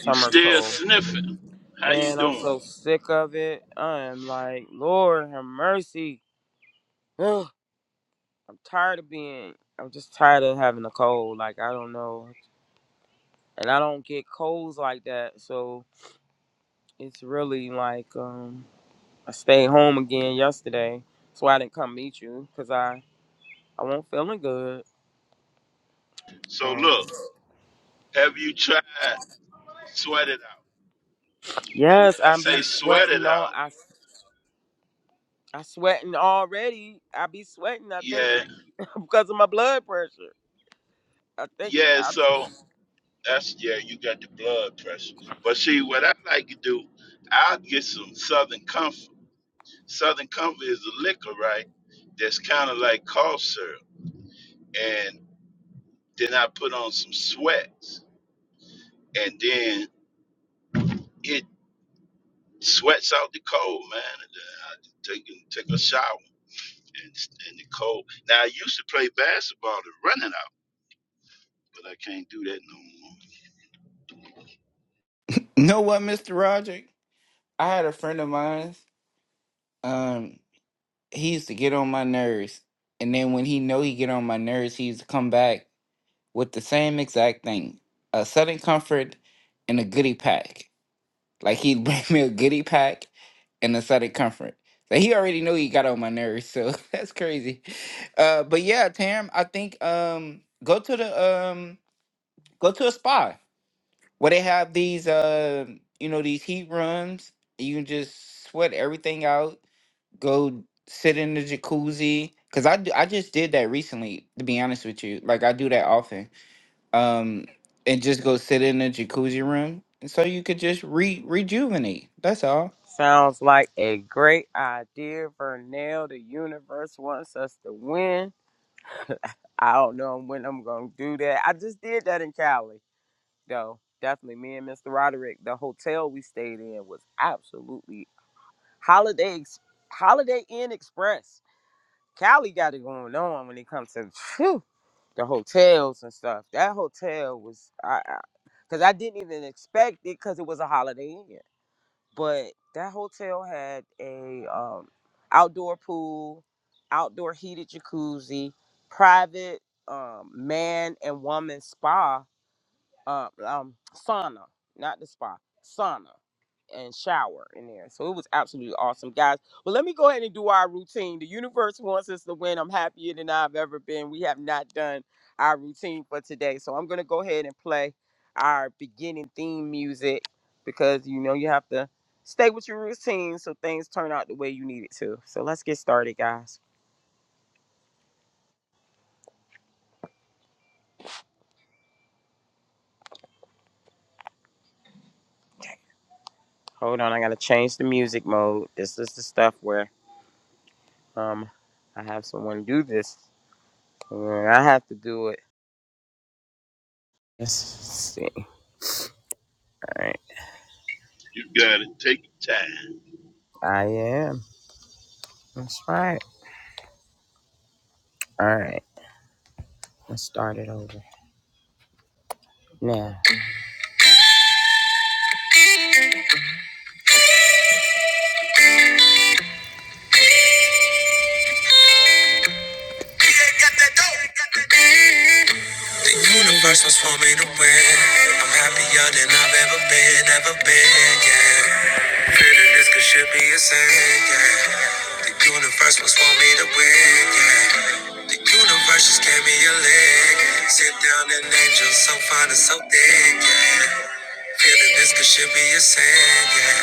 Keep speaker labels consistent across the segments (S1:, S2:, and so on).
S1: You still sniffing. How you doing? So look, have you tried to sweat it out? And when I say sweat it out, yeah, yeah, so that's yeah, you got the blood pressure. But see what I like to do, I'll get some Southern Comfort. Southern Comfort is a liquor, right? That's kind of like cough syrup. And then I put on some sweats and then it sweats out the cold, man. And then I take take a shower. and, and the cold. Now I used to play basketball and running out, but I can't do that no more.
S2: Know what, Mr. Roderick? I had a friend of mine. Um, he used to get on my nerves, and then when he know he get on my nerves, he used to come back with the same exact thing: a sudden comfort and a goodie pack. Like he'd bring me a goodie pack and a sudden comfort. So he already knew he got on my nerves. So that's crazy. Uh, but yeah, Tam, I think um, go to the um, go to a spa. Well, they have these, uh, you know, these heat rooms. You can just sweat everything out. Go sit in the jacuzzi. Cause I d- I just did that recently. To be honest with you, like I do that often. Um, and just go sit in the jacuzzi room, and so you could just re rejuvenate. That's all.
S1: You got to take your time.
S3: The universe was for me to win. I'm happier than I've ever been, ever been, yeah. Feeling this could should be a sin, yeah. The universe was for me to win, yeah. The universe just gave me a leg. Sit down and angel so fine and so thick, yeah. Feeling this could should be a sin, yeah.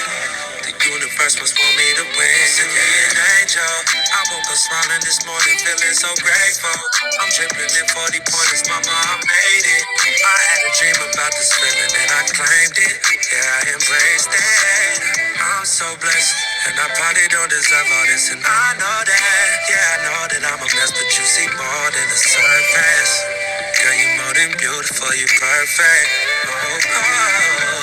S3: The universe must want me to win. Send me an angel. I woke up smiling this morning, feeling so grateful. I'm dripping in 40 pointers, mama, I made it. I had a dream about this feeling and I claimed it. Yeah, I embraced it. I'm so blessed, and I probably don't deserve all this, and I know that. Yeah, I know that I'm a mess, but you see more than the surface. Girl, you're more than beautiful, you're perfect. Oh, oh,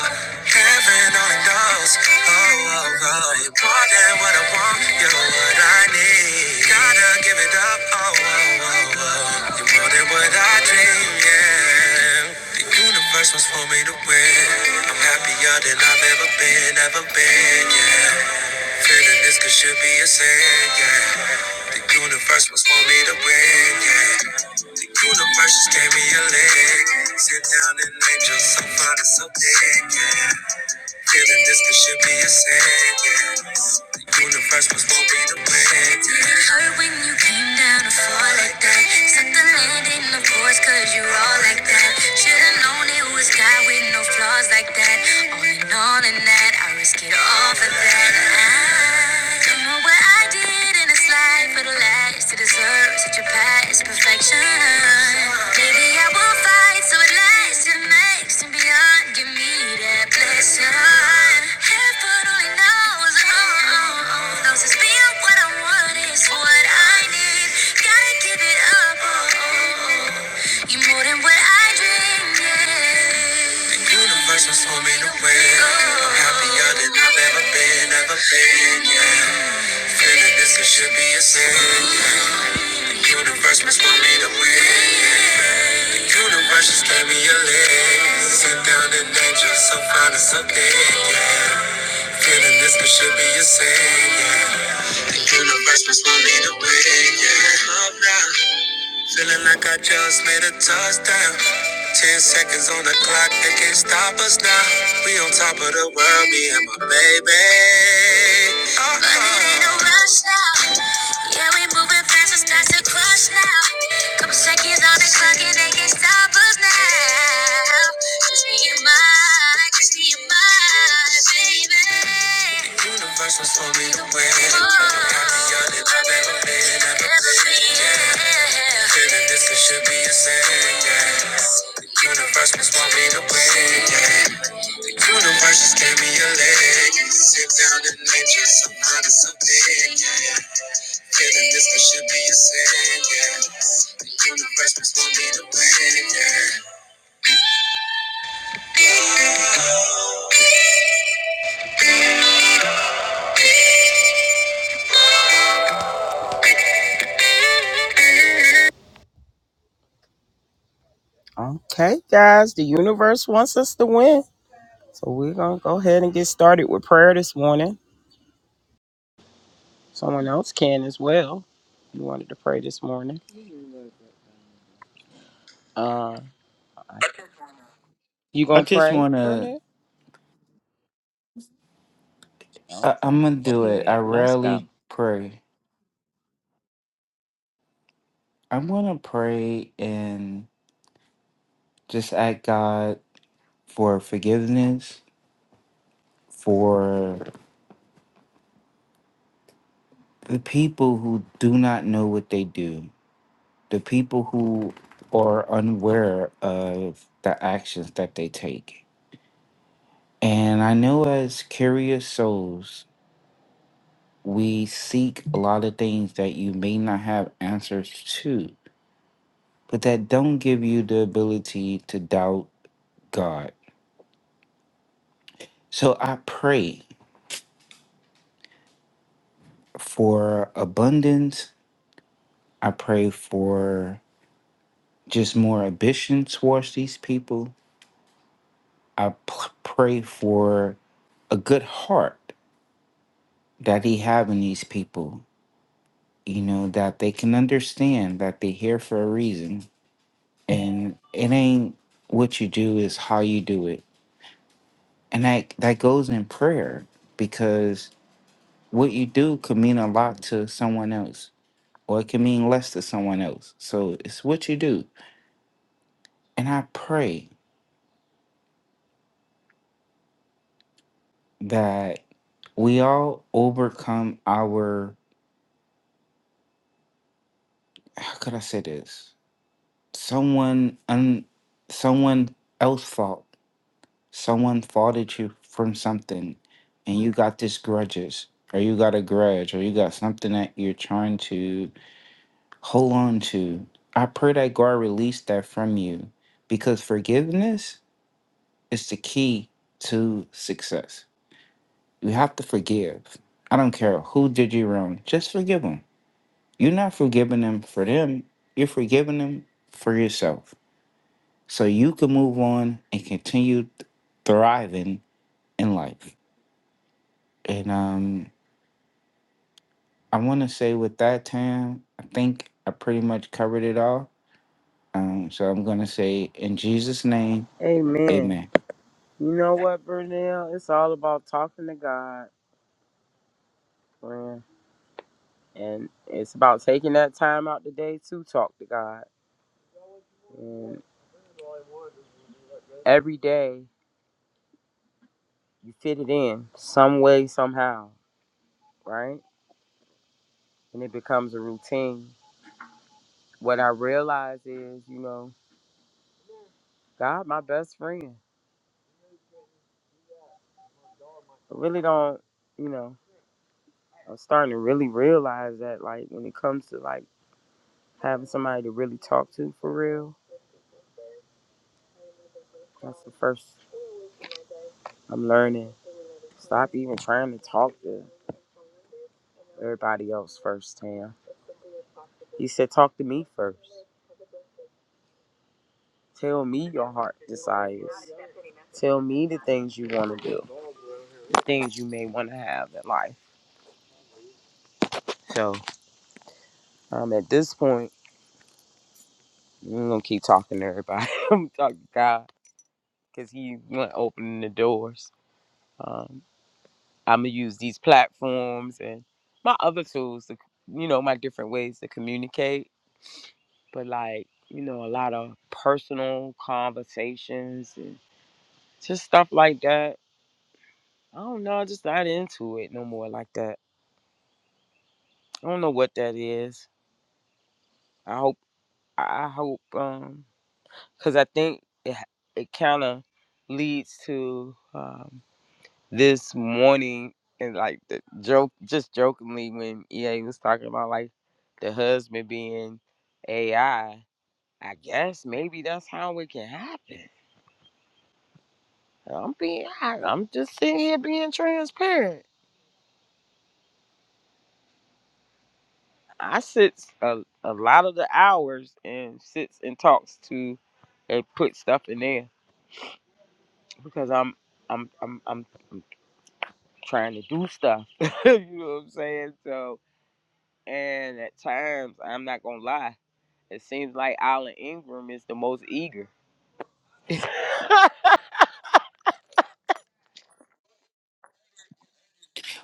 S3: heaven only knows. Oh, oh, oh, you're more than what I want, you're what I need. Gotta give it up. Oh, oh, oh, oh, you're more than what I dream, yeah. The universe was for me to win. I'm happier than I've ever been, ever been, yeah. Feeling this could should be a sin, yeah. The universe was for me to win, yeah. The universe just gave me a leg. Sit down and angel so fine and so big, yeah. Feeling this could should be a sentence. The universe was for me to win. Did it hurt when you came down to fall like that? Set the landing, of course, cause you're all like that. Should've known it was God with no flaws like that. All in all, in that, I risk it all for that. I don't know what I did good in this life for the last to deserve such a past perfection. Maybe I will fight so it lasts and makes and beyond. Give me that blessing. Heaven only knows, oh, oh, oh, knows it's beyond what I want is what I need. Gotta give it up, oh, oh, oh. you more than what I dreamed. Yeah. The universe was homie to win. I'm happier than I've ever been, ever been, yeah. Feeling this it should be a sin. Universe must want me to win. Universe just gave me a leg. Sit down and angel, so fine and so thick. Yeah. Feeling this it should be a sin. Yeah. Universe must want me to win. Yeah. Feeling like I just made a touchdown. Ten seconds on the clock, they can't stop us now. We on top of the world, me and my baby. Uh-huh. But it ain't no rush now. Yeah, we moving fast, it's time to crush now. Couple seconds on the clock, and they can't stop us now. Just me and my, just me and my. Universe was told me to win. Happier than I've ever been, ever been. Yeah. Feeling this it should be a sin. Yeah. The universe must want me to win. Yeah. The universe just gave me a leg. Sit down and nature some kind of something. Yeah. Feeling this it should be a sin. Yeah. The universe must want me to win. Yeah.
S2: I just wanna. I, I'm gonna do it. I rarely pray. I wanna pray and just ask God for forgiveness for the people who do not know what they do, the people who are unaware of the actions that they take. And I know as curious souls, we seek a lot of things that you may not have answers to, but that don't give you the ability to doubt God. So I pray for abundance. I pray for just more ambition towards these people. I p- pray for a good heart that he have in these people you know that they can understand that they're here for a reason and it ain't what you do is how you do it and that that goes in prayer because what you do could mean a lot to someone else or it can mean less to someone else so it's what you do and i pray that we all overcome our how could i say this someone un, someone else fault someone faulted you from something and you got this grudges or you got a grudge or you got something that you're trying to hold on to i pray that god release that from you because forgiveness is the key to success you have to forgive i don't care who did you wrong just forgive them you're not forgiving them for them you're forgiving them for yourself so you can move on and continue th- thriving in life and um I want to say with that time, I think I pretty much covered it all. Um, so I'm gonna say in Jesus' name, Amen.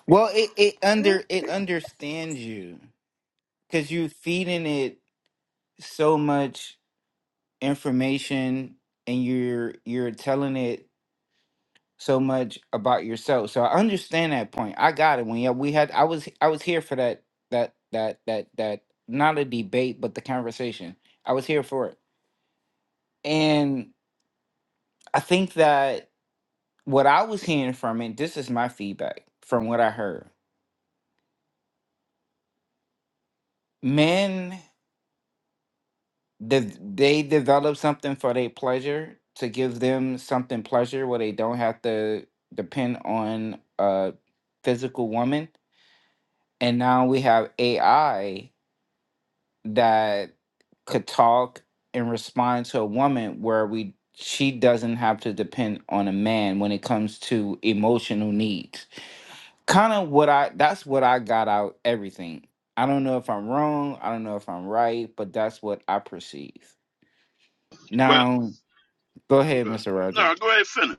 S2: Well, it, it under it understands you because you're feeding it so much information and you're you're telling it so much about yourself. So I understand that point. I got it when yeah we had I was I was here for that that that that that not a debate but the conversation. I was here for it, and I think that what I was hearing from it, this is my feedback from what I heard. Men, de- they develop something for their pleasure to give them something pleasure where they don't have to depend on a physical woman. And now we have AI that could talk and respond to a woman where we she doesn't have to depend on a man when it comes to emotional needs kind of what I that's what I got out everything. I don't know if I'm wrong, I don't know if I'm right, but that's what I perceive.
S1: Well,
S2: Now, go ahead,
S1: okay.
S2: Mr. Roger.
S1: no, go ahead, and finish.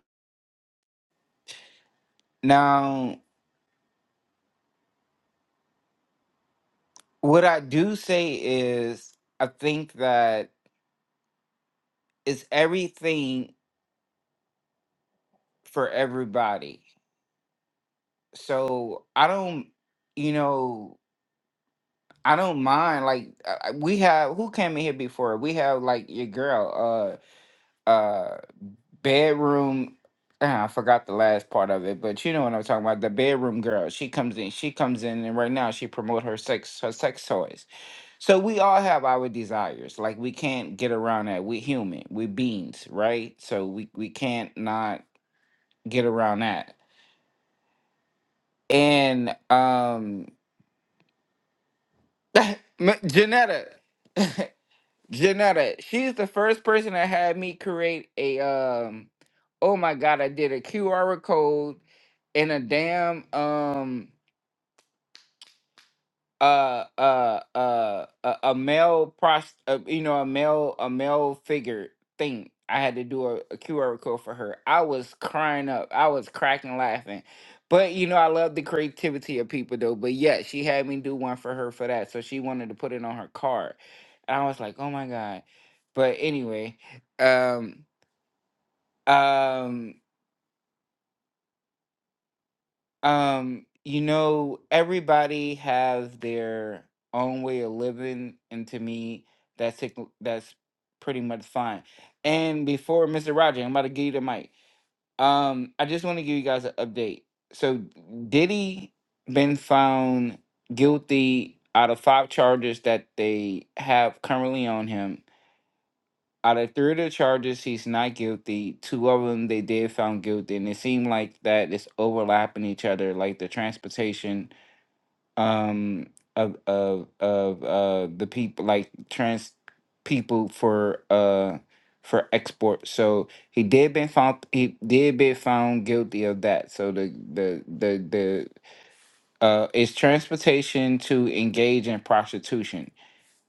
S2: Now, what I do say is I think that it's everything for everybody. So, I don't you know, I don't mind like uh, uh, we have who came in here before? We have like your girl Uh. uh bedroom ah, I forgot the last part of it, but you know what I'm talking about. The bedroom girl. She comes in, she comes in and right now she promote her sex her sex toys. So we all have our desires. Like we can't get around that. we human. we beings, right? So we, we can't not get around that. And um M- Janetta, Janetta, she's the first person that had me create a um oh my god, I did a QR code in a damn um uh uh uh a, a male prost uh, you know a male a male figure thing i had to do a, a Q R code for her i was crying up i was cracking laughing but you know i love the creativity of people though but yeah she had me do one for her for that so she wanted to put it on her card and i was like oh my god but anyway um um Um, you know, everybody has their own way of living, and to me, that's it- that's pretty much fine. And before Mr. Roger, I'm about to give you the mic. Um, I just want to give you guys an update. So, Diddy been found guilty out of five charges that they have currently on him out of three of the charges, he's not guilty. Two of them they did found guilty, and it seemed like that is overlapping each other, like the transportation um of of of uh the people like trans people for uh for export. So he did been found he did been found guilty of that. So the the the the uh is transportation to engage in prostitution.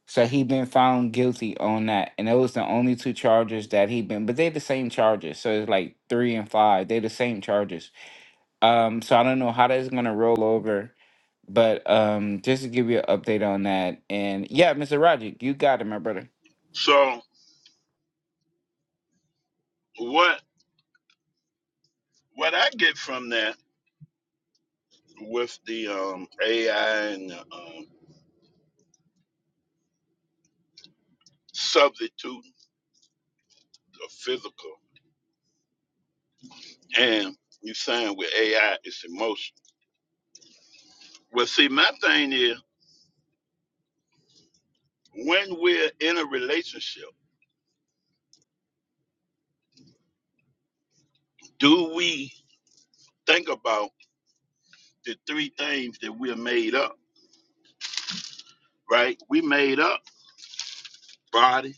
S2: So he been found guilty on that, and those the only two charges that he been. But they're the same charges, so it's like three and five. They're the same charges. Um, so I don't know how that's gonna roll over, but um, just to give you an update on that, and yeah, Mr. Roger, you got it, my brother.
S1: So what what I get from that with the um, AI and the, um, substitute of physical, and you saying with AI it's emotion. Well, see, my thing is when we're in a relationship, do we think about the three things that we're made up? right? We made up body,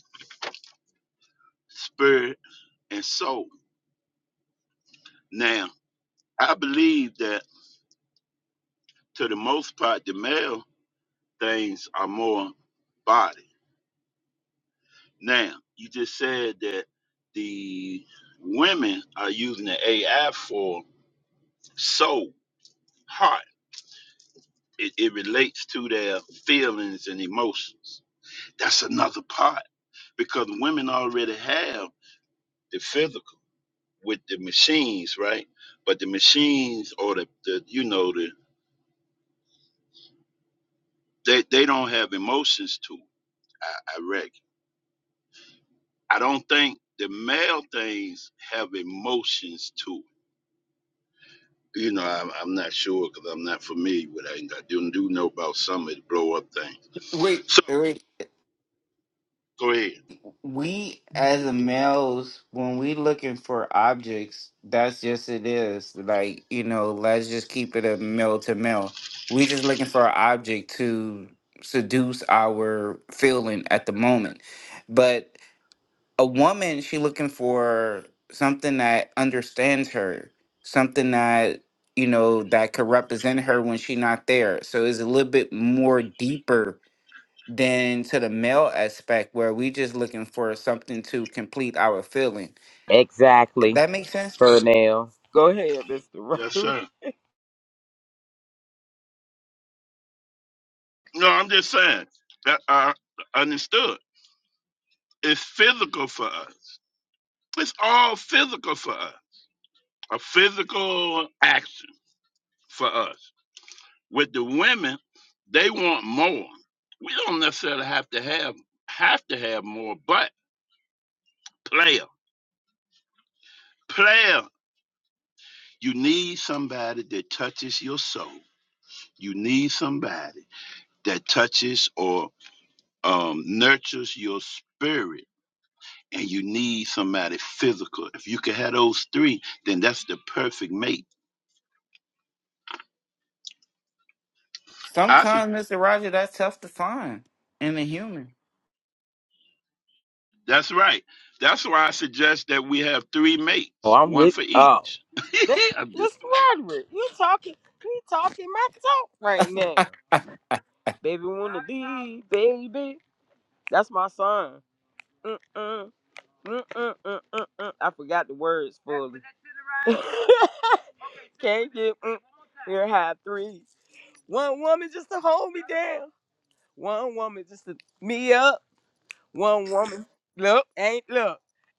S1: spirit, and soul. Now, I believe that to the most part, the male things are more body. Now, you just said that the women are using the AI for soul, heart. It, it relates to their feelings and emotions. That's another part because women already have the physical with the machines, right? But the machines or the, the you know, the They they don't have emotions to it. I, I reckon. I don't think the male things have emotions to it. You know, I'm, I'm not sure because I'm not familiar with it. I do, do know about some of the blow up things.
S2: Wait,
S1: So
S2: wait,
S1: go ahead.
S2: we as a males when we looking for objects that's just it is like you know let's just keep it a male to male we just looking for an object to seduce our feeling at the moment but a woman she looking for something that understands her something that you know that could represent her when she not there so it's a little bit more deeper than to the male aspect where we just looking for something to complete our feeling. That makes sense.
S1: Yes, sir. No, I'm just saying. I, I understood. It's physical for us. It's all physical for us. A physical action for us. With the women, they want more. We don't necessarily have to have have to have more, but player, player, you need somebody that touches your soul. You need somebody that touches or um, nurtures your spirit, and you need somebody physical. If you can have those three, then that's the perfect mate. I
S2: Sometimes,
S1: suggest.
S2: Mister Roger, that's tough to find in a human.
S1: That's right. That's why I suggest that we have three mates, one for each. I'm just
S2: I,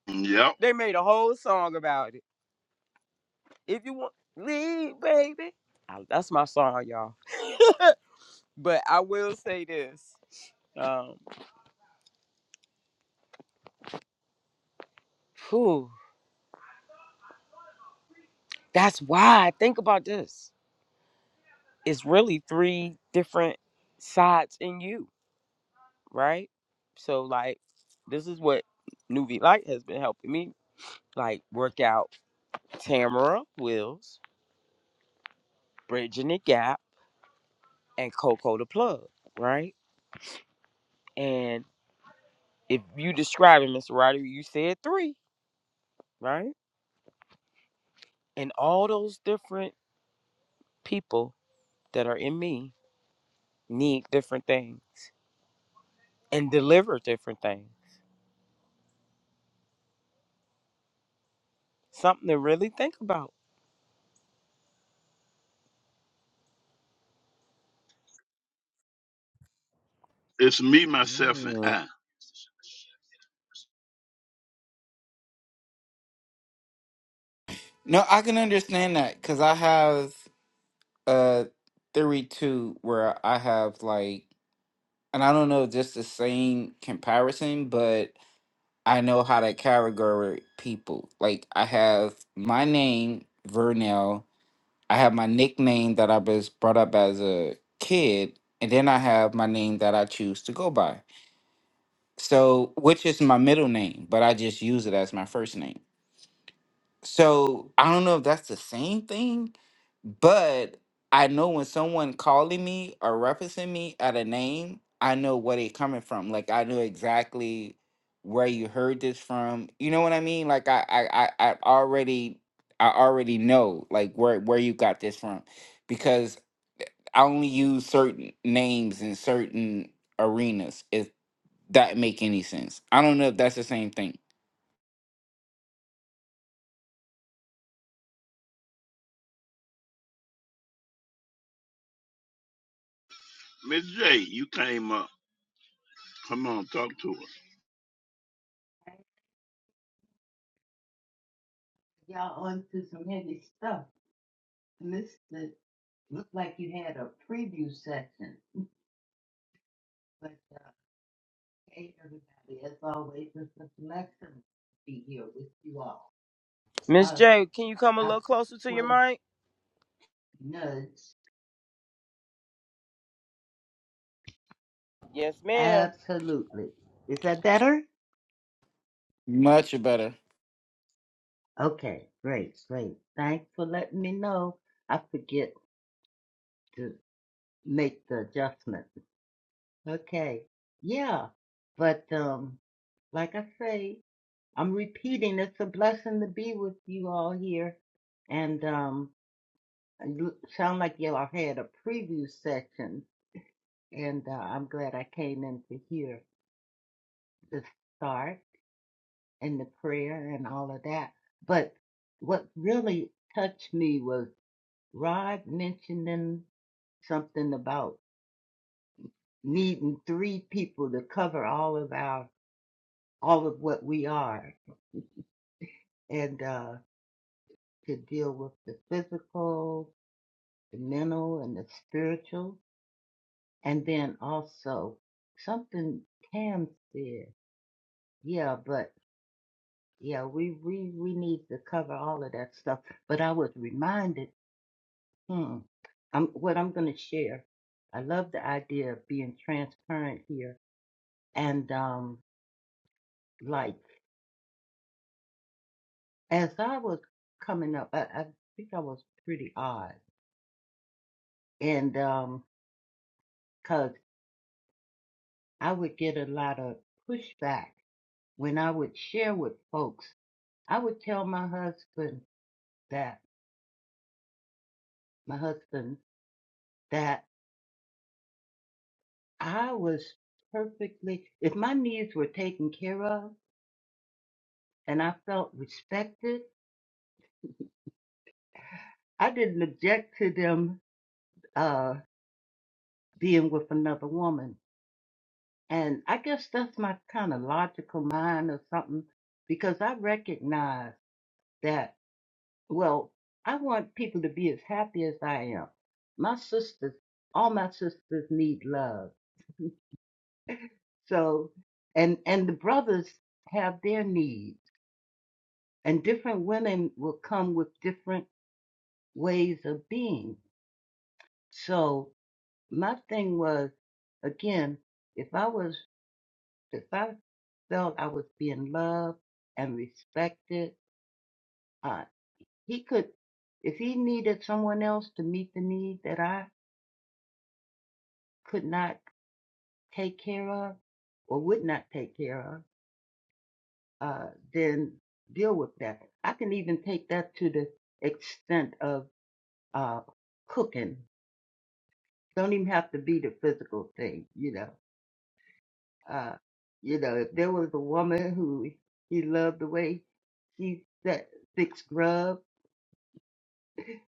S1: playing. Yep. It's me, myself, and I.
S2: no, I can understand that because I have a theory too, where I have like, and I don't know, if just the same comparison, but I know how to categorize people. Like I have my name, Vernell. I have my nickname that I was brought up as a kid, and then I have my name that I choose to go by. So, which is my middle name, but I just use it as my first name. So, I don't know if that's the same thing, but I know when someone calling me or referencing me at a name, I know where they coming from. Like I know exactly where you heard this from. You know what I mean? Like I I I, I already I already know like where where you got this from because I only use certain names in certain arenas. If that make any sense, I don't know if that's the same thing.
S1: Miss J, you came up. Come on, talk to her.
S4: Y'all onto some heavy stuff. And this the, looked like you had a preview section. But uh, hey, everybody, as always, it's a blessing to be here with you all. Uh, I first was nudged. Absolutely. Is that better?
S2: Much better.
S4: Okay, great, great. Thanks for letting me know. I forget to make the adjustment. Okay, yeah. But um, like I say. I'm repeating. It's a blessing to be with you all here. And um, you sound like y'all had a preview session. And uh, I'm glad I came in to hear the start and the prayer and all of that. But what really touched me was Rod mentioning something about needing three people to cover all of our all of what we are and uh, to deal with the physical the mental and the spiritual. And then also something Tam said. Yeah, but yeah, we, we, we need to cover all of that stuff. But I was reminded, hmm, I'm, what I'm going to share. I love the idea of being transparent here. And, um, like, as I was coming up, I, I think I was pretty odd. And, um, 'cause I would get a lot of pushback when I would share with folks I would tell my husband that, my husband, that I was perfectly, if my needs were taken care of and I felt respected, I didn't object to them uh, being with another woman. And I guess that's my kind of logical mind or something, because I recognize that, well, I want people to be as happy as I am. My sisters, all my sisters need love So, and and the brothers have their needs, and different women will come with different ways of being. So my thing was, again, if I was, if I felt I was being loved and respected, uh, he could, if he needed someone else to meet the need that I could not take care of or would not take care of, uh, then deal with that. I can even take that to the extent of uh, cooking. Don't even have to be the physical thing, you know. Uh, you know, if there was a woman who he loved the way she set six grub,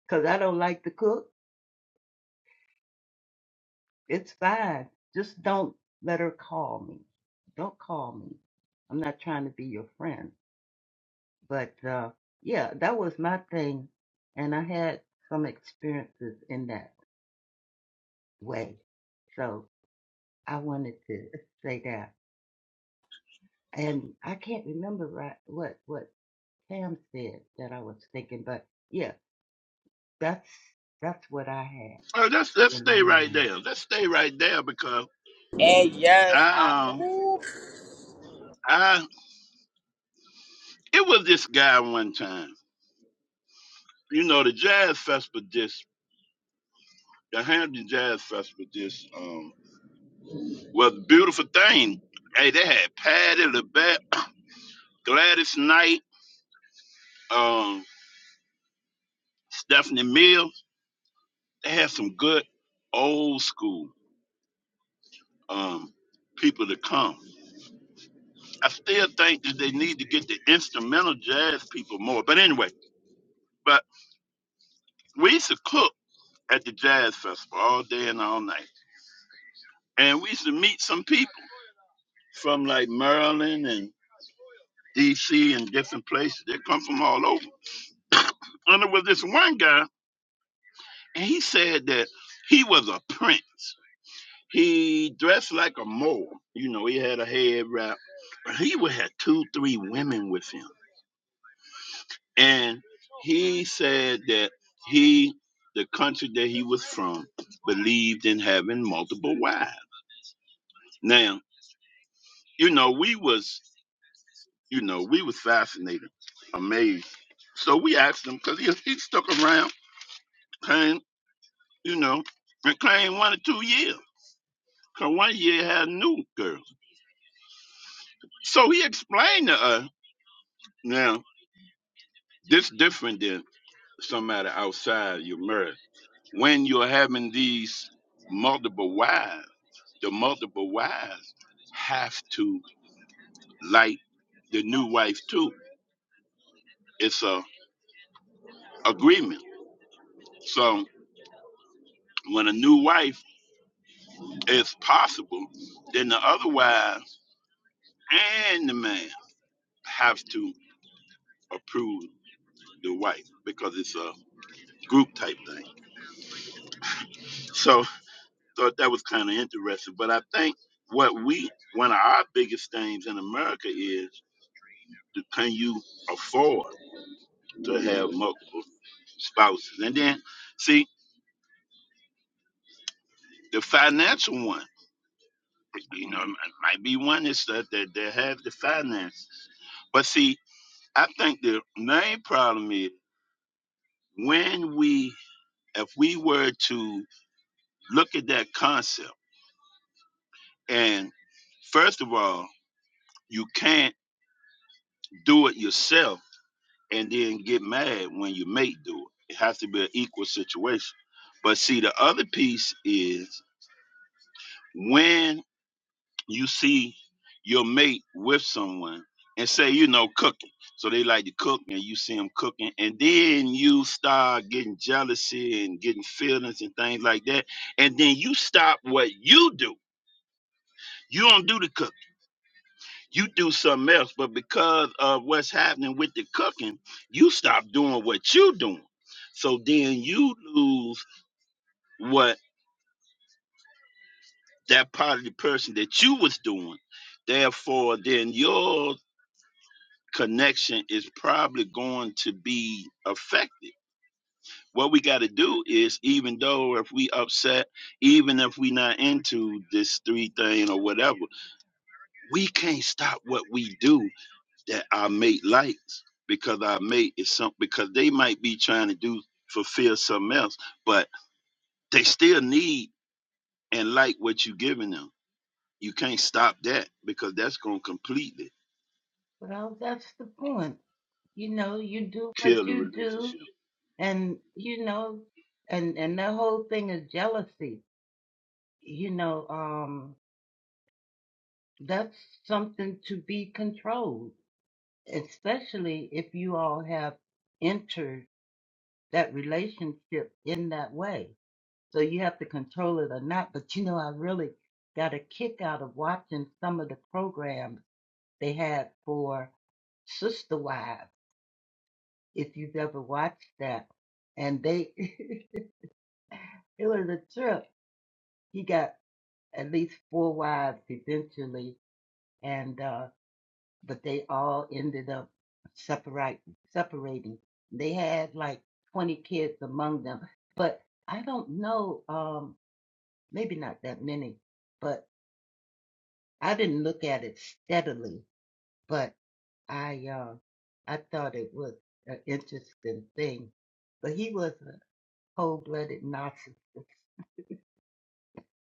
S4: because I don't like to cook, it's fine. Just don't let her call me. Don't call me. I'm not trying to be your friend. But uh, yeah, that was my thing. And I had some experiences in that. way. So I wanted to say that. And I can't remember right what what Pam said that I was thinking, but yeah, that's that's what I had
S1: Oh, let's let's
S4: in my
S1: stay right
S4: mind.
S1: there. Let's stay right there because I um I it was this guy one time. You know the jazz festival just the Hampton Jazz Festival just um was a beautiful thing. Hey, they had Patti LaBelle, Gladys Knight, um, Stephanie Mills. They had some good old school um people to come. I still think that they need to get the instrumental jazz people more. But anyway, but we used to cook at the jazz festival all day and all night. And we used to meet some people from like Maryland and DC and different places. They come from all over. and there was this one guy, and he said that he was a prince. He dressed like a mole. You know, he had a head wrap. He would have two, three women with him and he said that he the country that he was from believed in having multiple wives now you know we was you know we was fascinated amazed so we asked him because he, he stuck around came you know and claimed one or two years because one year he had new girls so he explained to us now this different than somebody outside your marriage when you're having these multiple wives, the multiple wives have to like the new wife too. It's a agreement. So when a new wife is possible, then the other wives and the man have to approve the wife because it's a group type thing. So thought that was kind of interesting. But I think what we one of our biggest things in America is can you afford? to have multiple spouses. And then, see, the financial one, you know, m- might be one that's that, that, that have the finances. But see, I think the main problem is when we, if we were to look at that concept, and first of all, you can't do it yourself and then get mad when your mate do it. It has to be an equal situation. But see, the other piece is when. you see your mate with someone and say, you know, cooking. So they like to cook and you see them cooking. And then you start getting jealousy and getting feelings and things like that. And then you stop what you do. You don't do the cooking. You do something else. But because of what's happening with the cooking, you stop doing what you doing. So then you lose what that part of the person that you was doing. Therefore, then your connection is probably going to be affected. What we got to do is, even though if we upset, even if we not into this three thing or whatever, we can't stop what we do that our mate likes because our mate is something because they might be trying to do fulfill something else, but they still need and like what you giving them. You can't stop that because that's gonna completely
S4: Well, that's the point. You know, you do what
S1: kill the
S4: you do
S1: relationship.
S4: and you know and and that whole thing is jealousy. You know, um that's something to be controlled, especially if you all have entered that relationship in that way. So you have to control it or not. But you know, I really got a kick out of watching some of the programs they had for sister wives, if you've ever watched that. And they, it was a trip. He got at least four wives eventually, and uh, but they all ended up separate, separating. They had like 20 kids among them, but I don't know. Um, maybe not that many, but I didn't look at it steadily, but I uh, I thought it was an interesting thing. But he was a cold-blooded narcissist.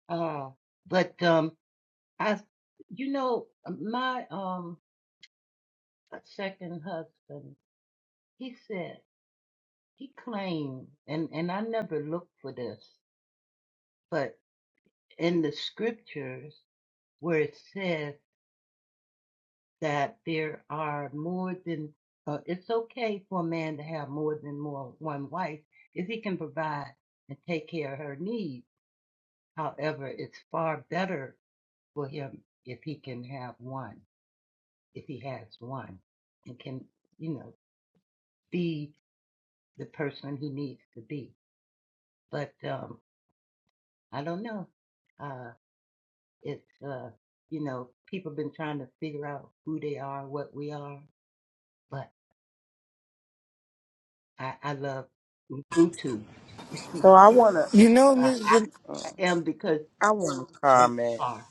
S4: Uh, but um, I, you know, my um second husband, he said he claimed, and and I never looked for this, but in the scriptures where it says that there are more than, uh, it's okay for a man to have more than more one wife if he can provide and take care of her needs. However, it's far better for him if he can have one, if he has one and can, you know, be the person he needs to be. But, um, I don't know. Uh, it's, uh, you know, people have been trying to figure out who they are, what we are, but I, I love Ubuntu.
S2: You know,
S4: Uh,
S2: Mr.
S4: I, am because you are.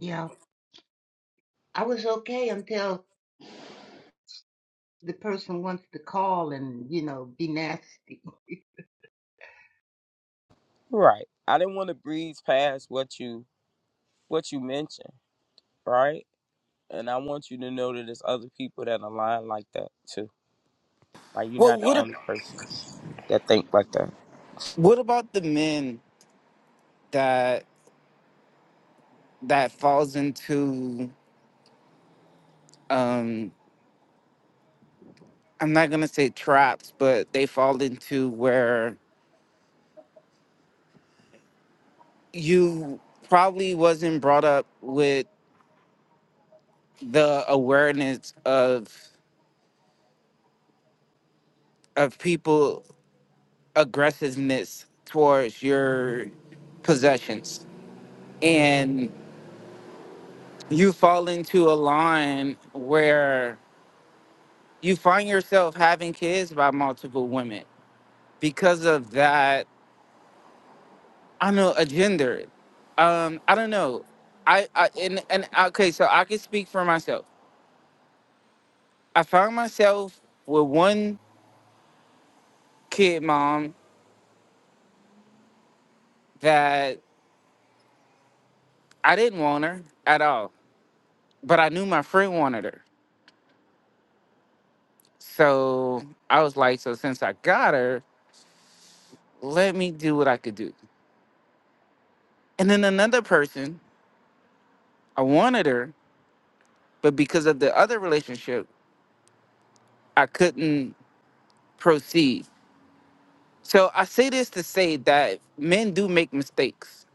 S4: Yeah, I was okay until the person wants to call and, you know, be nasty.
S2: Well, what ab- what about the men that that falls into um I'm not gonna say traps, but they fall into where you probably wasn't brought up with the awareness of of people aggressiveness towards your possessions. And you fall into a line where you find yourself having kids by multiple women because of that, I know, a gender. Um, I don't know. I, I and, and okay, so I can speak for myself. I found myself with one kid mom that I didn't want her at all, but I knew my friend wanted her. So I was like, so since I got her, let me do what I could do. And then another person, I wanted her, but because of the other relationship, I couldn't proceed. So I say this to say that men do make mistakes.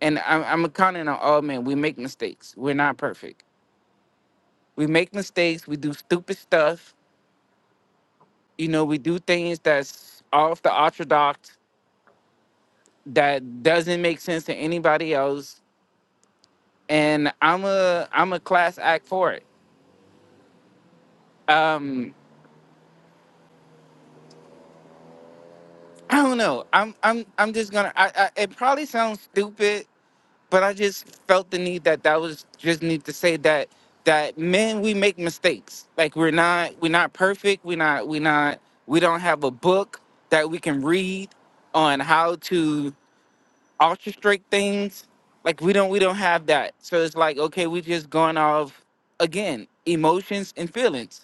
S2: And I'm, I'm a comment on all men. We make mistakes. We're not perfect. We make mistakes. We do stupid stuff. You know, we do things that's off the orthodox that doesn't make sense to anybody else. And I'm a I'm a class act for it. Um, I don't know. I'm I'm I'm just gonna. I, I it probably sounds stupid, but I just felt the need that that was just need to say that that men we make mistakes. Like we're not we're not perfect. We're not we're not we don't have a book that we can read on how to orchestrate things. Like we don't we don't have that. So it's like okay, we just going off again emotions and feelings,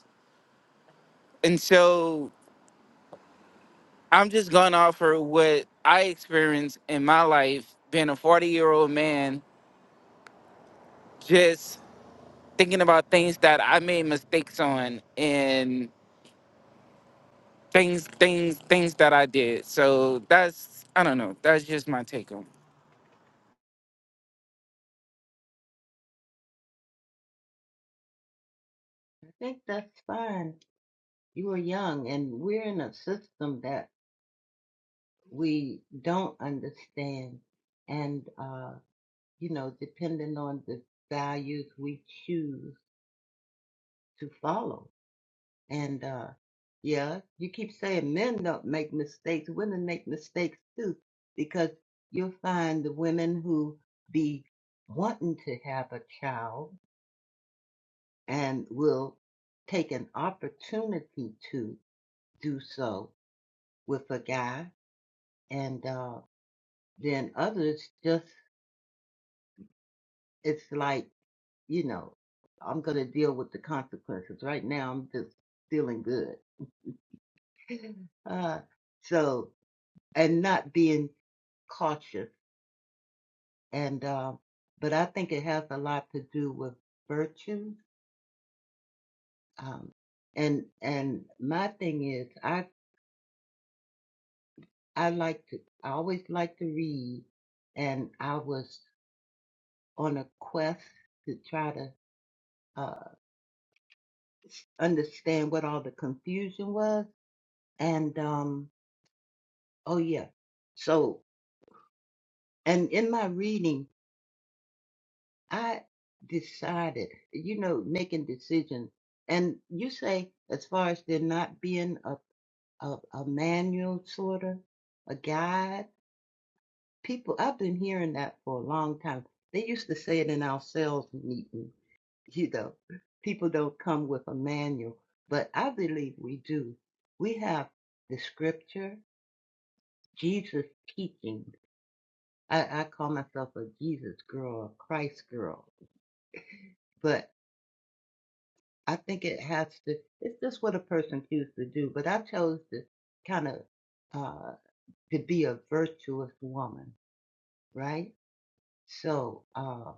S2: and so I'm just going off for what I experienced in my life, being a 40 year old man, just thinking about things that I made mistakes on and things, things, things that I did. So that's, I don't know, that's just my take on it.
S4: I think that's fine. You are young and we're in a system that we don't understand. And, uh, you know, depending on the values we choose to follow. And uh, yeah, you keep saying men don't make mistakes. Women make mistakes too, because you'll find the women who be wanting to have a child and will take an opportunity to do so with a guy, and uh, then others just it's like you know I'm gonna deal with the consequences. Right now, I'm just feeling good. Uh, so and not being cautious and uh, but I think it has a lot to do with virtue. Um, and and my thing is, I I like to I always like to read, and I was on a quest to try to uh, understand what all the confusion was. And um, oh yeah, so and in my reading, I decided, you know, making decisions. And you say as far as there not being a a, a manual sort of a guide. People, I've been hearing that for a long time. They used to say it in our sales meeting, you know, people don't come with a manual, but I believe we do. We have the scripture, Jesus teaching. I, I call myself a Jesus girl, a Christ girl, but I think it has to, it's just what a person chooses to do. But I chose to kind of, uh, to be a virtuous woman, right? So, um,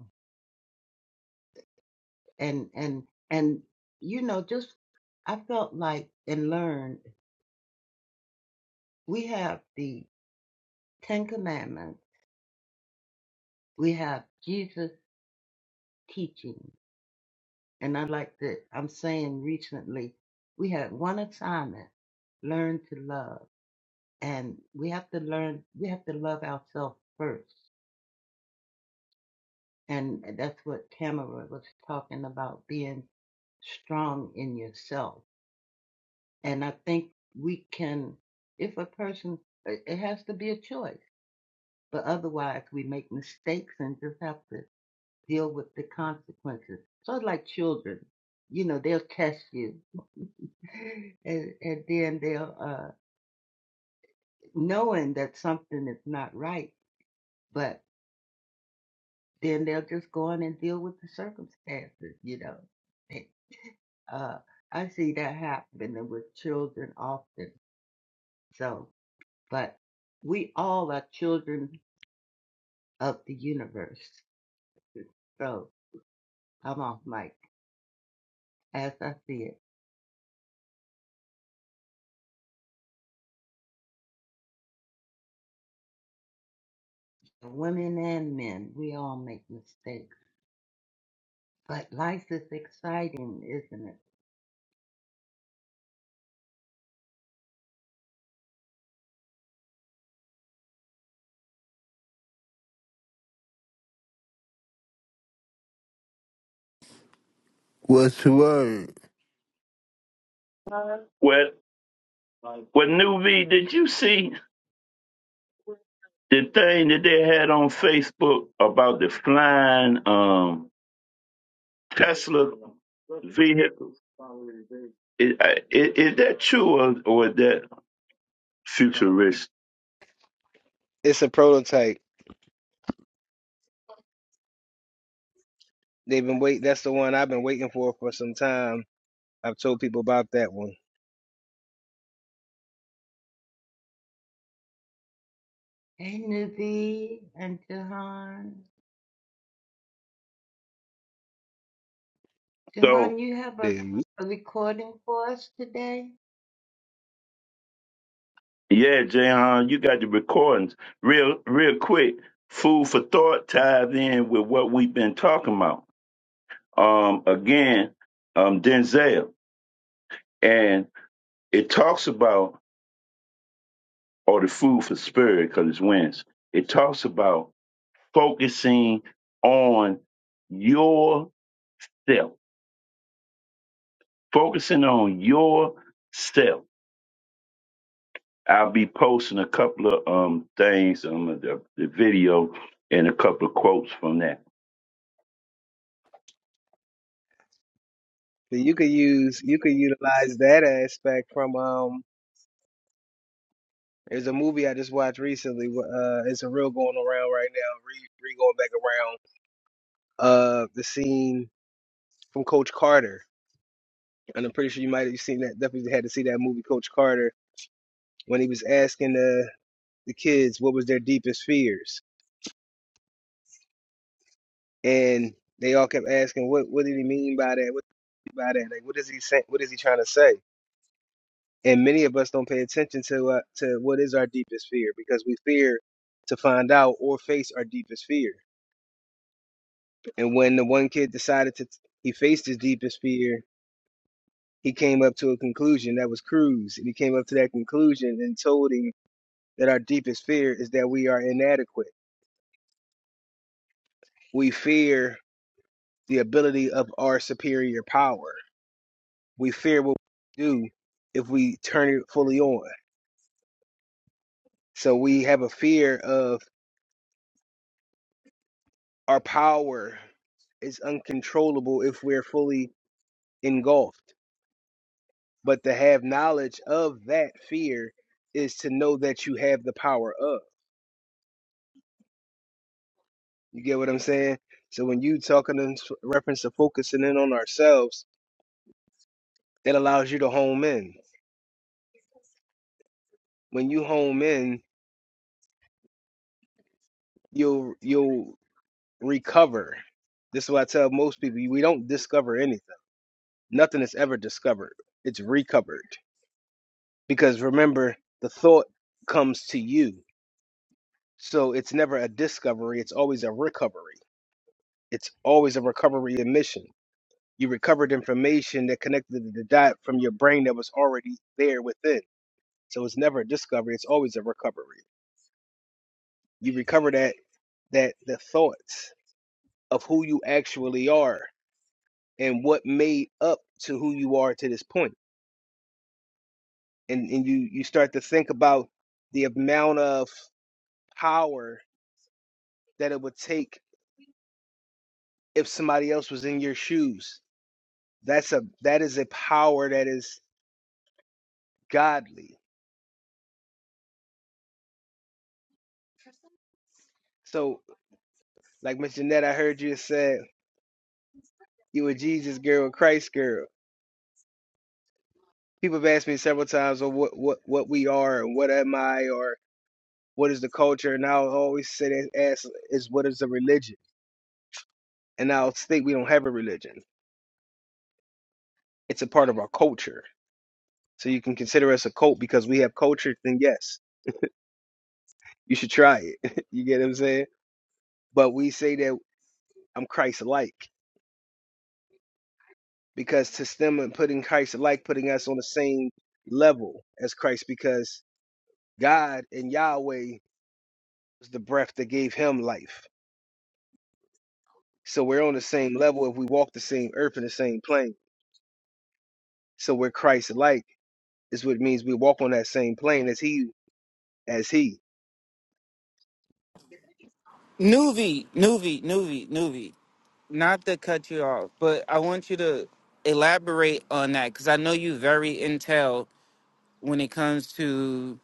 S4: and and and you know, just I felt like and learned we have the Ten Commandments, we have Jesus' teaching, and I like that I'm saying recently we had one assignment: learn to love, and we have to learn we have to love ourselves first, and that's what Tamara was talking about being strong in yourself And I think we can, if a person, it it has to be a choice, but otherwise we make mistakes and just have to deal with the consequences. Sort of like children, you know, they'll test you, and and then they'll uh, knowing that something is not right, but then they'll just go on and deal with the circumstances, you know. They- Uh, I see that happening with children often. So, but we all are children of the universe. So I'm off mic. As I see it, women and men, we all make mistakes. But life is exciting, isn't it?
S5: What's the word?
S1: Well, well, Nuvi, did you see? the thing that they had on Facebook about the flying um, Tesla vehicles. Is, uh, is, is that true or, or is that futuristic?
S6: It's a prototype. They've been wait. That's the one I've been waiting for for some time. I've told people about that one.
S4: Hey, Navee and Jahan.
S1: So,
S4: Jahan, you have a,
S6: Dude.
S4: a recording for us today?
S1: yeah, Jahan, you got the recordings. Real, real quick, food for thought ties in with what we've been talking about. Um, again, um, Denzel, and it talks about, or the food for spirit, because it's Wednesday. It talks about focusing on yourself, focusing on yourself. I'll be posting a couple of um things on the, the video and a couple of quotes from that.
S6: So you could use, you could utilize that aspect from um. There's a movie I just watched recently. Uh, it's a real going around right now. Re, re going back around. Uh, the scene from Coach Carter, and I'm pretty sure you might have seen that. Definitely had to see that movie, Coach Carter, when he was asking the the kids what was their deepest fears and they all kept asking, "What what did he mean by that? What did he mean by that? Like, what is he saying? What is he trying to say?" And many of us don't pay attention to uh, to what is our deepest fear because we fear to find out or face our deepest fear. And when the one kid decided to, he faced his deepest fear. He came up to a conclusion that was Cruz, and he came up to that conclusion and told him that our deepest fear is that we are inadequate. We fear the ability of our superior power We fear what we do if we turn it fully on. So we have a fear of our power is uncontrollable if we're fully engulfed. But to have knowledge of that fear is to know that you have the power of. You get what I'm saying? So when you talking in s- reference to focusing in on ourselves, that allows you to home in. When you home in, you'll you'll recover. This is what I tell most people: we don't discover anything. Nothing is ever discovered. It's recovered. Because remember, the thought comes to you. So it's never a discovery, it's always a recovery. It's always a recovery and mission. You recovered information that connected the dot from your brain that was already there within. So it's never a discovery, it's always a recovery. You recover that that the thoughts of who you actually are and what made up to who you are to this point. And and you you start to think about the amount of power that it would take if somebody else was in your shoes. That's a that is a power that is godly. So, like Miss Jeanette, I heard you said you a Jesus girl, a Christ girl. People have asked me several times, or what what what we are, and what am I, or what is the culture?" And I always say that ask is what is the religion, and I think we don't have a religion. It's a part of our culture. So you can consider us a cult because we have culture. Then yes, you should try it. you get what I'm saying? But we say that. I'm Christ like. Because to them and putting Christ like, putting us on the same level as Christ, because God and Yahweh was the breath that gave him life. So we're on the same level if we walk the same earth in the same plane. So we're Christ like is what it means we walk on that same plane as he as he.
S2: Nuvi, Nuvi, Nuvi, Nuvi, not to cut you off, but I want you to elaborate on that because I know you very intel when it comes to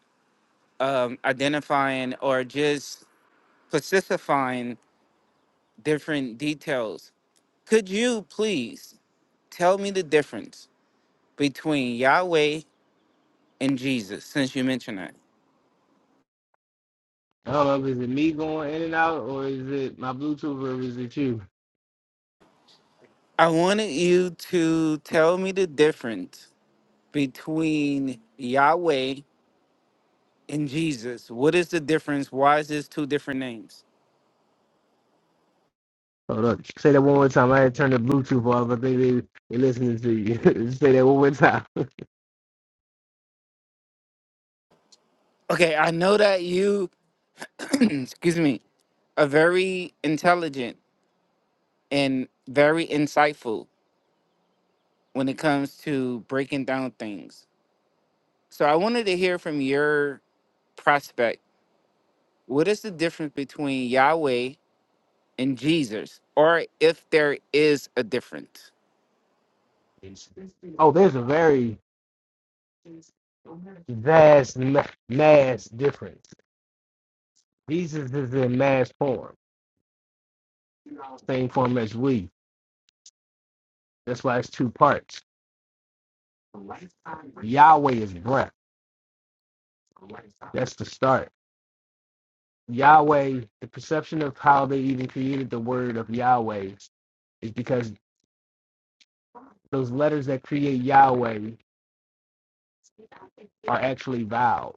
S2: um, identifying or just specifying different details. Could you please tell me the difference between Yahweh and Jesus since you mentioned that?
S6: Oh,
S2: I wanted you to tell me the difference between Yahweh and Jesus. What is the difference? Why is this two different names?
S6: hold up. Say that one more time. I had turned the Bluetooth off. I think they they listening to you. Say that one more time.
S2: Okay, I know that you, excuse me, are very intelligent and very insightful when it comes to breaking down things. So I wanted to hear from your prospect What is the difference between Yahweh and Jesus, or if there is a difference?
S6: Oh, there's a very vast ma- mass difference. Jesus is in mass form, same form as we. That's why it's two parts. Yahweh is breath. That's the start. Yahweh, the perception of how they even created the word of Yahweh is because those letters that create Yahweh are actually vowels.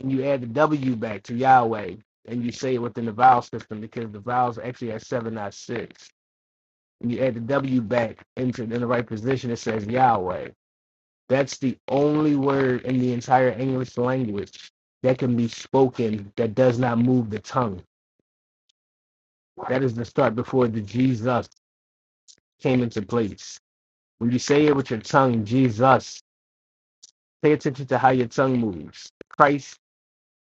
S6: And you add the W back to Yahweh and you say it within the vowel system because the vowels actually are seven, not six. And you add the W back into in the right position, it says Yahweh. That's the only word in the entire English language that can be spoken that does not move the tongue. That is the start before the Jesus came into place. When you say it with your tongue, Jesus, pay attention to how your tongue moves. Christ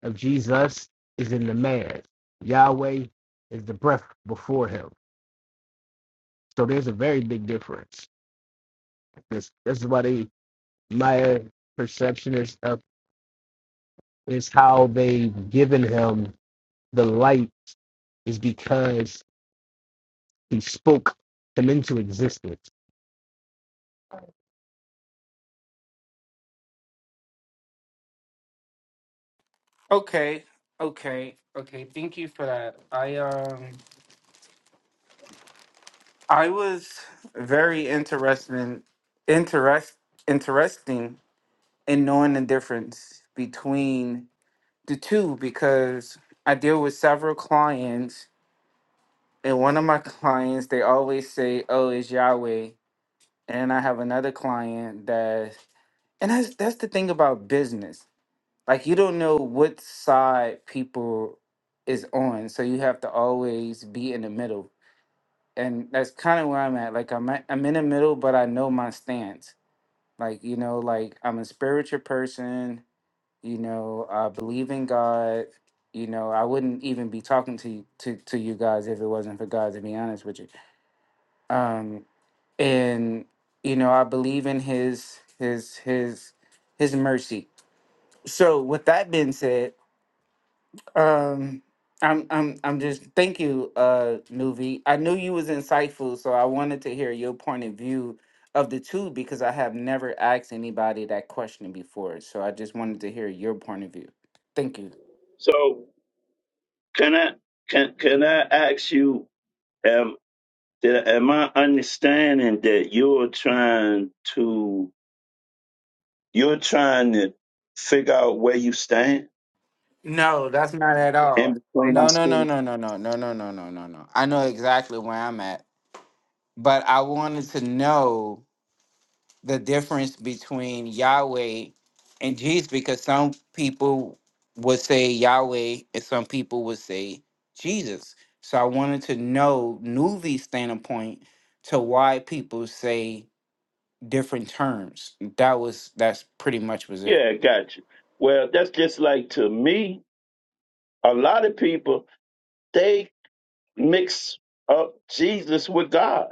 S6: of Jesus is in the man. Yahweh is the breath before him. So there's a very big difference. This, this is why they, my perception is, of, is how they've given him the light is because he spoke them into existence.
S2: Okay, okay, okay. Thank you for that. I um I was very interested in interest interesting in knowing the difference between the two because I deal with several clients and one of my clients they always say, Oh, it's Yahweh and I have another client that and that's that's the thing about business. like you don't know what side people is on so you have to always be in the middle and that's kind of where i'm at like i'm at, i'm in the middle but i know my stance like you know like i'm a spiritual person you know i believe in god you know i wouldn't even be talking to you to, to you guys if it wasn't for god to be honest with you um and you know i believe in his his his his mercy so with that being said Um, I'm I'm I'm just thank you, uh, Nuvi. I knew you was insightful, so I wanted to hear your point of view of the two because I have never asked anybody that question before. So I just wanted to hear your point of view. Thank you.
S1: So Can I can can I ask you? Am that- am I understanding that you're trying to you're trying to figure out where you stand
S2: No, that's not at
S1: in
S2: all.
S1: between
S2: No,
S1: these
S2: no, no,
S1: two?
S2: no, no, no, no, no, no, no, no, no. I know exactly where I'm at, but I wanted to know. the difference between Yahweh and Jesus because some people would say Yahweh and some people would say Jesus. So I wanted to know Nuvi's standpoint to why people say different terms. That was that's pretty much was it.
S1: Yeah, gotcha. Well, that's just like to me. A lot of people they mix up Jesus with God.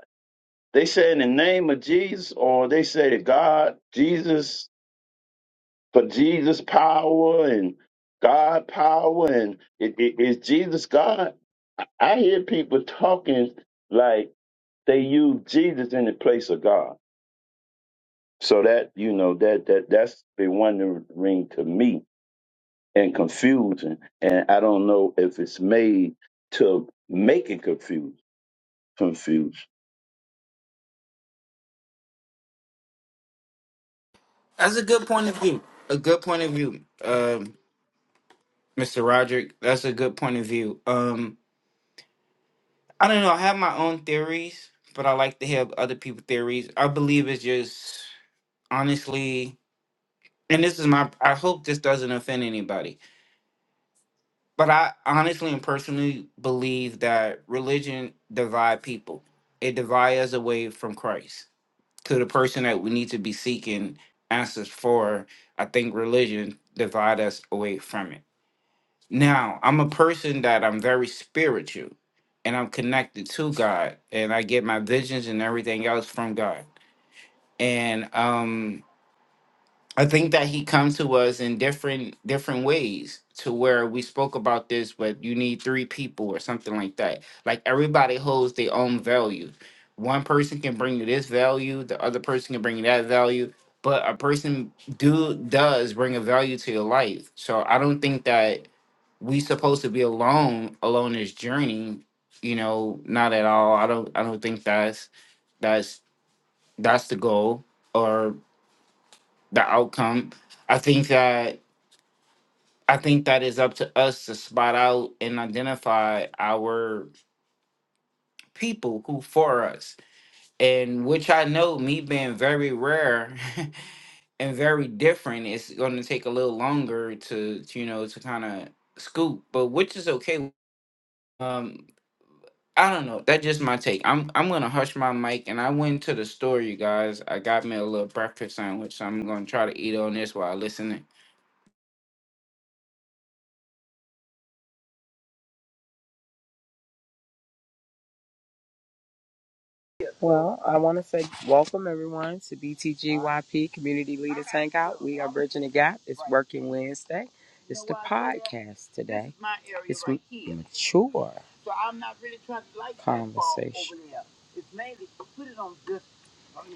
S1: They say in the name of Jesus, or they say to God, Jesus, for Jesus power and God power and it, it, is Jesus God? I I hear people talking like they use Jesus in the place of God. So that you know that that that's been wondering to me and confusing, and I don't know if it's made to make it confused. Confused.
S2: That's a good point of view. A good point of view. Um Mr. Roderick, that's a good point of view. Um I don't know, I have my own theories, but I like to hear other people's theories. I believe it's just honestly and this is my i hope this doesn't offend anybody but i honestly and personally believe that religion divide people it divide us away from christ to the person that we need to be seeking answers for i think religion divide us away from it now i'm a person that i'm very spiritual and i'm connected to god and i get my visions and everything else from god and um I think that he comes to us in different different ways to where we spoke about this, but you need three people or something like that. Like everybody holds their own value. One person can bring you this value, the other person can bring you that value, but a person do does bring a value to your life. So I don't think that we supposed to be alone alone this journey, you know, not at all. I don't I don't think that's that's that's the goal. or the outcome. I think that I think that is up to us to spot out and identify our people who for us. And which I know me being very rare and very different, it's gonna take a little longer to, to, you know, to kind of scoop, but which is okay. Um I don't know. That's just my take. I'm I'm gonna hush my mic and I went to the store, you guys. I got me a little breakfast sandwich, so I'm gonna try to eat on this while I listen
S3: my area, so I'm not really trying to like. Yeah. It's mainly put it on this volume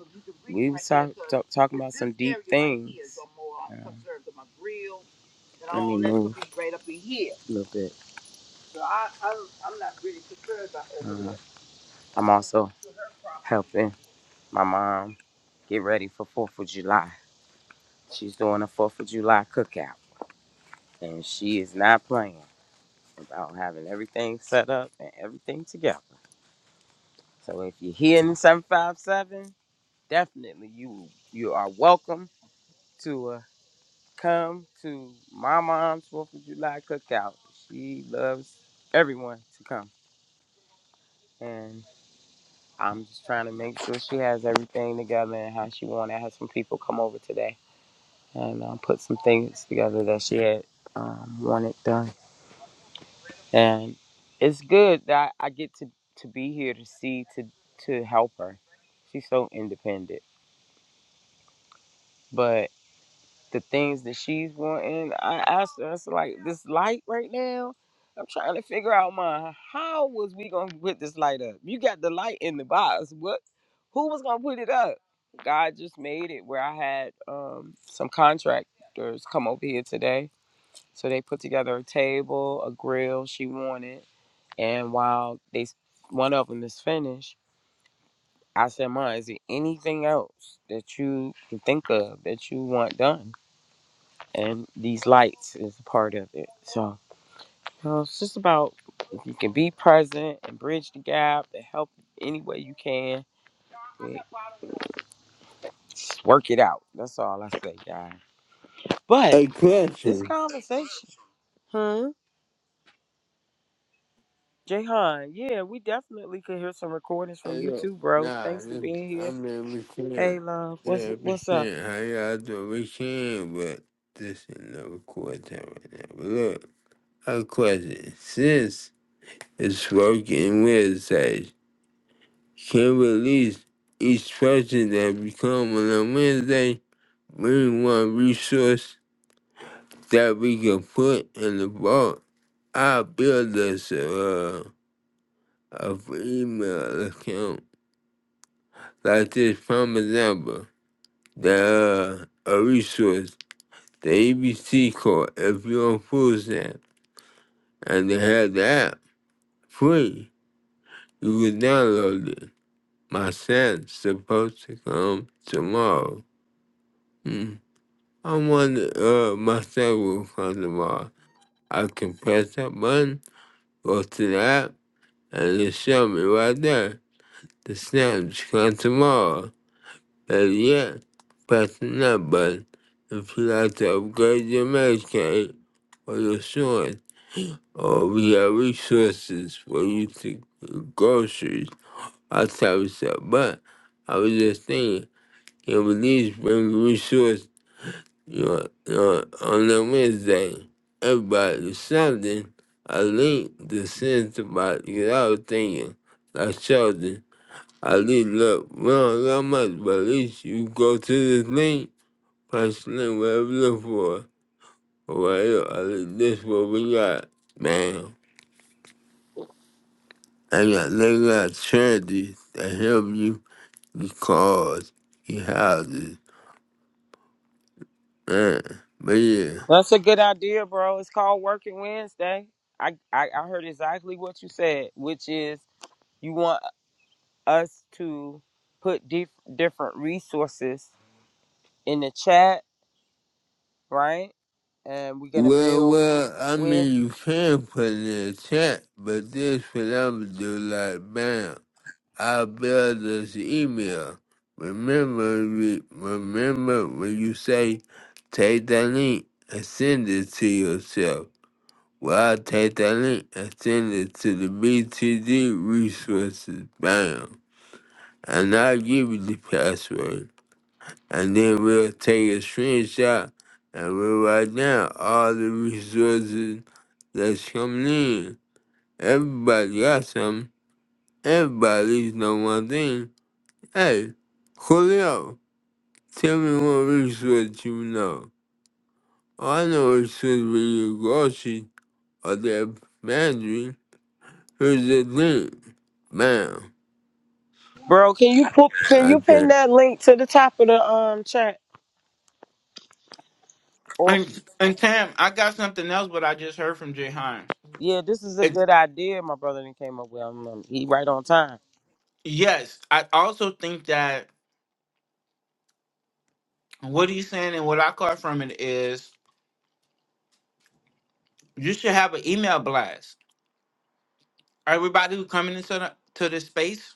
S3: so you can read.
S5: A question. Hey, look, nah, this, I mean, we can. Yeah, we can. How y'all do? We can, but this ain't no record time right now. But look, a question. Since it's working Wednesday, can we release each person that we come on a Wednesday, bring one resource that we can put in the vault. I build us a, uh, a email account like this prime example, the uh, a resource, the ABC call, if you're on food stamps and they have the app free, you can download it. My son's supposed to come tomorrow. Hmm. I wonder uh my son will come tomorrow. I can press that button, go to the app, and it show me right there. The snaps come tomorrow. And yeah, press the like button if you like to upgrade your Medicaid or your insurance, or we have resources for you to get groceries, I type of stuff. But I was just thinking, can we at least bring resources you know, you know, on the Wednesday? Everybody something, I link the sense about because I was thinking, like children, I least look, we don't got much, but at least you go to this link Personally, what I'm looking for, well, I think this is what we got, man. I got, they got charities that help you your cars, your houses, man. But yeah. Well, well, I mean, you can put it in the chat, but this what I'm gonna do, like, bam, I will build this email. Remember, re- remember when you say, take that link and send it to yourself. Well, I'll take that link and send it to the BTD resources. Bam. And I'll give you the password. And then we'll take a screenshot and we'll write down all the resources that's coming in. Everybody got something. Everybody's know one thing. Hey, Julio, tell me what resource you know. Oh, I know it's resource when you grocery or the pantry. Here's the thing. man? I can't.
S2: And, and Tam, I got something else, but I just heard from Jay Hines. It, yes, I also think that what he's saying and what I caught from it is you should have an email blast. Everybody who coming into the, to this space,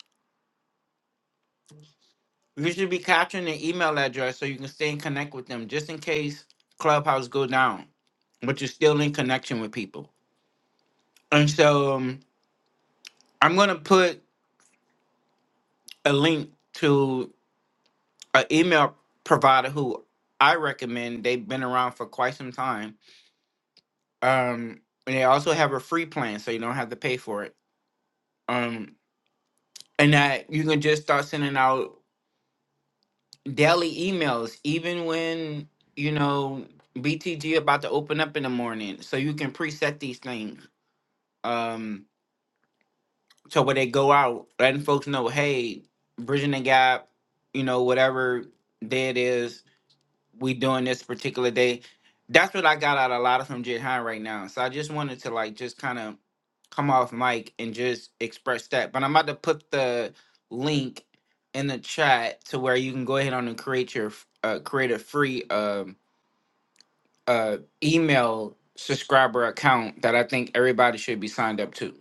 S2: you should be capturing their email address so you can stay in connect with them just in case Clubhouse go down, but you're still in connection with people. And so um, I'm going to put a link to an email provider who I recommend. They've been around for quite some time um and they also have a free plan so you don't have to pay for it um and that you can just start sending out daily emails even when you know btg about to open up in the morning so you can preset these things um so when they go out letting folks know hey bridging the gap you know whatever day it is we doing this particular day. That's what I got out a lot of from Jid High right now. So I just wanted to like just kind of come off mic and just express that. But I'm about to put the link in the chat to where you can go ahead on and create your f- uh, create a free um uh email subscriber account that I think everybody should be signed up to.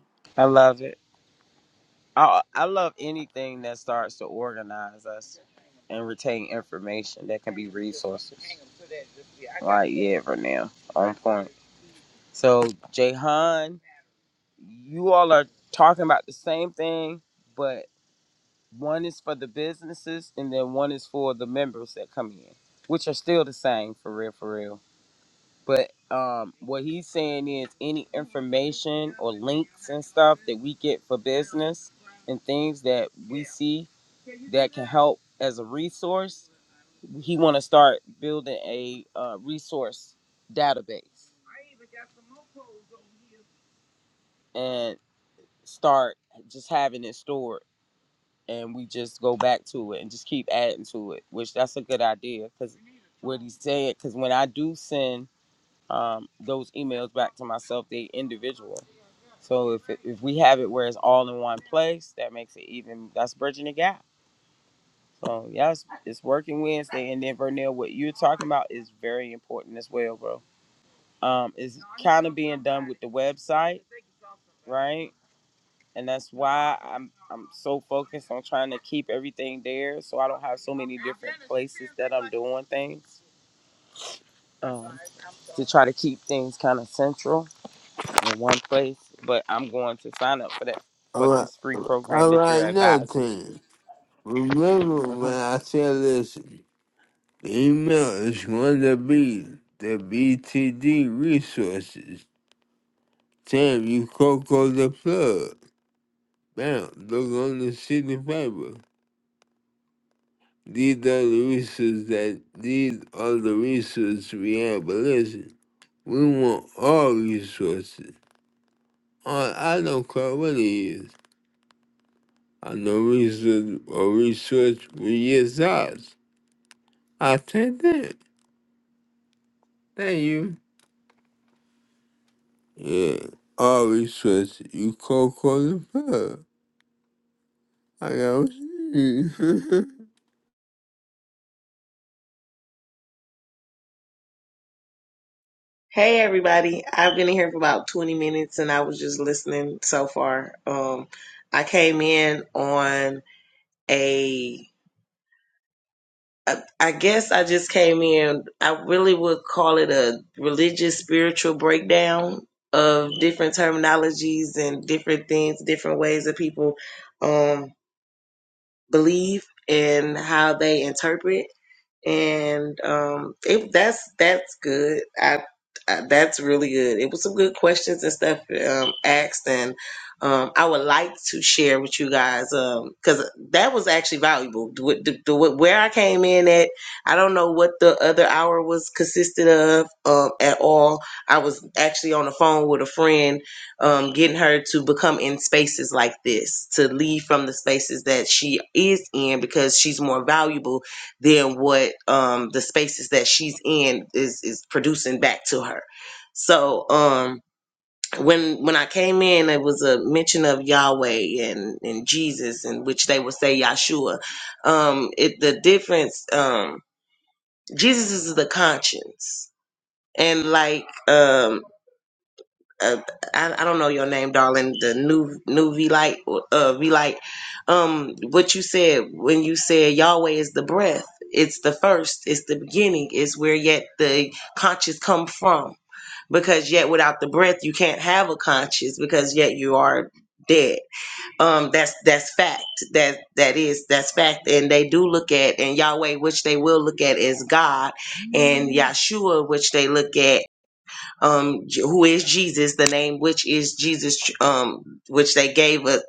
S5: all right, all right, nothing. Remember when I said this, the email is going to be the BTD resources. Sam, you coco the plug. Bam. Look on the city paper. These are the resources that, these are the resources we have, but listen, we want all resources. All, I don't care what it is. no reason or research results. I take that. Thank you. Yeah. All research you call qualified. I know.
S7: Hey everybody. I've been in here for about 20 minutes and I was just listening so far. Um I came in on a I I guess I just came in I really would call it a religious spiritual breakdown of different terminologies and different things, different ways that people um believe and how they interpret. and um, it, that's that's good. I, I that's really good. It was some good questions and stuff um, asked, and um, I would like to share with you guys because that was actually valuable. The, the, the, where I came in at, I don't know what the other hour was consisted of um, at all. I was actually on the phone with a friend, um, getting her to become in spaces like this, to leave from the spaces that she is in because she's more valuable than what um the spaces that she's in is is producing back to her. So um when when I came in it was a mention of Yahweh and and Jesus in which they would say Yahshua. Um it the difference um Jesus is the conscience. And like um uh, I, I don't know your name, darling. The new new V light, uh, V light. Um, what you said when you said Yahweh is the breath. It's the first. It's the beginning. It's where yet the conscious come from. Because yet without the breath, you can't have a conscious. Because yet you are dead. Um, that's that's fact. That that is that's fact. And they do look at and Yahweh, which they will look at, as God, and Yahshua, which they look at um, J- who is Jesus, the name which is Jesus, um, which they gave us.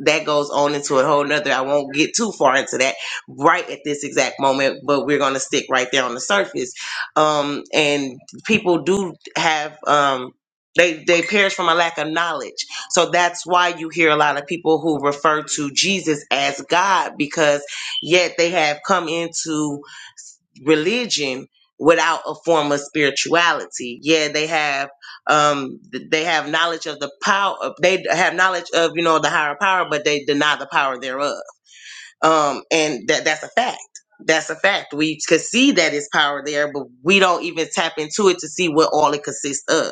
S7: That goes on into a whole nother. I won't get too far into that right at this exact moment, but we're going to stick right there on the surface. Um, and people do have, um, they, they perish from a lack of knowledge. So that's why you hear a lot of people who refer to Jesus as God because yet they have come into religion without a form of spirituality. Yeah, they have um th- they have knowledge of the power of- they have knowledge of, you know, the higher power, but they deny the power thereof. Um and that that's a fact. That's a fact. We could see that it's power there, but we don't even tap into it to see what all it consists of.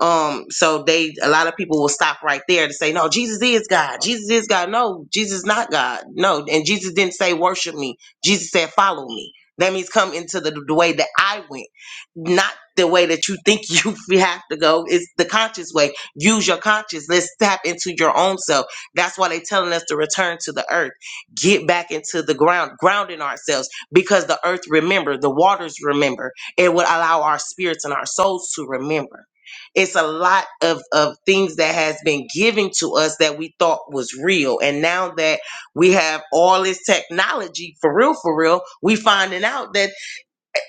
S7: Um, so they a lot of people will stop right there to say, No, Jesus is God. Jesus is God. No, Jesus is not God. No, and Jesus didn't say worship me. Jesus said follow me. That means come into the, the way that I went, not the way that you think you have to go. It's the conscious way. Use your conscience. Let's tap into your own self. That's why they're telling us to return to the earth, get back into the ground, grounding ourselves because the earth remember, the waters remember. It would allow our spirits and our souls to remember it's a lot of, of things that has been given to us that we thought was real and now that we have all this technology for real for real we finding out that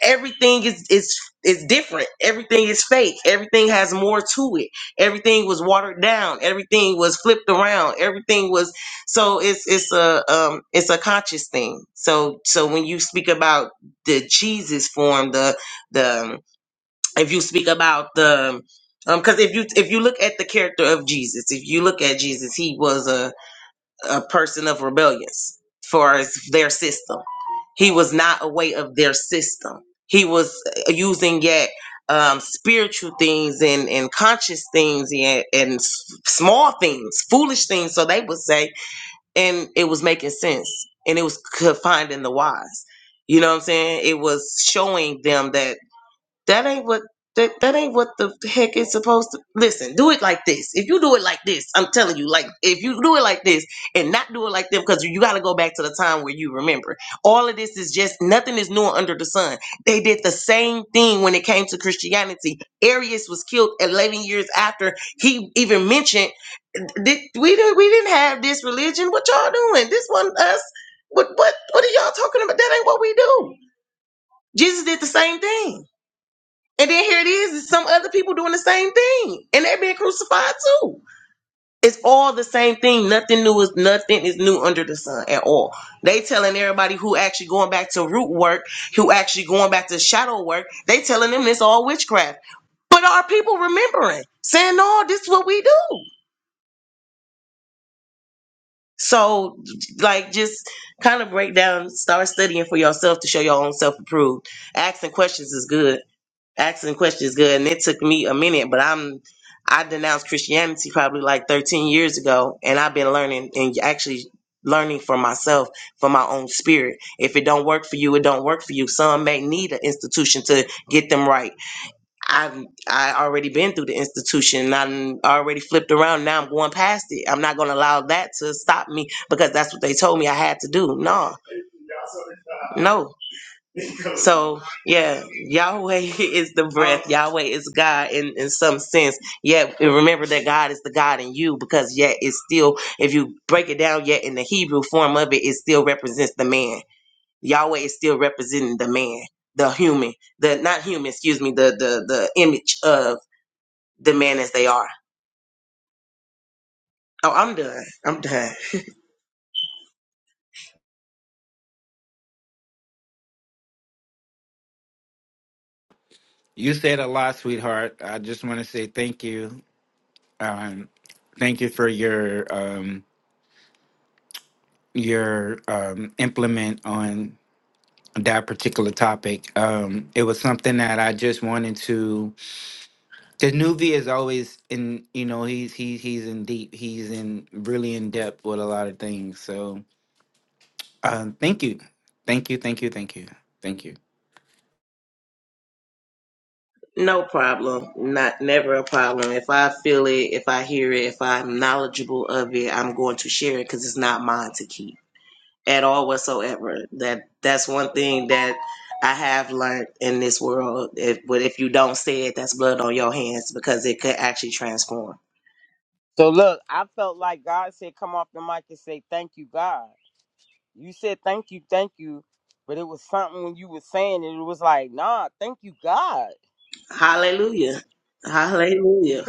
S7: everything is is is different everything is fake everything has more to it everything was watered down everything was flipped around everything was so it's it's a um it's a conscious thing so so when you speak about the jesus form the the um, if you speak about the um because if you if you look at the character of jesus if you look at jesus he was a, a person of rebellious for as their system he was not aware of their system he was uh, using yet um, spiritual things and, and conscious things and, and s- small things foolish things so they would say and it was making sense and it was confined in the wise you know what i'm saying it was showing them that that ain't what that, that ain't what the heck is supposed to listen, do it like this. If you do it like this, I'm telling you, like if you do it like this and not do it like them, because you gotta go back to the time where you remember. All of this is just nothing is new under the sun. They did the same thing when it came to Christianity. Arius was killed 11 years after he even mentioned did, we didn't we didn't have this religion. What y'all doing? This one us. What what what are y'all talking about? That ain't what we do. Jesus did the same thing. And then here it is, it's some other people doing the same thing. And they're being crucified too. It's all the same thing. Nothing new is nothing is new under the sun at all. They telling everybody who actually going back to root work, who actually going back to shadow work, they telling them it's all witchcraft. But are people remembering? Saying, no, this is what we do. So like just kind of break down, start studying for yourself to show your own self approved. Asking questions is good asking questions good and it took me a minute but i'm i denounced christianity probably like 13 years ago and i've been learning and actually learning for myself for my own spirit if it don't work for you it don't work for you some may need an institution to get them right i've i already been through the institution and i'm already flipped around now i'm going past it i'm not going to allow that to stop me because that's what they told me i had to do no no so yeah, Yahweh is the breath. Yahweh is God in, in some sense. Yet and remember that God is the God in you because yet it's still, if you break it down, yet in the Hebrew form of it, it still represents the man. Yahweh is still representing the man, the human, the not human, excuse me, the the the image of the man as they are. Oh, I'm done. I'm done.
S2: You said a lot, sweetheart. I just want to say thank you. Um, thank you for your um your um implement on that particular topic. Um, it was something that I just wanted to. Because Nuvi is always in, you know, he's he's he's in deep, he's in really in depth with a lot of things. So, um, thank you, thank you, thank you, thank you, thank you.
S7: No problem. Not never a problem. If I feel it, if I hear it, if I'm knowledgeable of it, I'm going to share it because it's not mine to keep. at all whatsoever. That that's one thing that I have learned in this world. If, but if you don't say it, that's blood on your hands because it could actually transform. Hallelujah. Hallelujah.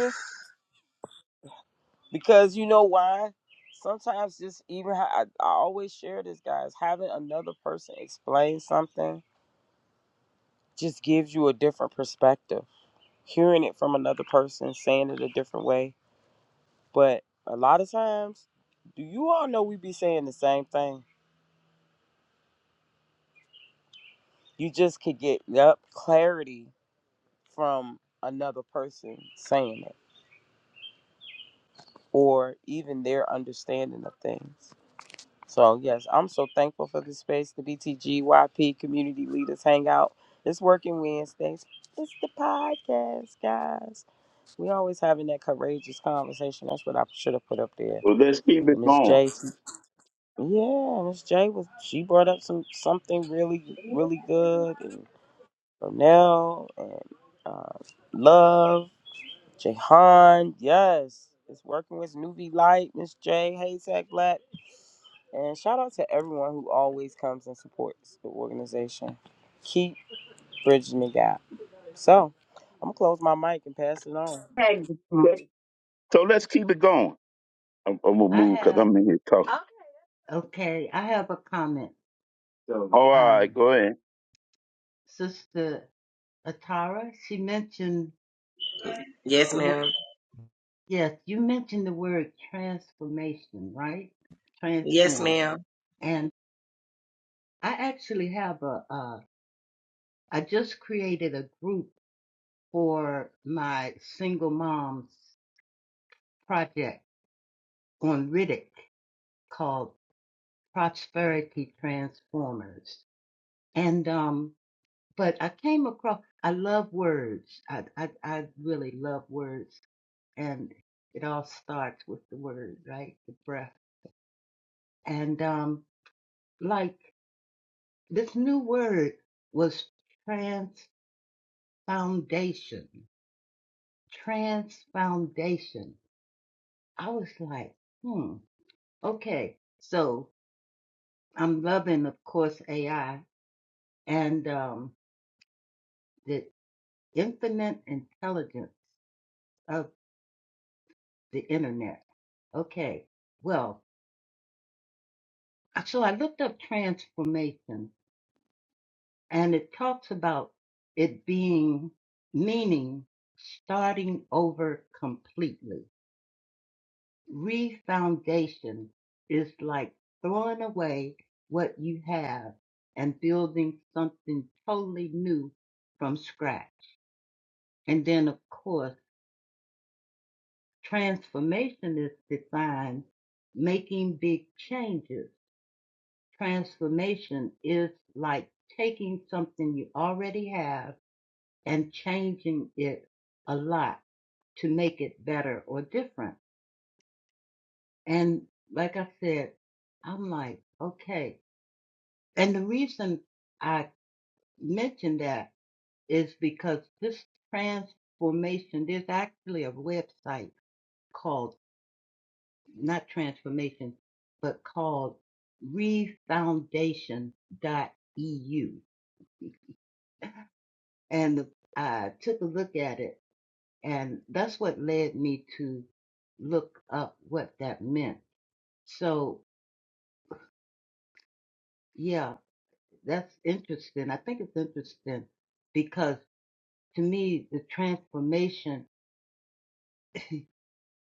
S1: Well, let's keep it going. Tag this So let's keep it going. I'm, I'm gonna
S4: I
S1: move because
S4: have.
S1: I'm in here talking. Okay.
S4: Okay, I have a comment.
S1: So- Oh, all right,
S4: Um,
S1: go ahead.
S4: Sister Atara, she mentioned
S7: Yes,
S4: the word,
S7: ma'am.
S4: yes, you mentioned the word transformation, right?
S7: Yes,
S4: Transform.
S7: ma'am.
S4: I actually have a, uh, I just created a group for my single moms project on Riddick called Prosperity Transformers. And, um, but I came across, I love words. I, I, I really love words. And it all starts with the word, right? The breath. And, um, like this new word was trans Trans Foundation. I was like, hmm, okay. So I'm loving, of course, AI and um, the infinite intelligence of the internet. Okay. Well, so I looked up transformation and it talks about it being meaning starting over completely. Refoundation is like throwing away what you have and building something totally new from scratch. And then, of course, transformation is defined making big changes. Transformation is like taking something you already have and changing it a lot to make it better or different. And like I said, I'm like, okay, And the reason I mention that is because this transformation, there's actually a website called, not transformation, but called refoundation dot eu And I took a look at it, and that's what led me to look up what that meant. So, yeah, that's interesting. I think it's interesting because to me, the transformation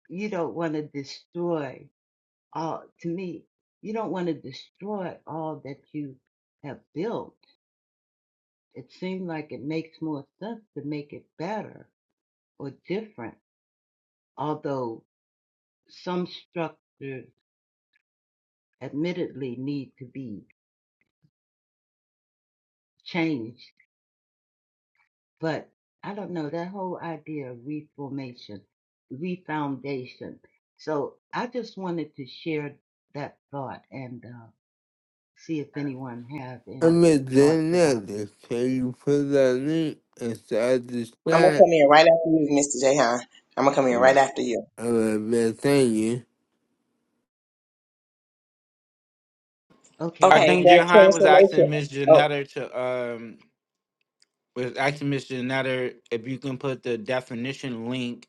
S4: you don't want to destroy all to me you don't want to destroy all that you have built it seems like it makes more sense to make it better or different although some structures admittedly need to be changed but i don't know that whole idea of reformation refoundation so i just wanted to share that thought and uh, see if anyone has any
S5: I'm a
S4: thoughts about
S5: janitor. Can you put that link inside the
S7: I'm gonna
S5: chat?
S7: come in right after you, Mr. Jahan. I'm gonna come in right
S5: Alright.
S7: after you.
S5: Alright, man, thank you.
S4: Okay,
S2: I
S4: I'll
S7: Okay.
S2: think
S4: do.
S2: Johan was asking Miss
S7: Oh,
S2: Janetta to um was asking Miss Janetta if you can put the definition link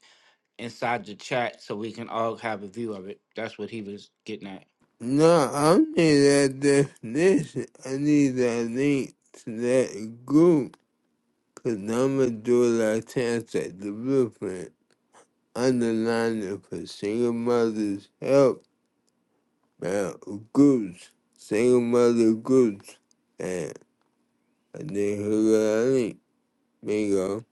S2: inside the chat so we can all have a view of it. That's what he was getting at.
S5: No, I don't need that definition. I need that link to that group. Cause I'ma do it like Chance at the blueprint. underlining for single mothers help uh, groups, single mother groups, and I think who got it, link, bingo.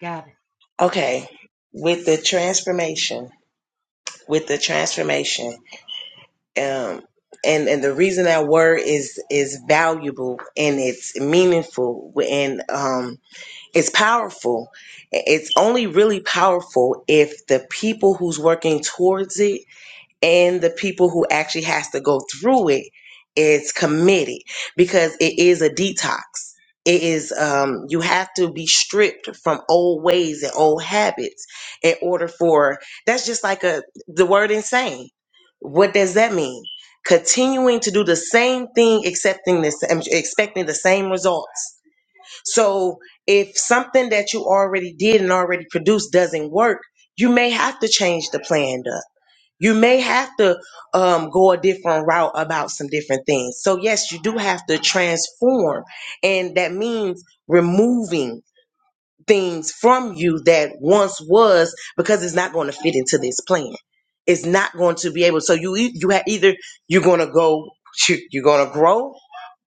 S4: Got it.
S7: okay. With the transformation, with the transformation, um, and and the reason that word is is valuable and it's meaningful and um it's powerful. It's only really powerful if the people who's working towards it and the people who actually has to go through it is committed because it is a detox. It is um, you have to be stripped from old ways and old habits in order for that's just like a the word insane. What does that mean? Continuing to do the same thing, accepting this, um, expecting the same results so if something that you already did and already produced doesn't work, you may have to change the plan up. You may have to um, go a different route about some different things. So yes, you do have to transform, and that means removing things from you that once was because it's not going to fit into this plan. It's not going to be able. So you e- you have either you're going to go you're going to grow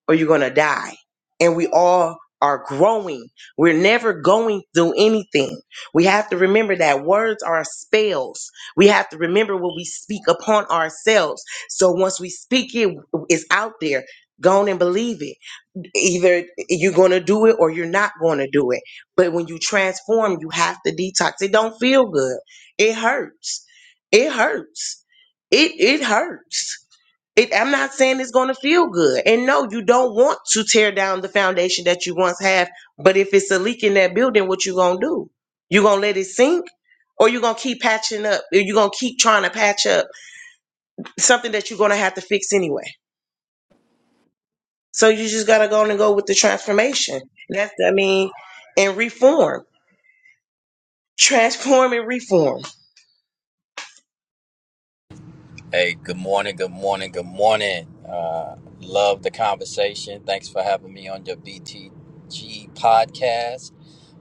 S7: or you're going to die. And we all are growing. We're never going through anything. We have to remember that words are spells. We have to remember what we speak upon ourselves. So once we speak it, it's out there. Go on and believe it. Either you're going to do it or you're not going to do it. But when you transform, you have to detox. It don't feel good. It hurts. It hurts. It it hurts it, I'm not saying it's going to feel good. And no, you don't want to tear down the foundation that you once have. But if it's a leak in that building, what you going to do? You going to let it sink? Or you going to keep patching up? Or you going to keep trying to patch up something that you're going to have to fix anyway? So you just got to go on and go with the transformation. That's, I mean, and reform. Transform and reform.
S8: Hey, good morning, good morning, good morning. Uh, love the conversation. Thanks for having me on your BTG podcast.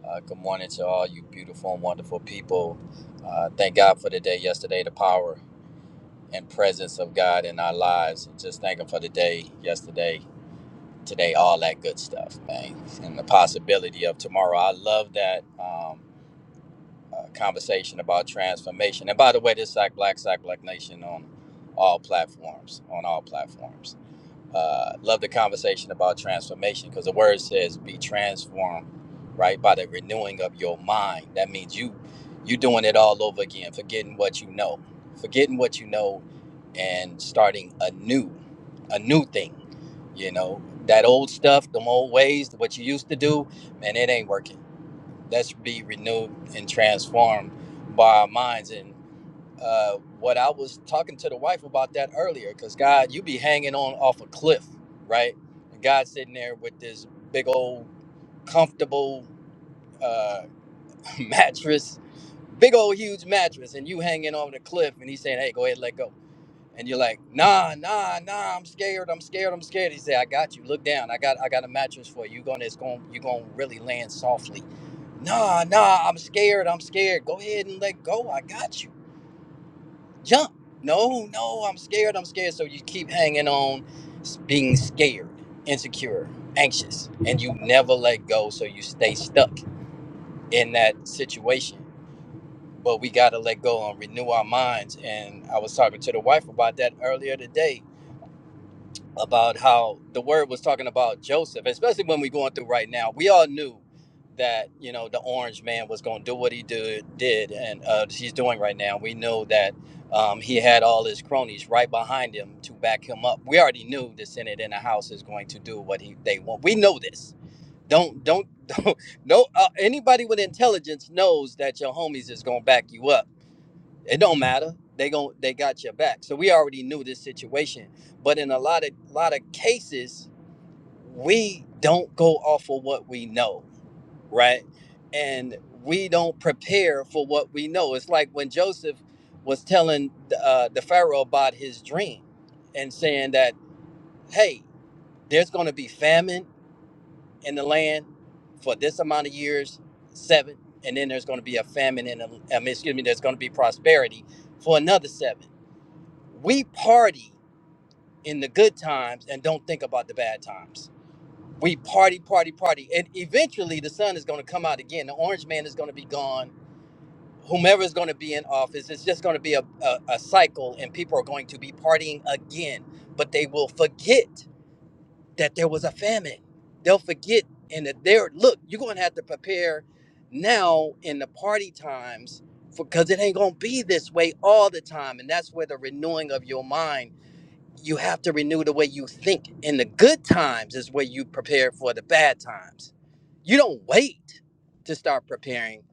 S8: Uh, good morning to all you beautiful and wonderful people. Uh, thank God for the day yesterday, the power and presence of God in our lives. And just thank Him for the day yesterday, today, all that good stuff, man, and the possibility of tomorrow. I love that. Um, uh, conversation about transformation. And by the way, this Sack Black, Sack Black Nation on all platforms, on all platforms. Uh, love the conversation about transformation because the word says be transformed, right, by the renewing of your mind. That means you you doing it all over again, forgetting what you know, forgetting what you know, and starting a new, a new thing. You know that old stuff, them old ways, what you used to do, man, it ain't working Let's be renewed and transformed by our minds. And uh, what I was talking to the wife about that earlier, because God, you be hanging on off a cliff, right? And God's sitting there with this big old comfortable uh, mattress, big old huge mattress, and you hanging on the cliff, and he's saying, "Hey, go ahead, let go." and you're like, nah, nah, nah, I'm scared, I'm scared, I'm scared. He said, I got you. Look down. I got I got a mattress for you. You gonna it's going you're gonna really land softly. Nah, nah, I'm scared, I'm scared. Go ahead and let go. I got you. Jump. No, no, I'm scared, I'm scared. So you keep hanging on being scared, insecure, anxious, and you never let go, so you stay stuck in that situation. But we gotta let go and renew our minds. And I was talking to the wife about that earlier today about how the word was talking about Joseph, especially when we're going through right now. We all knew that you know the orange man was going to do what he did did and uh, he's doing right now. We know that um, he had all his cronies right behind him to back him up. We already knew the Senate and the House is going to do what he, they want. We know this. Don't don't don't no uh, anybody with intelligence knows that your homies is going to back you up it don't matter. They gon' they got your back. So we already knew this situation. But in a lot of lot of cases, we don't go off of what we know, right? And we don't prepare for what we know. It's like when Joseph was telling uh, the Pharaoh about his dream and saying that, hey, there's going to be famine in the land for this amount of years, seven, and then there's going to be a famine in, the- I mean, excuse me, there's going to be prosperity for another seven we party in the good times and don't think about the bad times. We party, party, party. And eventually the sun is going to come out again. The orange man is going to be gone. Whomever is going to be in office, it's just going to be a, a, a cycle and people are going to be partying again. But they will forget that there was a famine. They'll forget and that they're, look, you're going to have to prepare now in the party times because it ain't going to be this way all the time. And that's where the renewing of your mind you have to renew the way you think. And the good times is where you prepare for the bad times. You don't wait to start preparing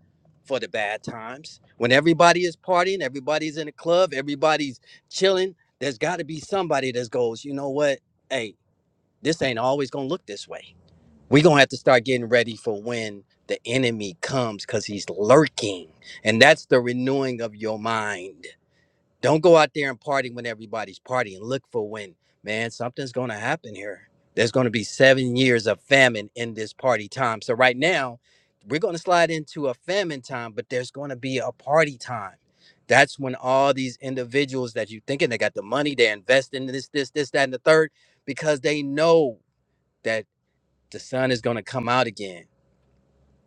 S8: for the bad times. When everybody is partying, everybody's in the club, everybody's chilling, there's got to be somebody that goes, you know what? Hey, this ain't always going to look this way. We're going to have to start getting ready for when the enemy comes because he's lurking. And that's the renewing of your mind don't go out there and party when everybody's partying. Look for when, man, something's going to happen here. There's going to be seven years of famine in this party time. So, right now, we're going to slide into a famine time, but there's going to be a party time. That's when all these individuals that you thinking they got the money, they're investing in this, this, this, that, and the third, because they know that the sun is going to come out again.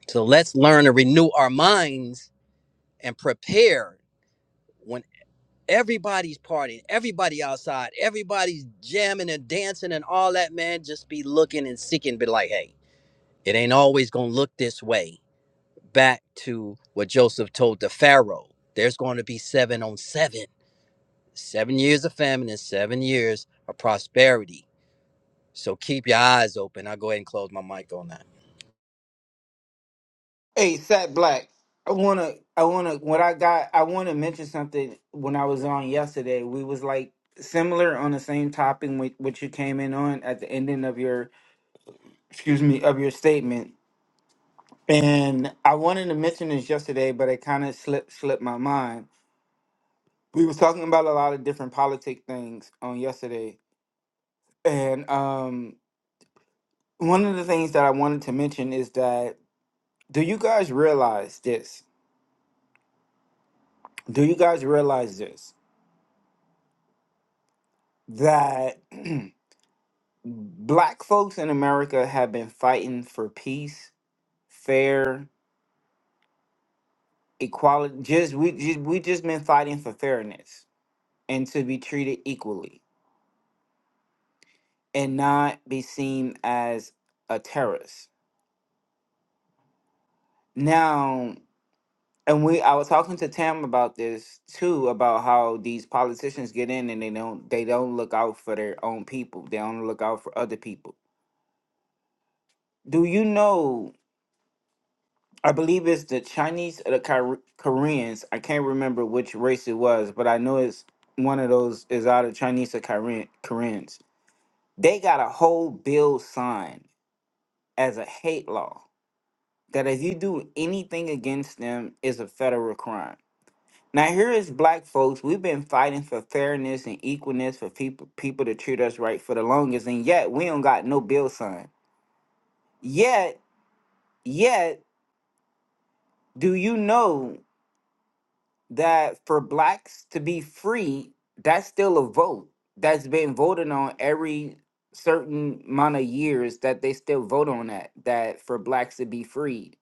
S8: So, let's learn to renew our minds and prepare when. Everybody's partying, everybody outside, everybody's jamming and dancing and all that, man. Just be looking and seeking, be like, hey, it ain't always gonna look this way. Back to what Joseph told the Pharaoh there's going to be seven on seven, seven years of famine and seven years of prosperity. So keep your eyes open. I'll go ahead and close my mic on that.
S2: Hey, Sat Black. I wanna, I wanna. What I got, I wanna mention something. When I was on yesterday, we was like similar on the same topic with which you came in on at the ending of your, excuse me, of your statement. And I wanted to mention this yesterday, but it kind of slipped slipped my mind. We was talking about a lot of different politic things on yesterday, and um, one of the things that I wanted to mention is that do you guys realize this? Do you guys realize this that? black folks in America have been fighting for peace, fair, equality. Just we just we just been fighting for fairness and to be treated equally and not be seen as a terrorist. Now, and we I was talking to Tam about this too about how these politicians get in and they don't they don't look out for their own people. They don't look out for other people. Do you know I believe it's the Chinese or the Kor- Koreans. I can't remember which race it was, but I know it's one of those is either Chinese or Korean, Koreans. They got a whole bill signed as a hate law that if you do anything against them is a federal crime. Now here is black folks. We've been fighting for fairness and equalness for people people to treat us right for the longest, and yet we don't got no bill signed. Yet, yet, do you know? that for blacks to be free, that's still a vote that's been voted on every certain amount of years that they still vote on that that for blacks to be free.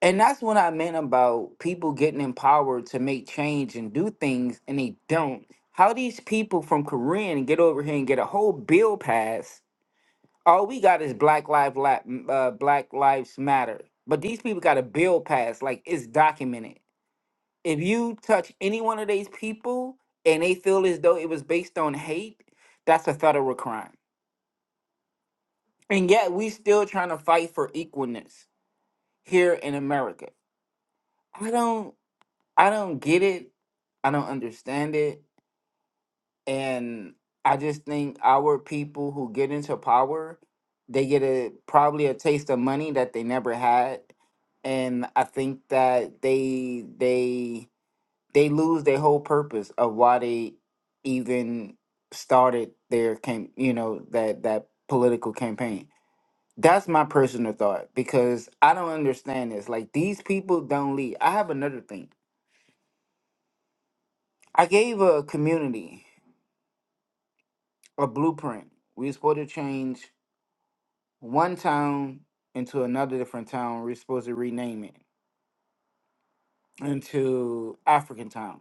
S2: And that's what I meant about people getting empowered to make change and do things and they don't. How these people from Korean get over here and get a whole bill passed. All we got is Black Lives La- uh, Black Lives Matter. But these people got a bill passed, like it's documented if you touch any one of these people and they feel as though it was based on hate, that's a federal crime. And yet we still trying to fight for equalness here in America. I don't I don't get it. I don't understand it. And I just think our people who get into power, they get a probably a taste of money that they never had. And I think that they they they lose their whole purpose of why they even started their cam you know that that political campaign that's my personal thought because i don't understand this like these people don't lead i have another thing i gave a community a blueprint we were supposed to change one town into another different town we were supposed to rename it into african town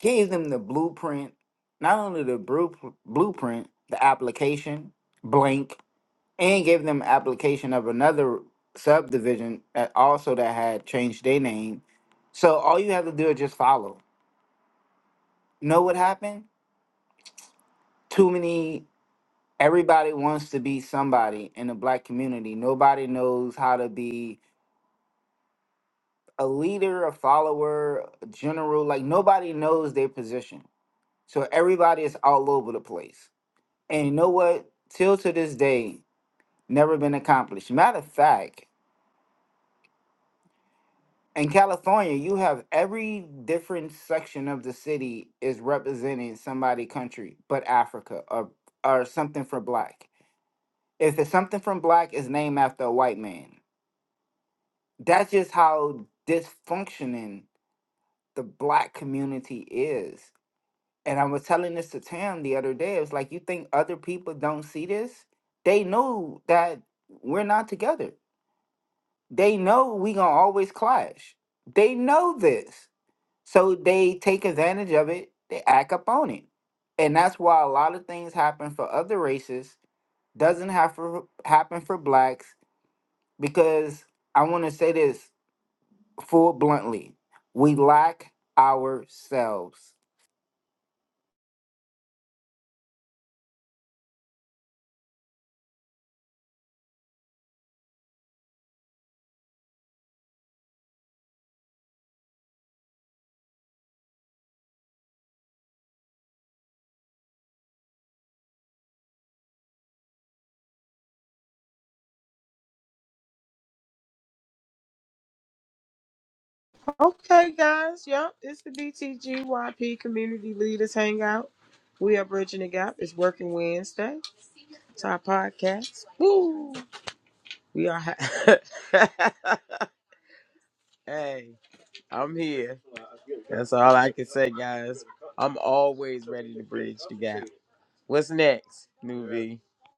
S2: gave them the blueprint, not only the bru- blueprint, the application, blank, and gave them application of another subdivision that also that had changed their name. So all you have to do is just follow. Know what happened? Too many. Everybody wants to be somebody in the black community. Nobody knows how to be a leader, a follower, a general. Like nobody knows their position. So everybody is all over the place And you know what? Till to this day, never been accomplished. Matter of fact, in California, you have every different section of the city is representing somebody country, but Africa or or something for black. If it's something from black, is named after a white man. That's just how dysfunctioning the black community is. And I was telling this to Tam the other day. It was like, you think other people don't see this? They know that we're not together They know we gonna always clash. They know this, so they take advantage of it. They act up on it, and that's why a lot of things happen for other races doesn't have for happen for blacks because I want to say this full bluntly. We lack ourselves.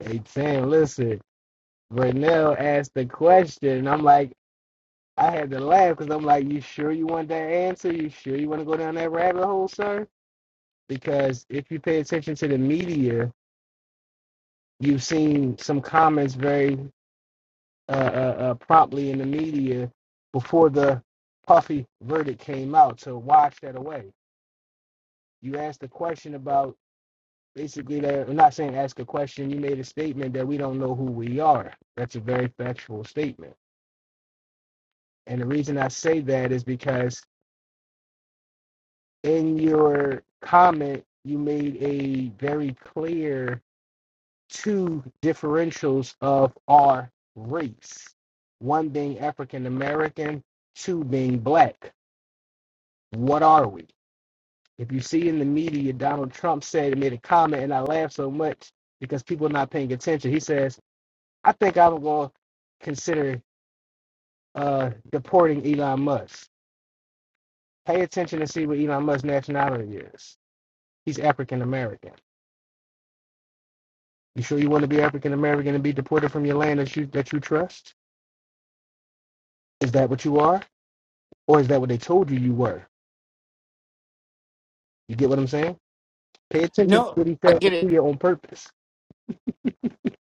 S6: And saying, listen, Vernell asked the question, and I'm like, I had to laugh because I'm like, you sure you want that answer? You sure you want to go down that rabbit hole, sir? Because if you pay attention to the media, you've seen some comments very uh, uh, uh, promptly in the media before the Puffy verdict came out to wash that away. You asked the question about Basically, that I'm not saying ask a question. You made a statement that we don't know who we are. That's a very factual statement. And the reason I say that is because in your comment, you made a very clear two differentials of our race. One being African American, two being black. What are we? If you see in the media, Donald Trump said made a comment, and I laughed so much because people are not paying attention. He says I think I'm going to consider uh, deporting Elon Musk. Pay attention to see what Elon Musk's nationality is. He's African American. You sure you want to be African American and be deported from your land that you that you trust? Is that what you are, or is that what they told you you were? You get what I'm saying? Pay attention to
S2: No,
S6: what he
S2: I
S6: said
S2: get
S6: and
S2: it.
S6: do on purpose.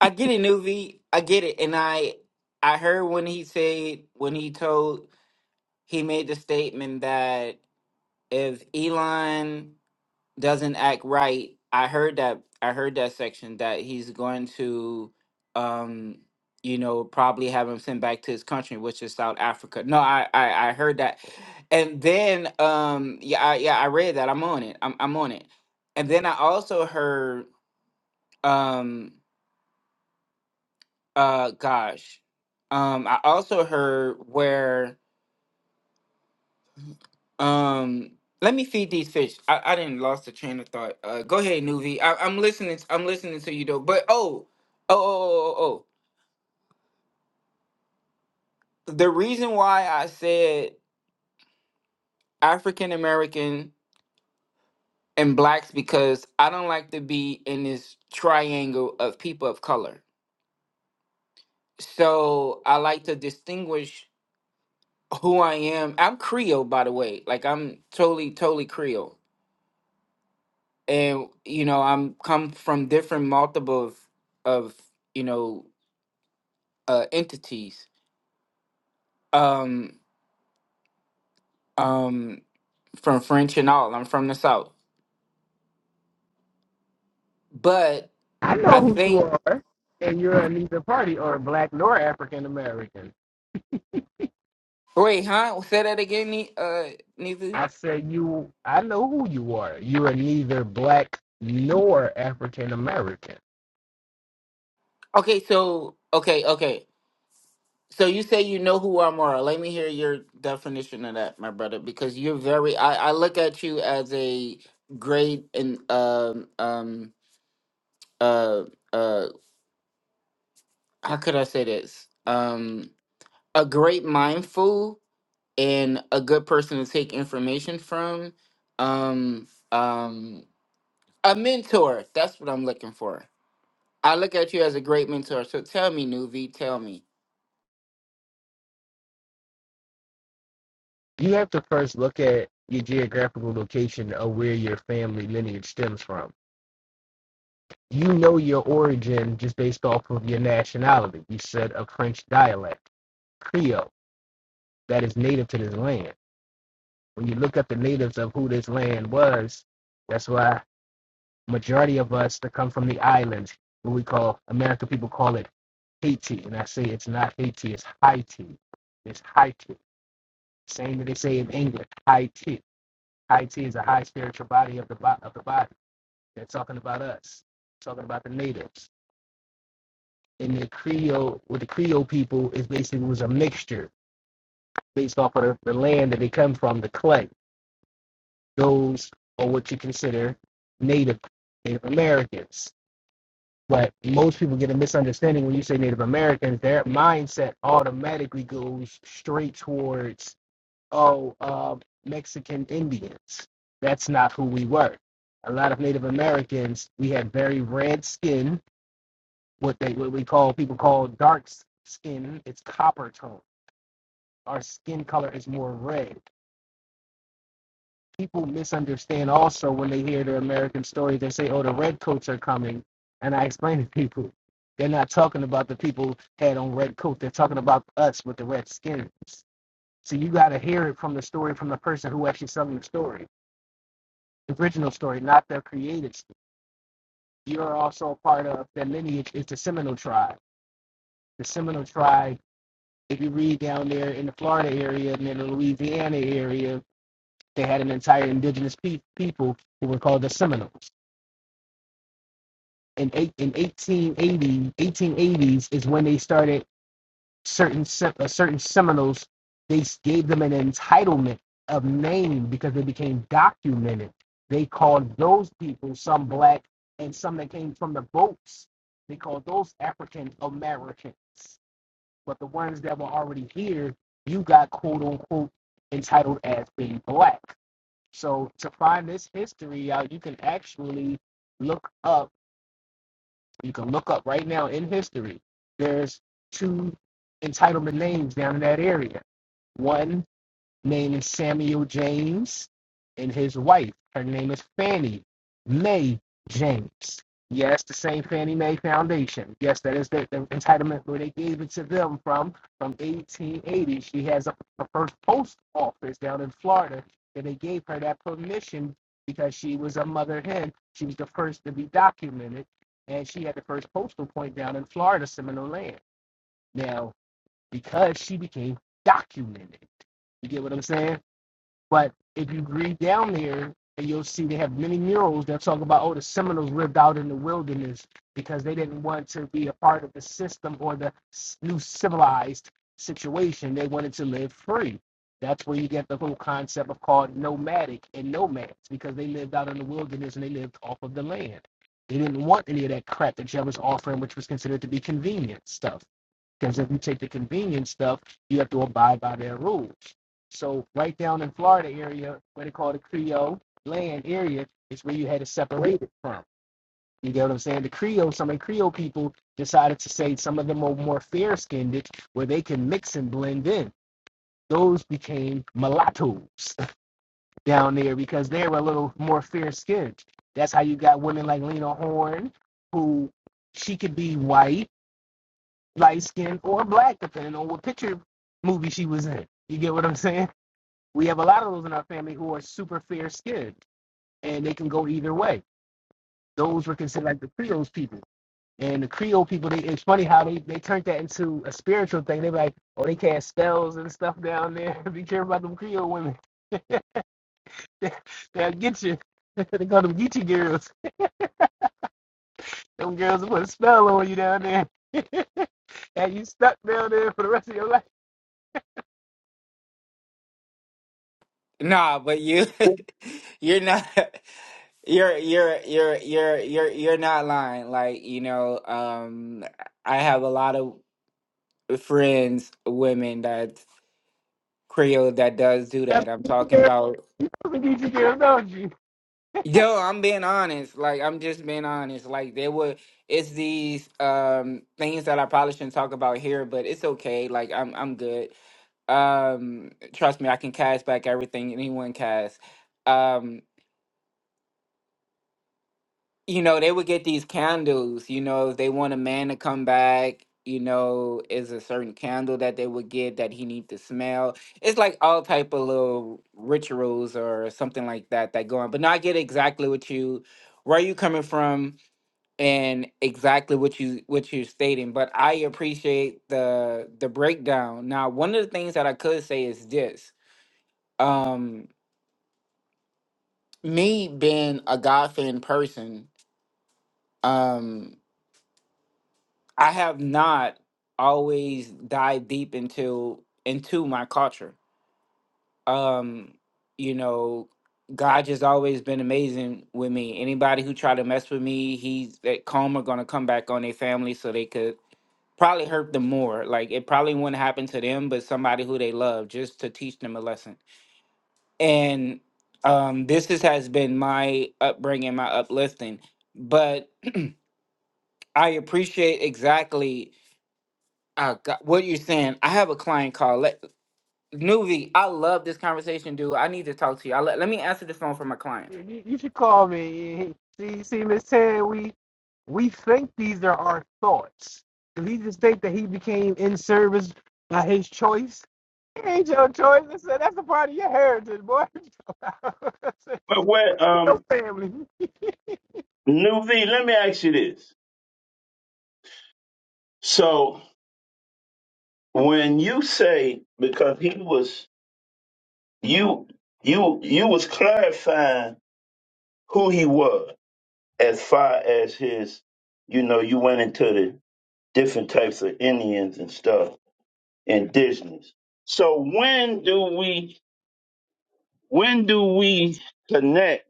S2: I get it, Nuvi. I get it. And I I heard when he said when he told he made the statement that if Elon doesn't act right. I heard that I heard that section that he's going to um you know probably have him sent back to his country which is South Africa. No, I I, I heard that. And then um yeah I, yeah I read that. I'm on it. I'm I'm on it. And then I also heard um uh gosh. Um I also heard where Um, let me feed these fish. I, I didn't lost the train of thought. Uh, go ahead, Nuvi. I, I'm listening. t- I'm listening to you though. But oh, oh, oh, oh, oh. oh, oh. The reason why I said African American and blacks because I don't like to be in this triangle of people of color. So I like to distinguish who I am. I'm Creole, by the way. Like I'm totally, totally Creole, and you know I'm come from different multiple of, of you know uh, entities um, um, from French and all. I'm from the South. But
S6: I know
S2: I
S6: who you
S2: think,
S6: are, and you're neither party or black nor African American.
S2: wait, huh? Say that again, Ne- uh, Nizu?
S6: I said you. I know who you are. You are neither black nor African American.
S2: Okay, so, okay, okay. So you say you know who I'm are. Let me hear your definition of that, my brother, because you're very, I, I look at you as a great and, um, um, uh, uh, how could I say this? Um, a great mindful and a good person to take information from um um a mentor that's what i'm looking for i look at you as a great mentor so tell me nuvi tell me
S6: You have to first look at your geographical location of where your family lineage stems from. You know your origin just based off of your nationality. You said a French dialect, Creole, that is native to this land. When you look up the natives of who this land was, that's why Majority of us that come from the islands, what we call American people call it Haiti, and I say it's not Haiti, it's Haiti. It's Haiti. Same that they say in England, Haiti. Haiti is a high spiritual body of the bo- of the body. They're talking about us, talking about the natives. And the Creole, with the Creole people, is basically was a mixture based off of the, the land that they come from, the clay. Those are what you consider native Native Americans. But most people get a misunderstanding when you say Native Americans. Their mindset automatically goes straight towards, oh, uh, Mexican Indians. That's not who we were. A lot of Native Americans, we had very red skin, what they what we call people call dark s- skin. It's copper tone. Our skin color is more red. people misunderstand also when they hear the American story. They say, oh, the redcoats are coming. And I explain to people, they're not talking about the people had on red coat. They're talking about us with the red skins. So you got to hear it from the story from the person who actually telling the story, the original story, not the created. story. You're also a part of that lineage is the Seminole tribe. The Seminole tribe, if you read down there in the Florida area and in the Louisiana area, they had an entire indigenous pe- people who were called the Seminoles in eight in eighteen eighty eighteen eighties is when they started certain uh, certain Seminoles. They gave them an entitlement of name because they became documented. They called those people some black and some that came from the boats. They called those African Americans. But the ones that were already here, you got quote unquote entitled as being black. So to find this history out, you can actually look up you can look up right now in history. There's two entitlement names down in that area. One named Samuel James, and his wife. Her name is Fannie Mae James. Yes, the same Fannie Mae Foundation. Yes, that is the, the entitlement where they gave it to them from from 1880. She has a, a first post office down in Florida, and they gave her that permission because she was a mother hen. She was the first to be documented, and she had the first postal point down in Florida, Seminole Land. Now, because she became documented, you get what I'm saying? But if you read down there, and you'll see they have many murals that talk about, oh, the Seminoles lived out in the wilderness because they didn't want to be a part of the system or the new civilized situation. They wanted to live free. That's where you get the whole concept of called nomadic and nomads because they lived out in the wilderness and they lived off of the land. They didn't want any of that crap that Jeb was offering, which was considered to be convenient stuff. Because if you take the convenience stuff, you have to abide by their rules. So right down in Florida area, what they call the Creole land area, is where you had to separate it from. You get what I'm saying? The Creole, some of the Creole people decided to say some of them are more fair skinned, where they can mix and blend in. Those became mulattoes down there because they were a little more fair skinned. That's how you got women like Lena Horne, who she could be white light skin or black, depending on what picture movie she was in. You get what I'm saying? We have a lot of those in our family who are super fair skinned and they can go either way. Those were considered like the Creole people. And the Creole people, they, it's funny how they, they turned that into a spiritual thing. They were like, oh, they cast spells and stuff down there. Be careful about them Creole women. They'll get you. they call them Geechee girls. Them girls will put a spell on you down there. and you stuck down there for the rest of your life.
S2: nah but you you're not you're you're you're you're you're you're not lying like you know um i have a lot of friends women that creole that does do
S6: That's
S2: that i'm
S6: you
S2: talking
S6: know
S2: about
S6: the Geechee girls, don't you?
S2: Yo, I'm being honest. Like I'm just being honest. Like there were it's these um things that I probably shouldn't talk about here, but it's okay. Like I'm I'm good. Um trust me, I can cash back everything anyone cash. Um you know, they would get these candles, you know, if they want a man to come back, you know, is a certain candle that they would get that he need to smell. It's like all type of little rituals or something like that that go on. But no, I get exactly what you where are you coming from and exactly what you what you're stating but i appreciate the the breakdown now one of the things that i could say is this um me being a god fan person um i have not always dived deep into into my culture um you know god just always been amazing with me anybody who try to mess with me he's that karma gonna come back on their family so they could probably hurt them more. Like it probably wouldn't happen to them, but somebody who they love just to teach them a lesson. And um, this is, has been my upbringing, my uplifting. But I appreciate exactly uh, go- what you're saying. I have a client call. Nuvi, I love this conversation, dude. I need to talk to you. I let, let me answer the phone for my client.
S6: You, you should call me. See, see, Miss Tan, we we think these are our thoughts. If he just think that he became in service by his choice, it ain't your choice. I said, that's a part of your heritage, boy. I said,
S1: But what,
S6: your
S1: um,
S6: family.
S1: New V, let me ask you this. So when you say because he was you you you was clarifying who he was as far as his you know, you went into the different types of Indians and stuff, indigenous. So when do we when do we connect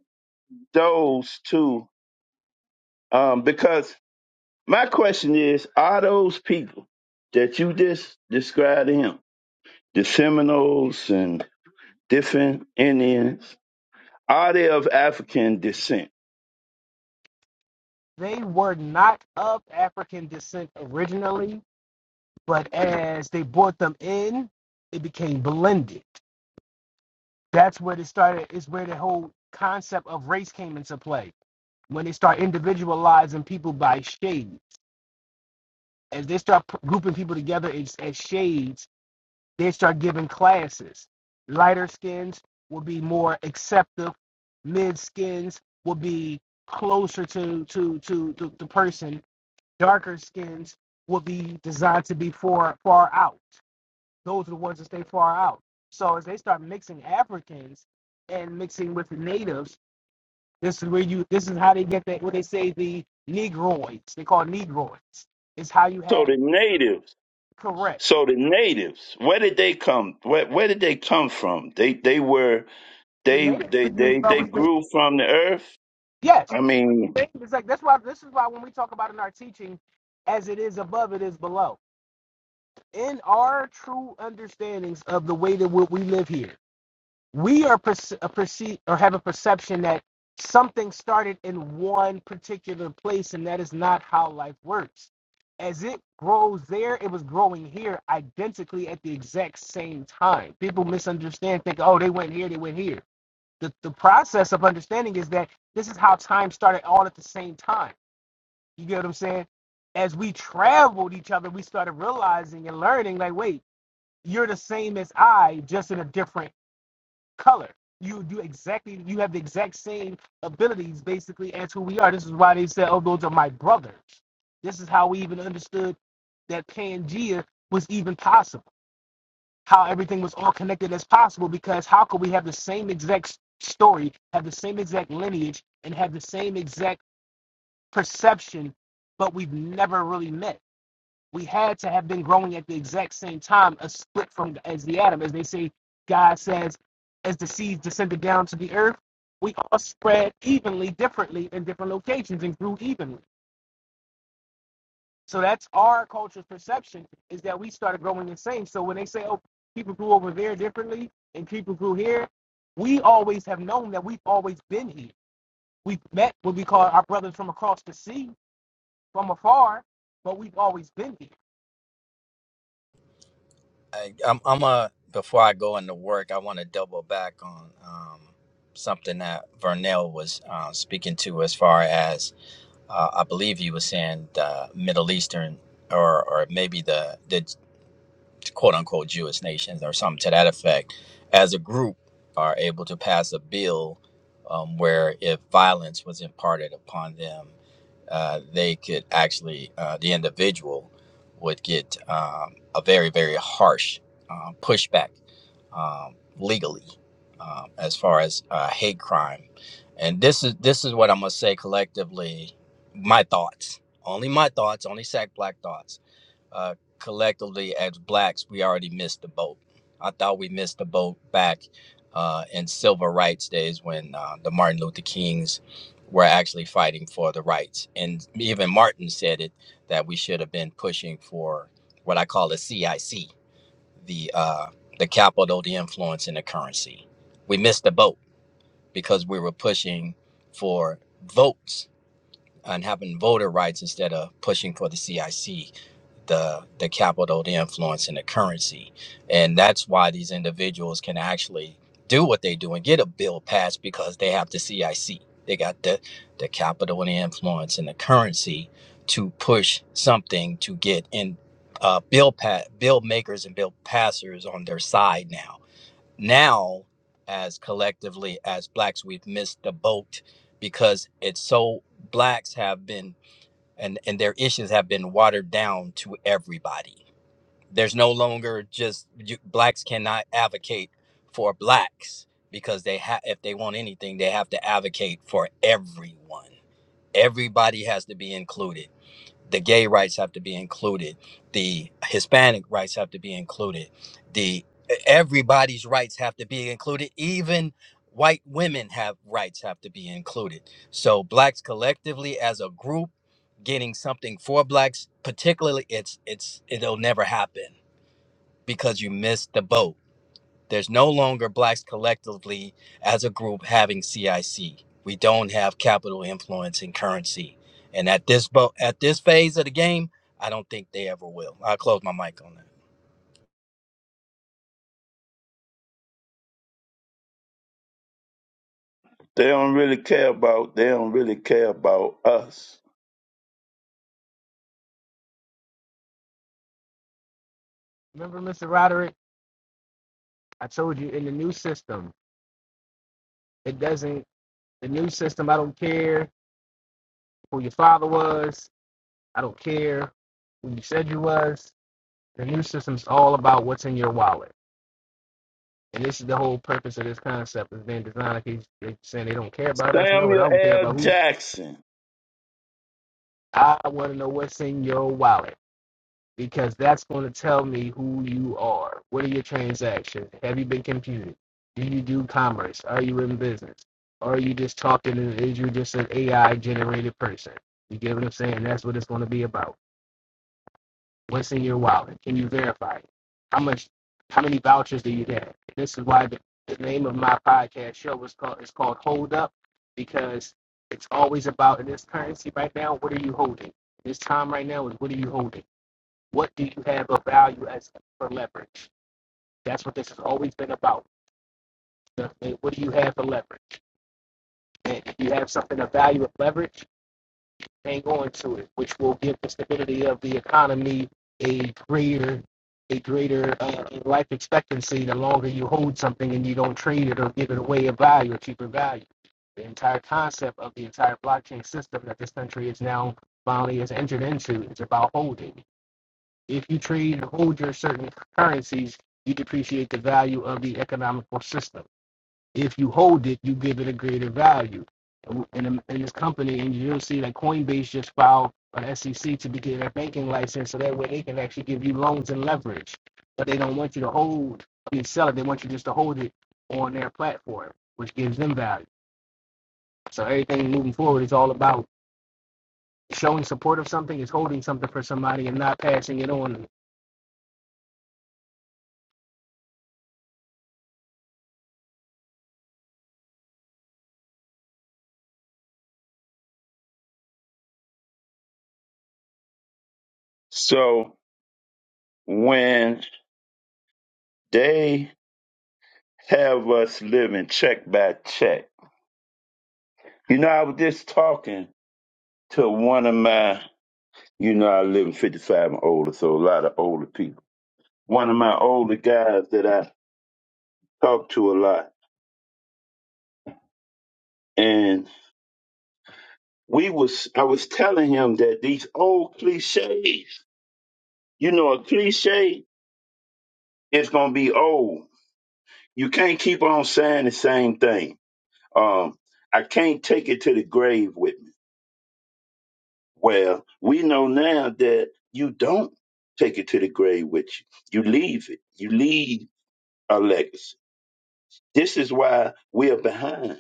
S1: those two? Um, because my question is, are those people that you just described to him? The Seminoles and different Indians, are they of African descent?
S6: They were not of African descent originally, but as they brought them in, it became blended. that's where it started is where the whole concept of race came into play when they start individualizing people by shades as they start p- grouping people together as, as shades they start giving classes lighter skins will be more acceptable. mid skins will be closer to to, to the person darker skins will be designed to be far far out those are the ones that stay far out. So as they start mixing Africans and mixing with the natives, this is where you this is how they get that what they say the negroids. They call negroids. It's how you
S1: So
S6: have
S1: the natives,
S6: correct.
S1: so the natives, where did they come? Where, where did they come from? They they were
S6: The
S1: they
S6: native
S1: they
S6: makes
S1: they they
S6: always
S1: grew from the earth.
S6: yes.
S1: I mean,
S6: It's like that's why this is why when we talk about in our teaching, as it is above, it is below. In our true understandings of the way that we live here we are perce- a perceive or have a perception that something started in one particular place and that is not how life works as it grows there it was growing here identically at the exact same time people misunderstand think oh they went here they went here the, the process of understanding is that this is how time started all at the same time you get what i'm saying as we traveled each other we started realizing and learning like wait you're the same as i just in a different color. You do exactly you have the exact same abilities basically as who we are. This is why they said, Oh, those are my brothers. This is how we even understood that Pangea was even possible. How everything was all connected as possible because how could we have the same exact s- story, have the same exact lineage, and have the same exact perception, but we've never really met? we had to have been growing at the exact same time, a split from as the atom, as they say. God says, as the seeds descended down to the earth, we all spread evenly, differently in different locations, and grew evenly. So that's our culture's perception is that we started growing the same. So when they say, "Oh, people grew over there differently, and people grew here," we always have known that we've always been here. We've met what we call our brothers from across the sea, from afar, but we've always been here.
S8: I, I'm, I'm a, before I go into work, I want to double back on um, something that Vernell was uh, speaking to as far as uh, I believe he was saying the Middle Eastern or or maybe the the quote unquote Jewish nations or something to that effect, as a group are able to pass a bill um, where if violence was imparted upon them, uh, they could actually, uh, the individual would get um, a very, very harsh um, pushback um, legally um, as far as uh, hate crime. And this is this is what I'm gonna say collectively, my thoughts, only my thoughts, only sack black thoughts uh, collectively as blacks, we already missed the boat. I thought we missed the boat back uh, in civil rights days when uh, the Martin Luther Kings were actually fighting for the rights. And even Martin said it that we should have been pushing for what I call the CIC, the, uh, the capital, the influence, and the currency. We missed the boat because we were pushing for votes and having voter rights instead of pushing for the CIC, the the capital, the influence, and the currency. And that's why these individuals can actually do what they do and get a bill passed because they have the CIC. They got the the capital and the influence and the currency to push something to get in uh, bill pa- bill makers and bill passers on their side now now as collectively as blacks we've missed the boat because it's so blacks have been and and their issues have been watered down to everybody there's no longer just you, blacks cannot advocate for blacks because they have if they want anything they have to advocate for everyone everybody has to be included the gay rights have to be included the hispanic rights have to be included the e, everybody's rights have to be included even white women have rights have to be included so blacks collectively as a group getting something for blacks particularly it's it's it'll never happen because you missed the boat there's no longer blacks collectively as a group having CIC. We don't have capital influence in currency. And at this bo- at this phase of the game, I don't think they ever will. I'll close my mic on that.
S1: they don't really care about they don't really care about us.
S6: Remember, Mr. Roderick? I told you in the new system, it doesn't. The new system, I don't care who your father was. I don't care who you said you was. The new system's all about what's in your wallet, and this is the whole purpose of this concept. Is being designed like he's they saying they don't care about us. No, I
S1: Samuel
S6: don't care
S1: L.
S6: about who.
S1: Jackson.
S6: I want to know what's in your wallet. because that's going to tell me who you are. What are your transactions? Have you been computed? Do you do commerce? Are you in business? Or are you just talking and is you just an AI generated person? You get what I'm saying? That's what it's going to be about. What's in your wallet? Can you verify it? How much? How many vouchers do you have? This is why the, the name of my podcast show is called it's called Hold Up because it's always about in this currency right now. What are you holding? This time right now is what are you holding? What do you have of value as for leverage? That's what this has always been about. The- What do you have for leverage? And if you have something of value of leverage, hang on to it, which will give the stability of the economy a greater a greater uh, life expectancy the longer you hold something and you don't trade it or give it away a value, a cheaper value. The entire concept of the entire blockchain system that this country is now finally has entered into is about holding. If you trade or hold your certain currencies, you depreciate the value of the economical system. If you hold it, you give it a greater value. In, in this company, and you'll see that Coinbase just filed an SEC to get a banking license, so that way they can actually give you loans and leverage. But they don't want you to hold, I mean, sell it. They want you just to hold it on their platform, which gives them value. So everything moving forward is all about showing support of something, is holding something for somebody, and not passing it on
S1: So when they have us living check by check, you know, I was just talking. to one of my, you know, I live in 55 and older, so a lot of older people. One of my older guys that I talk to a lot, and we was, I was telling him that these old cliches, you know, a cliche is gonna be old. You can't keep on saying the same thing. Um, I can't take it to the grave with me. Well, we know now that you don't take it to the grave with you. You leave it. You leave a legacy This is why we are behind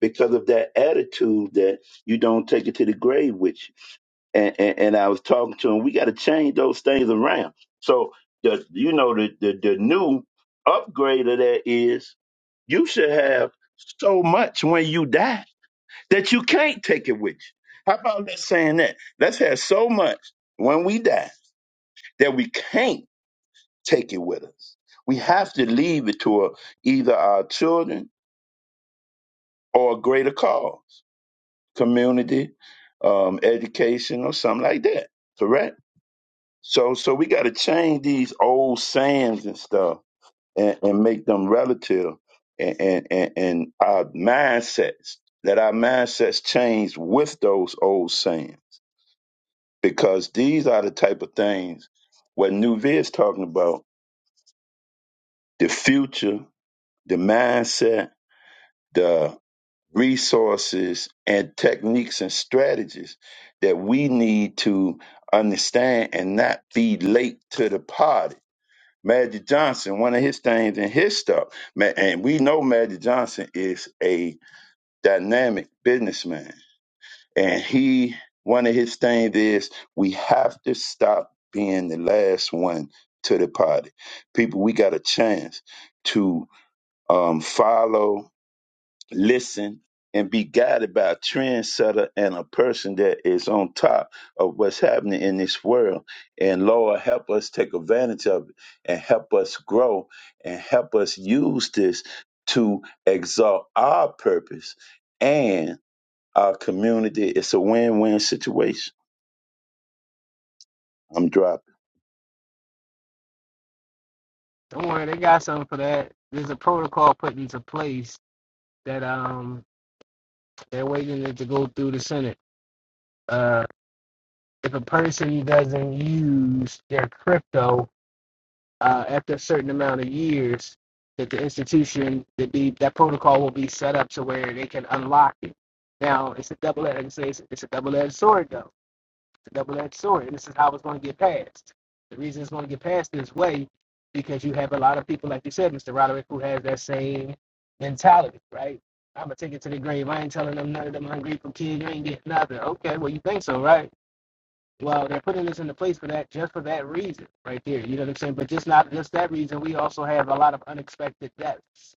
S1: because of that attitude that you don't take it to the grave with you. And, and, and I was talking to him, we got to change those things around. So, the, you know, the, the, the new upgrade of that is you should have so much when you die that you can't take it with you. How about let's saying that? Let's have so much when we die that we can't take it with us. We have to leave it to our- either our children or a greater cause, community, um, education, or something like that. Correct. So, so we got to change these old sayings and stuff, and, and make them relative, and, and and and our mindsets. Let our mindsets change with those old sayings, because these are the type of things what New is talking about: the future, the mindset, the resources and techniques and strategies that we need to understand and not be late to the party. Magic Johnson, one of his things in his stuff, ma- and we know Magic Johnson is a dynamic businessman. And he, one of his things is we have to stop being the last one to the party. People, we got a chance to um, follow listen, and be guided by a trendsetter and a person that is on top of what's happening in this world. And Lord, help us take advantage of it and help us grow and help us use this to exalt our purpose and our community. It's a win win situation. I'm dropping.
S6: Don't worry, they got something for that. There's a protocol put into place that um they're waiting it to go through the Senate. Uh, if a person doesn't use their crypto uh, after a certain amount of years, that the institution that be that protocol will be set up to where they can unlock it. Now it's a double edged it's, it's a double edged sword though. It's a double-edged sword, and this is how it's going to get passed. The reason it's going to get passed this way because you have a lot of people, like you said, Mr. Roderick, who has that same mentality, right? I'm gonna take it to the grave. I ain't telling them none of them ungrateful kids. You ain't getting nothing. Okay, well you think so, right? Well, they're putting this into place for that, just for that reason, right there. You know what I'm saying? But just not just that reason. We also have a lot of unexpected deaths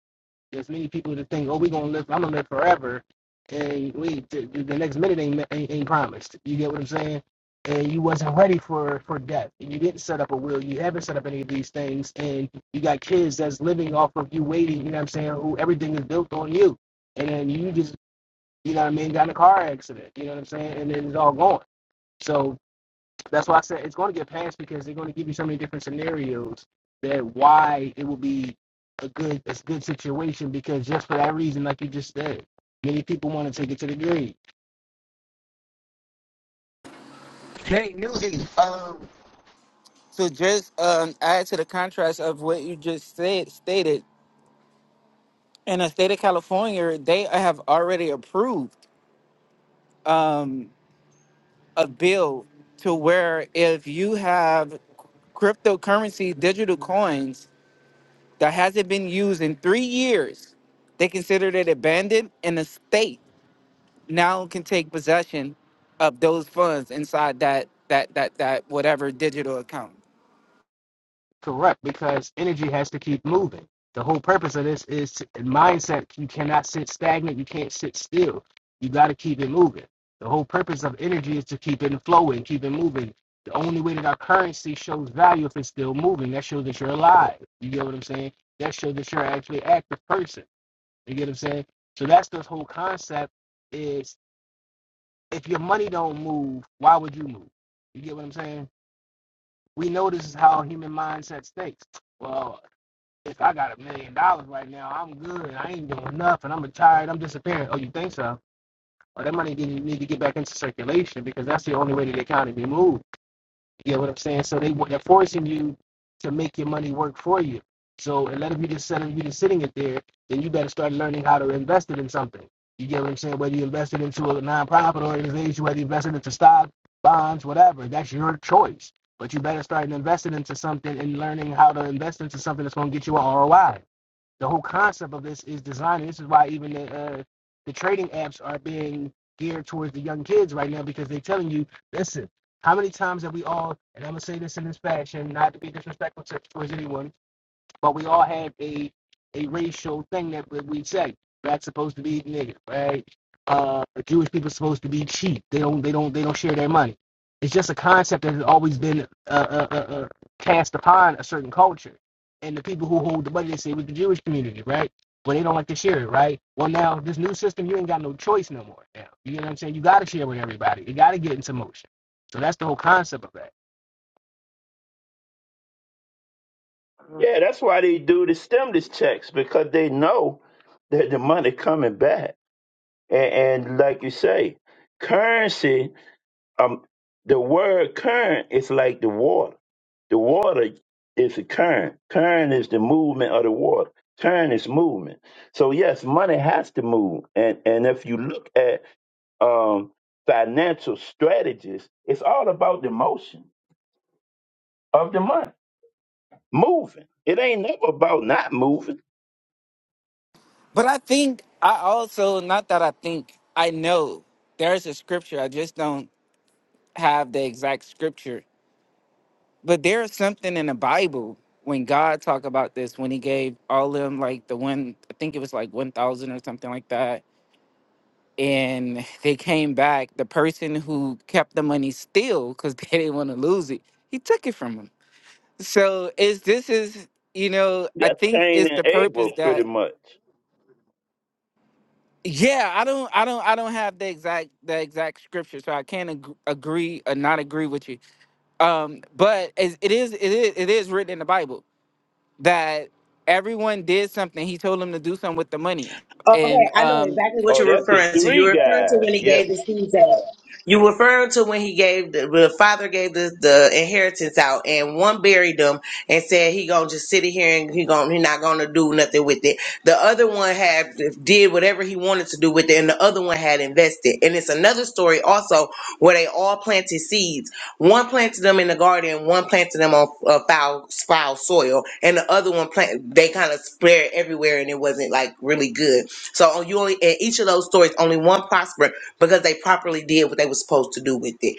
S6: there's many people that think, oh, we're gonna live, I'm gonna live forever, and we the, the the next minute ain't, ain't ain't promised. You get what I'm saying? And you wasn't ready for for death, and you didn't set up a will. You haven't set up any of these things, and you got kids that's living off of you waiting. You know what I'm saying? Who everything is built on you, and then you just, you know what I mean, got in a car accident. You know what I'm saying? And then it's all gone. So that's why I said it's going to get passed because they're going to give you so many different scenarios that why it will be a good a good situation because just for that reason, like you just said, many people want to take it to the grave.
S2: Hey, Nuvi. Uh, So just um, add to the contrast of what you just said stated. In the state of California, they have already approved um, a bill to where if you have cryptocurrency digital coins that hasn't been used in three years. They considered it abandoned, and the state now can take possession of those funds inside that that that that whatever digital account.
S6: Correct, because energy has to keep moving. The whole purpose of this is to, in mindset. You cannot sit stagnant. You can't sit still. You got to keep it moving. The whole purpose of energy is to keep it flowing, keep it moving. The only way that our currency shows value if it's still moving. That shows that you're alive. You get what I'm saying? That shows that you're actually an active person. You get what I'm saying? So that's the whole concept is if your money don't move, why would you move? You get what I'm saying? We know this is how human mindset thinks. Well, if I got a million dollars right now, I'm good. I ain't doing nothing. I'm retired. I'm disappearing. Oh, you think so? Or that money didn't need to get back into circulation because that's the only way that the economy moves. You get what I'm saying? So they they're forcing you to make your money work for you. So instead of you just sitting you just sitting it there, then you better start learning how to invest it in something. You get what I'm saying? Whether you invest it into a nonprofit organization, whether you invest it into stock, bonds, whatever, that's your choice. But you better start investing into something and learning how to invest into something that's going to get you an ROI the whole concept of this is designing. This is why even the uh, the trading apps are being geared towards the young kids right now because they're telling you, listen, how many times have we all? And I'm gonna say this in this fashion, not to be disrespectful to, towards anyone but we all have a a racial thing that we say. Black's supposed to be nigga, right? Uh, Jewish people supposed to be cheap. They don't they don't they don't share their money. It's just a concept that has always been uh, uh, uh, uh, cast upon a certain culture, and the people who hold the money they say with the Jewish community, right? But they don't like to share it, right? Well, now this new system, you ain't got no choice no more. Now you know what I'm saying. You got to share with everybody. You got to get into motion. So that's the whole concept of that.
S1: Yeah, that's why they do the stimulus checks because they know that the money coming back. And, and like you say, currency um the word current is like the water. The water is the current. Current is the movement of the water. Current is movement. So yes, money has to move. And and if you look at um financial strategies, it's all about the motion of the money. Moving. It ain't never about not moving.
S2: But I think I also not that I think I know there's a scripture. I just don't have the exact scripture, but there's something in the Bible when God talked about this when He gave all them like the one I think it was like one thousand or something like that and they came back. The person who kept the money still because they didn't want to lose it, he took it from them. So it's this is you know I
S1: That's
S2: think
S1: Cain
S2: it's the
S1: and
S2: purpose
S1: Abel pretty
S2: that
S1: much.
S2: yeah I don't I don't I don't have the exact the exact scripture so I can't ag- agree or not agree with you. Um, but it's- it is it is it is written in the Bible that everyone did something. He told them to do something with the money,
S7: Okay,
S2: and
S7: I know
S2: um
S7: exactly what
S1: Oh,
S7: you're
S1: that's the
S7: referring to.
S1: three
S7: You're referring to
S1: guys.
S7: when he
S1: Yeah.
S7: gave the seeds out. You referring to when he gave the, the father gave the, the inheritance out, and one buried them and said he gonna just sit in here and he gonna he not gonna do nothing with it. The other one had did whatever he wanted to do with it, and the other one had invested. And it's another story also where they all planted seeds. One planted them in the garden, one planted them on uh, foul foul soil, and the other one plant they kind of spread everywhere, and it wasn't like really good. So oh, you only in each of those stories, only one prospered because they properly did what they were supposed to do with it.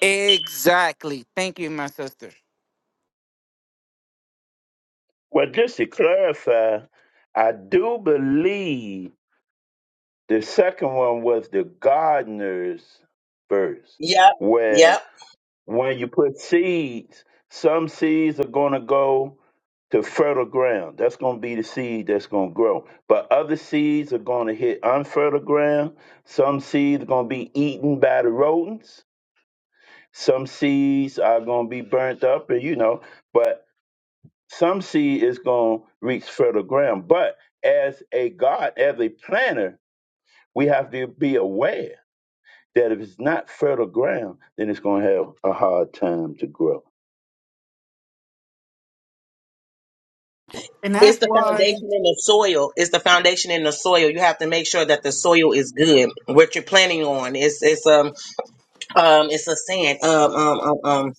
S2: exactly. Thank you, my sister.
S1: Well, just to clarify, I do believe The second one was the gardener's verse,
S7: Yep,
S1: where
S7: yep.
S1: when you put seeds, some seeds are going to go to fertile ground. That's going to be the seed that's going to grow. But other seeds are going to hit unfertile ground. Some seeds are going to be eaten by the rodents. Some seeds are going to be burnt up, and you know, but some seed is going to reach fertile ground. But as a God, as a planter, we have to be aware that if it's not fertile ground, then it's going to have a hard time to grow.
S2: And
S7: It's
S2: that's
S7: the
S2: why.
S7: foundation in the soil. It's the foundation in the soil. You have to make sure that the soil is good. What you're planting on, it's it's um um it's a sand um um um, um,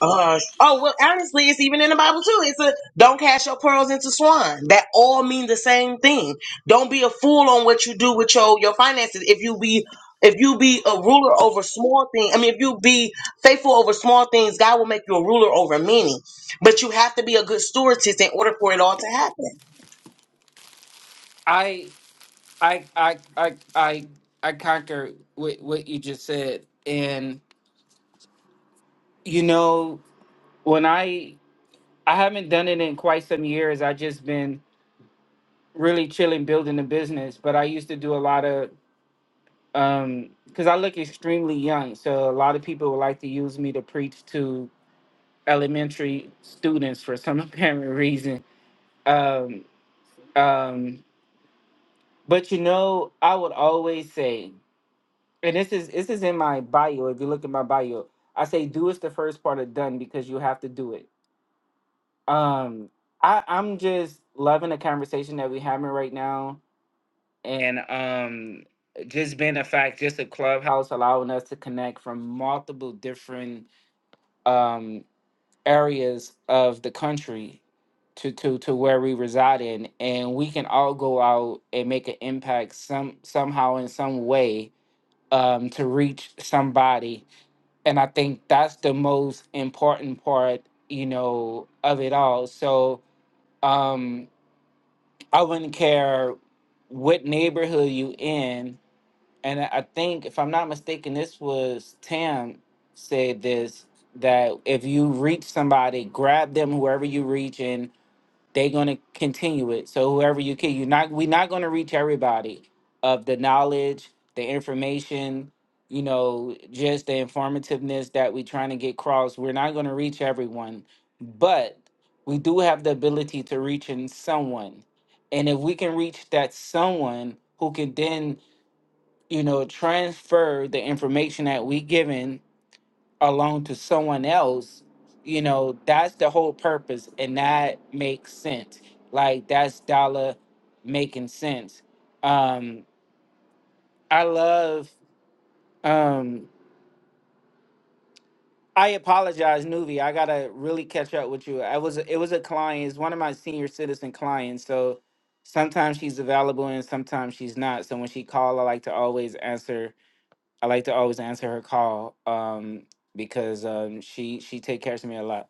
S7: Uh, oh well, honestly, it's even in the Bible too. It's a don't cast your pearls into swine. That all mean the same thing. Don't be a fool on what you do with your your finances. If you be if you be a ruler over small things, I mean, if you be faithful over small things, God will make you a ruler over many. But you have to be a good stewardess in order for it all to happen.
S2: I I I I I I conquer with what you just said, and you know when I I haven't done it in quite some years. I just been really chilling, building a business. But I used to do a lot of um because I look extremely young, so a lot of people would like to use me to preach to elementary students for some apparent reason. Um, um, but you know, I would always say. and this is this is in my bio. If you look at my bio, I say do is the first part of done because you have to do it. Um, I I'm just loving the conversation that we are having right now, and um, just being the fact, just a clubhouse allowing us to connect from multiple different um areas of the country to to to where we reside in, and we can all go out and make an impact some somehow in some way um to reach somebody and I think that's the most important part, you know, of it all. So um, I wouldn't care what neighborhood you in, and I I think if I'm not mistaken, this was Tam said this that if you reach somebody, grab them whoever you reaching, they're gonna continue it. So whoever you can, you're not we're not gonna reach everybody of the knowledge, the information, you know, just the informativeness that we're trying to get across. We're not gonna reach everyone, but we do have the ability to reach in someone. And if we can reach that someone who can then, you know, transfer the information that we given alone to someone else, you know, that's the whole purpose. And that makes sense. Like that's dollar making sense. Um, I love um I apologize, Nuvi. I gotta really catch up with you. I was it was a client, it's one of my senior citizen clients. So sometimes she's available and sometimes she's not. So when she called, I like to always answer I like to always answer her call. Um because um she she take care of me a lot.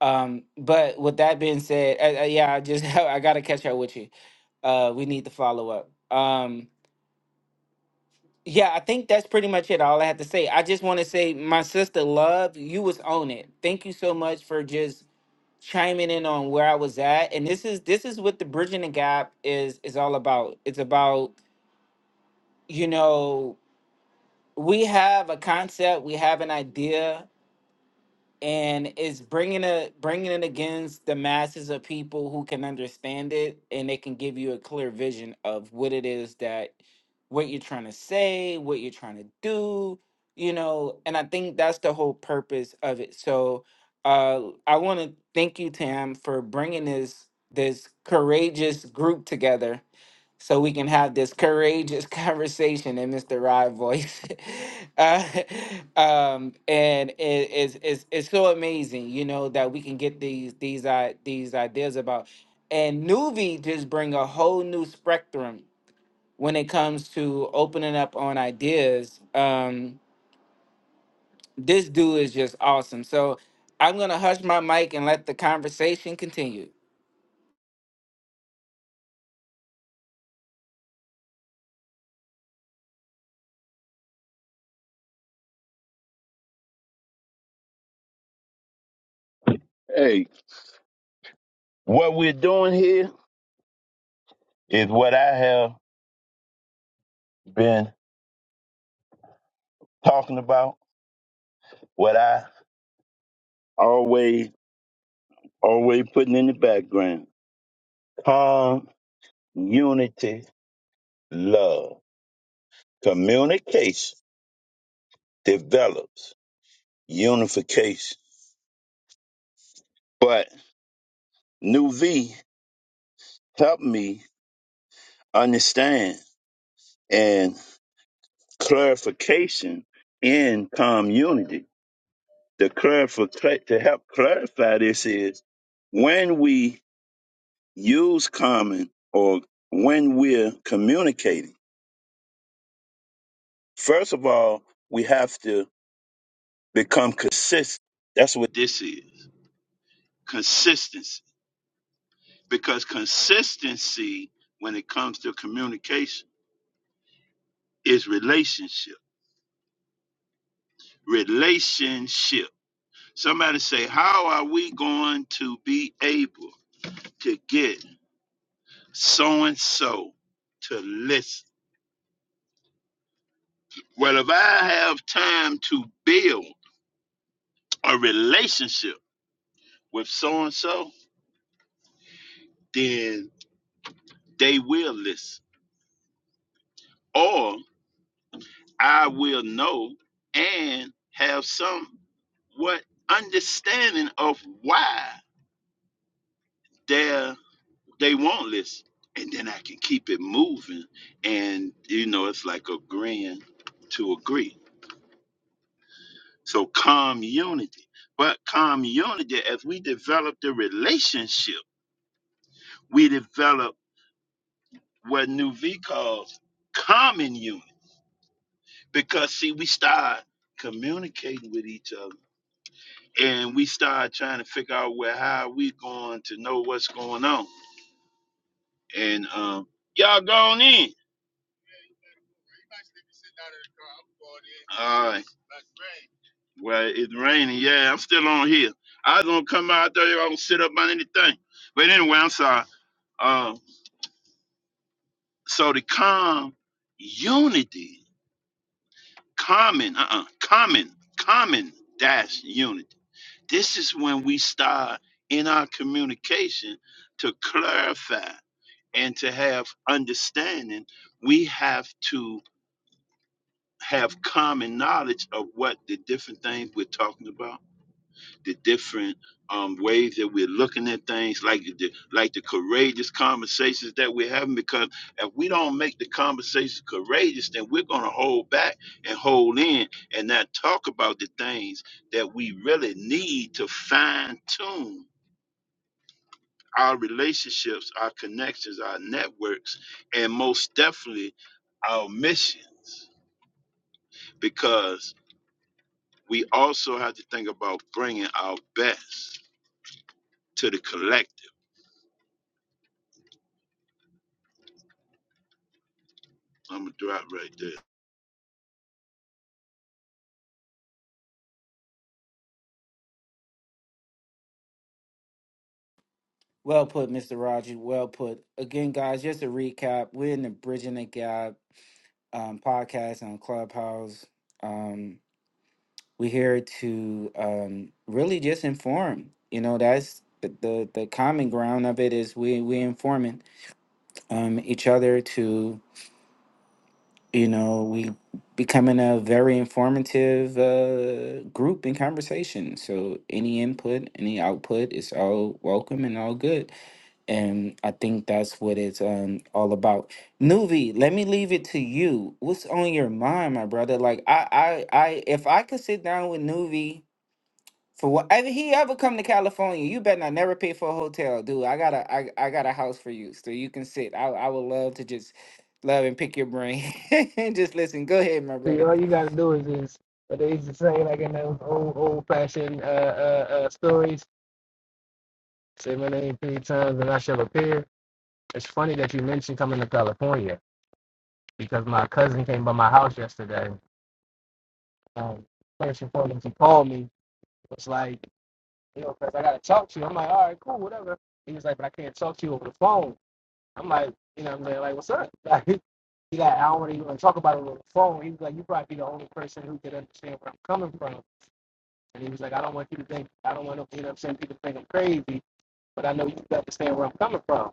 S2: Um, but with that being said, uh, uh, yeah, I just I gotta catch up with you. Uh, we need to follow up. Um, yeah, I think that's pretty much it. All I have to say. I just want to say, my sister, love you was on it. Thank you so much for just chiming in on where I was at. And this is this is what the bridging the gap is is all about. It's about you know we have a concept, we have an idea, and it's bringing it bringing it against the masses of people who can understand it and they can give you a clear vision of what it is that what you're trying to say what you're trying to do you know and i think that's the whole purpose of it so uh i want to thank you tam for bringing this this courageous group together so we can have this courageous conversation in Mr. Rod voice. uh, um, and it, it's, it's it's so amazing, you know, that we can get these these uh, these ideas about. And Nuvi just bring a whole new spectrum when it comes to opening up on ideas. Um, this dude is just awesome. So I'm gonna hush my mic and let the conversation continue.
S1: Hey, what we're doing here is what I have been talking about, what I always, always putting in the background calm, unity, love. Communication develops unification. But New V helped me understand and clarification in community The to clarify to help clarify this is when we use common or when we're communicating. First of all, we have to become consistent. That's what this is consistency. Because consistency, when it comes to communication, is relationship. Relationship. Somebody say, How are we going to be able to get so and so to listen? Well, if I have time to build a relationship with so and so, then they will listen, or I will know and have somewhat understanding of why they they won't listen, and then I can keep it moving. And you know, it's like agreeing to agree. So community, but community, as we develop the relationship, we develop where New V calls common unit. Because see, we start communicating with each other and we start trying to figure out where how we going to know what's going on. And um y'all going in. All right. Well, it's raining. Yeah, I'm still on here. I was gonna come out there. I don't sit up on anything. But anyway, I'm sorry. Um, so the calm unity. common, uh-uh, common, common dash unity. This is when we start in our communication to clarify and to have understanding. We have to have common knowledge of what the different things we're talking about the different um, ways that we're looking at things, like the like the courageous conversations that we're having. Because if we don't make the conversations courageous, then we're gonna hold back and hold in and not talk about the things that we really need to fine tune our relationships, our connections, our networks, and most definitely our missions. Because we also have to think about bringing our best to the collective I'm gonna drop right there.
S2: Well put, Mr. Roger. Well put. Again, guys, just a recap. We're in the Bridging the Gap um, podcast on Clubhouse. Um, we're here to um, really just inform. You know, that's the, the the common ground of it is we we informing um, each other to you know we becoming a very informative uh, group in conversation. So any input, any output is all welcome and all good. And I think that's what it's um, all about. Nuvi, let me leave it to you. What's on your mind, my brother? Like I, I, I, if I could sit down with Nuvi for whatever he ever come to California, you better not never pay for a hotel, dude. I got a, I, I got a house for you, so you can sit. I, I would love to just love and pick your brain and just listen. Go ahead, my
S6: See,
S2: brother.
S6: all you gotta do is is what they used to say, like in those old old fashioned uh, uh, uh, stories. Say my name three times and I shall appear. It's funny that you mentioned coming to California because my cousin came by my house yesterday. Um, first and foremost, he called me. Was like, you know, cause I gotta talk to you. I'm like, all right, cool, whatever. He was like, but I can't talk to you over the phone. I'm like, you know, what I'm saying, like, what's up? Like, he got, I don't really want to even talk about it over the phone. He was like, you probably be the only person who could understand where I'm coming from And he was like, I don't want you to think, I don't want to, you know, what I'm saying people think I'm crazy, but I know you understand where I'm coming from.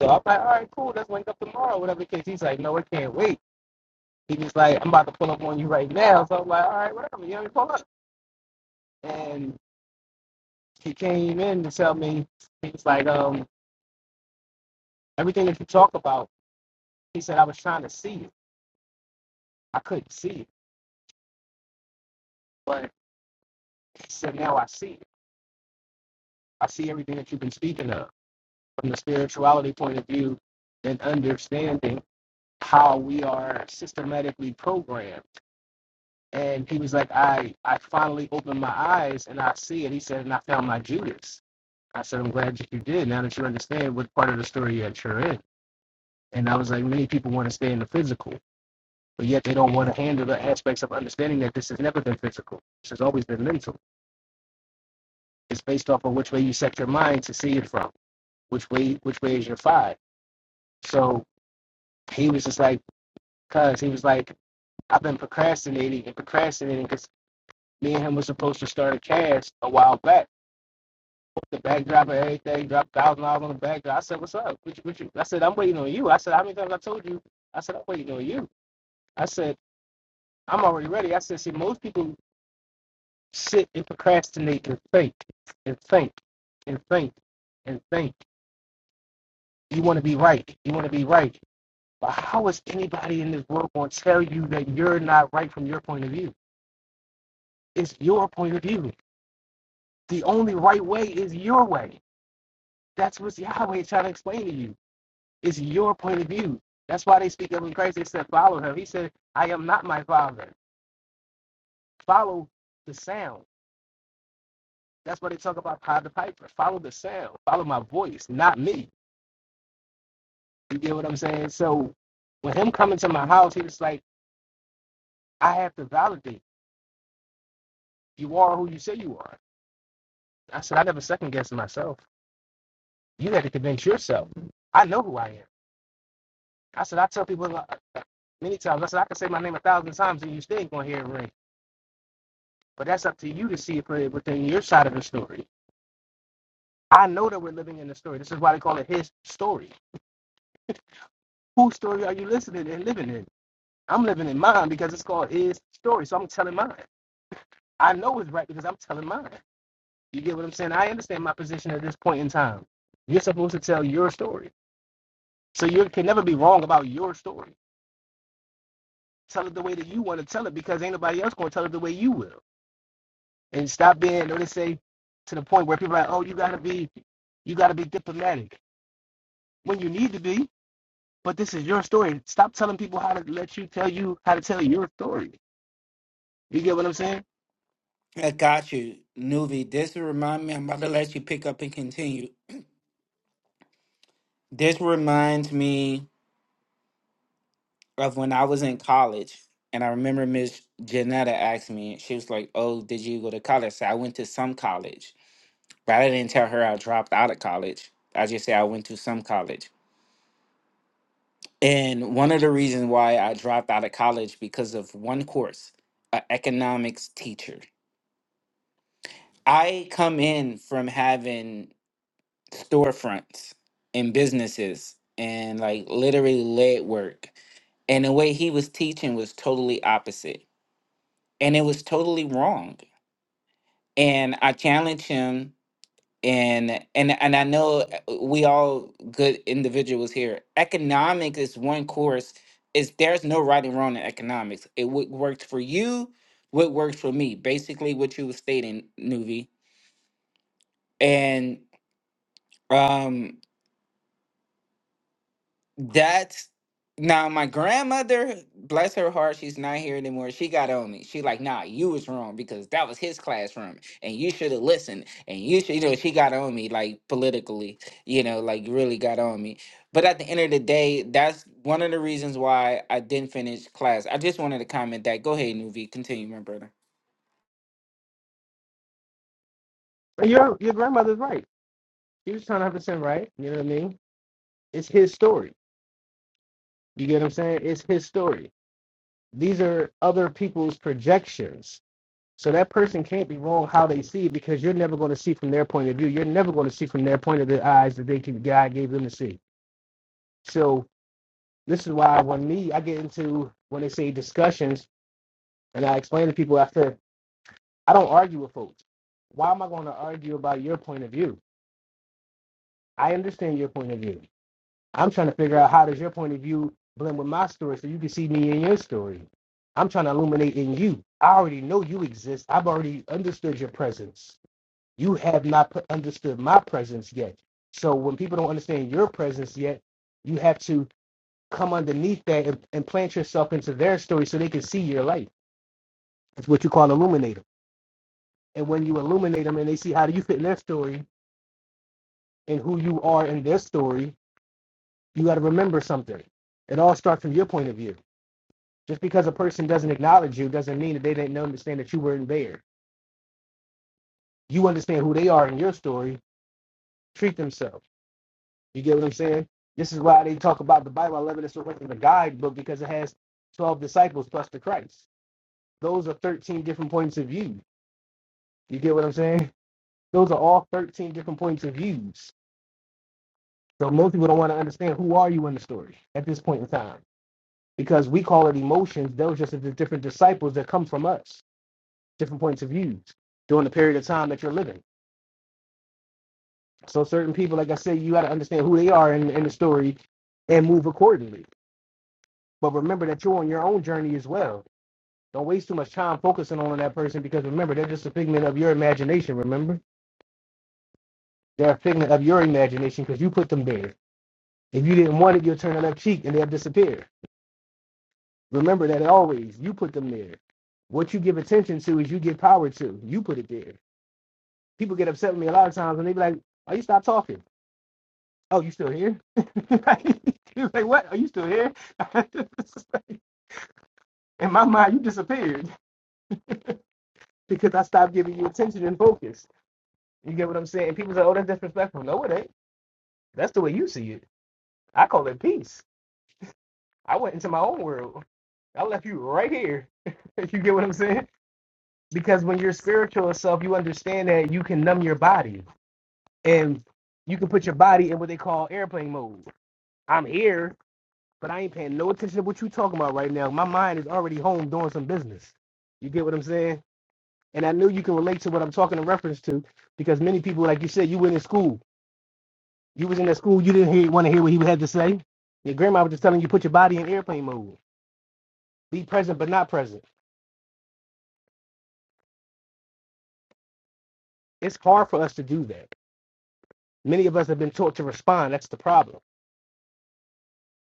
S6: So I'm like, all right, cool, let's link up tomorrow, whatever the case. He's like, no, I can't wait. He was like, I'm about to pull up on you right now. So I'm like, all right, whatever, you know, we pull up. And he came in to tell me, he was like, um, everything that you talk about, he said, I was trying to see it. I couldn't see it, but he said, now I see it. I see everything that you've been speaking of from the spirituality point of view and understanding how we are systematically programmed. And he was like, I, I finally opened my eyes and I see it. He said, and I found my Judas. I said, I'm glad that you did. Now that you understand what part of the story that you're in. And I was like, many people want to stay in the physical, but yet they don't want to handle the aspects of understanding that this has never been physical. This has always been mental. It's based off of which way you set your mind to see it from, which way, which way is your five. So he was just like, cause he was like, I've been procrastinating and procrastinating because." me and him was supposed to start a cast a while back. The backdrop and everything, dropped thousand dollars on the backdrop. I said, "What's up? What you, what you? I said, "I'm waiting on you." I said, "How many times I told you?" I said, "I'm waiting on you." I said, "I'm already ready." I said, "See, most people sit and procrastinate and think and think and think and think. You want to be right. You want to be right. But how is anybody in this world going to tell you that you're not right from your point of view? It's your point of view. The only right way is your way. That's what Yahweh trying to explain to you. It's your point of view. That's why they speak of him in Christ. They said, follow him. He said, I am not my father. Follow the sound. That's why they talk about Pied the Piper. Follow the sound. Follow my voice, not me. You get what I'm saying? So with him coming to my house, he was like, I have to validate. You are who you say you are. I said, I never second guessed myself. You had to convince yourself. I know who I am. I said, I tell people uh, uh, many times, I said, I can say my name a thousand times and you still ain't going to hear it ring. But that's up to you to see it for- within your side of the story. I know that we're living in the story. This is why they call it his story. Whose story are you listening and living in? I'm living in mine because it's called his story. So I'm telling mine. I know it's right because I'm telling mine. You get what I'm saying? I understand my position at this point in time. You're supposed to tell your story. So you can never be wrong about your story. Tell it the way that you want to tell it because ain't nobody else going to tell it the way you will. And stop being, you know they say, to the point where people are like, oh, you got to be, you got to be diplomatic when you need to be. But this is your story. Stop telling people how to let you tell you how to tell your story. You get what I'm saying?
S2: I got you, Nuvi. This remind me. I'm about to let you pick up and continue. This reminds me of when I was in college, and I remember Miss Janetta asked me, she was like, "Oh, did you go to college?" I said, "I went to some college," but I didn't tell her I dropped out of college. I just said I went to some college, and one of the reasons why I dropped out of college because of one course, an economics teacher. I come in from having storefronts and businesses and like literally lead work, and the way he was teaching was totally opposite and it was totally wrong and I challenge him and and and I know uh, we all good individuals here. Economics is one course. Is there's no right and wrong in economics. It what worked for you, what worked for me. Basically, what you were stating, Nuvi, and um. That's now my grandmother, bless her heart, she's not here anymore. She got on me. She like, nah, you was wrong because that was his classroom and you should have listened. And you should, you know, she got on me like politically, you know, like really got on me. But at the end of the day, that's one of the reasons why I didn't finish class. I just wanted to comment that. Go ahead, Nuvi. Continue, my brother.
S6: your your grandmother's right. She was 100 percent right. You know what I mean? It's his story. You get what I'm saying? It's his story. These are other people's projections. So that person can't be wrong how they see it because you're never going to see from their point of view. You're never going to see from their point of the eyes that they can, God gave them to see. So this is why when me I get into when they say discussions and I explain to people after I don't argue with folks. Why am I going to argue about your point of view? I understand your point of view. I'm trying to figure out how does your point of view blend with my story so you can see me in your story. I'm trying to illuminate in you. I already know you exist. I've already understood your presence. You have not understood my presence yet. So when people don't understand your presence yet, you have to come underneath that and, and plant yourself into their story so they can see your light. That's what you call illuminator. And when you illuminate them and they see how do you fit in their story, and who you are in their story, you got to remember something. It all starts from your point of view. Just because a person doesn't acknowledge you doesn't mean that they didn't understand that you weren't there. You understand who they are in your story. Treat themselves. You get what I'm saying? This is why they talk about the Bible. I love it. It's reflected in the guidebook because it has 12 disciples plus the Christ. Those are 13 different points of view. You get what I'm saying? Those are all 13 different points of views. So most people don't want to understand who are you in the story at this point in time. because we call it emotions. Those are just the different disciples that come from us, different points of views during the period of time that you're living. So certain people, like I said, you got to understand who they are in, in the story and move accordingly. But remember that you're on your own journey as well. Don't waste too much time focusing on that person because remember they're just a figment of your imagination. Remember they're a figment of your imagination because you put them there. If you didn't want it, you'll turn a left cheek and they'll disappear. Remember that always. You put them there. What you give attention to is you give power to. You put it there. people get upset with me a lot of times and they be like, Oh, you stop talking. Oh, you still here? He's like, What? Are you still here? In my mind, you disappeared because I stopped giving you attention and focus. You get what I'm saying? And People say, Oh, that's disrespectful. No, it ain't. That's the way you see it. I call it peace. I went into my own world. I left you right here. you get what I'm saying? Because when you're spiritual self, you understand that you can numb your body and you can put your body in what they call airplane mode. I'm here, but I ain't paying no attention to what you talking about right now. My mind is already home doing some business. You get what I'm saying? And I knew you can relate to what I'm talking in reference to because many people, like you said, you went in school. You was in that school, you didn't hear, want to hear what he had to say. Your grandma was just telling you, put your body in airplane mode. Be present but not present. It's hard for us to do that. Many of us have been taught to respond. That's the problem.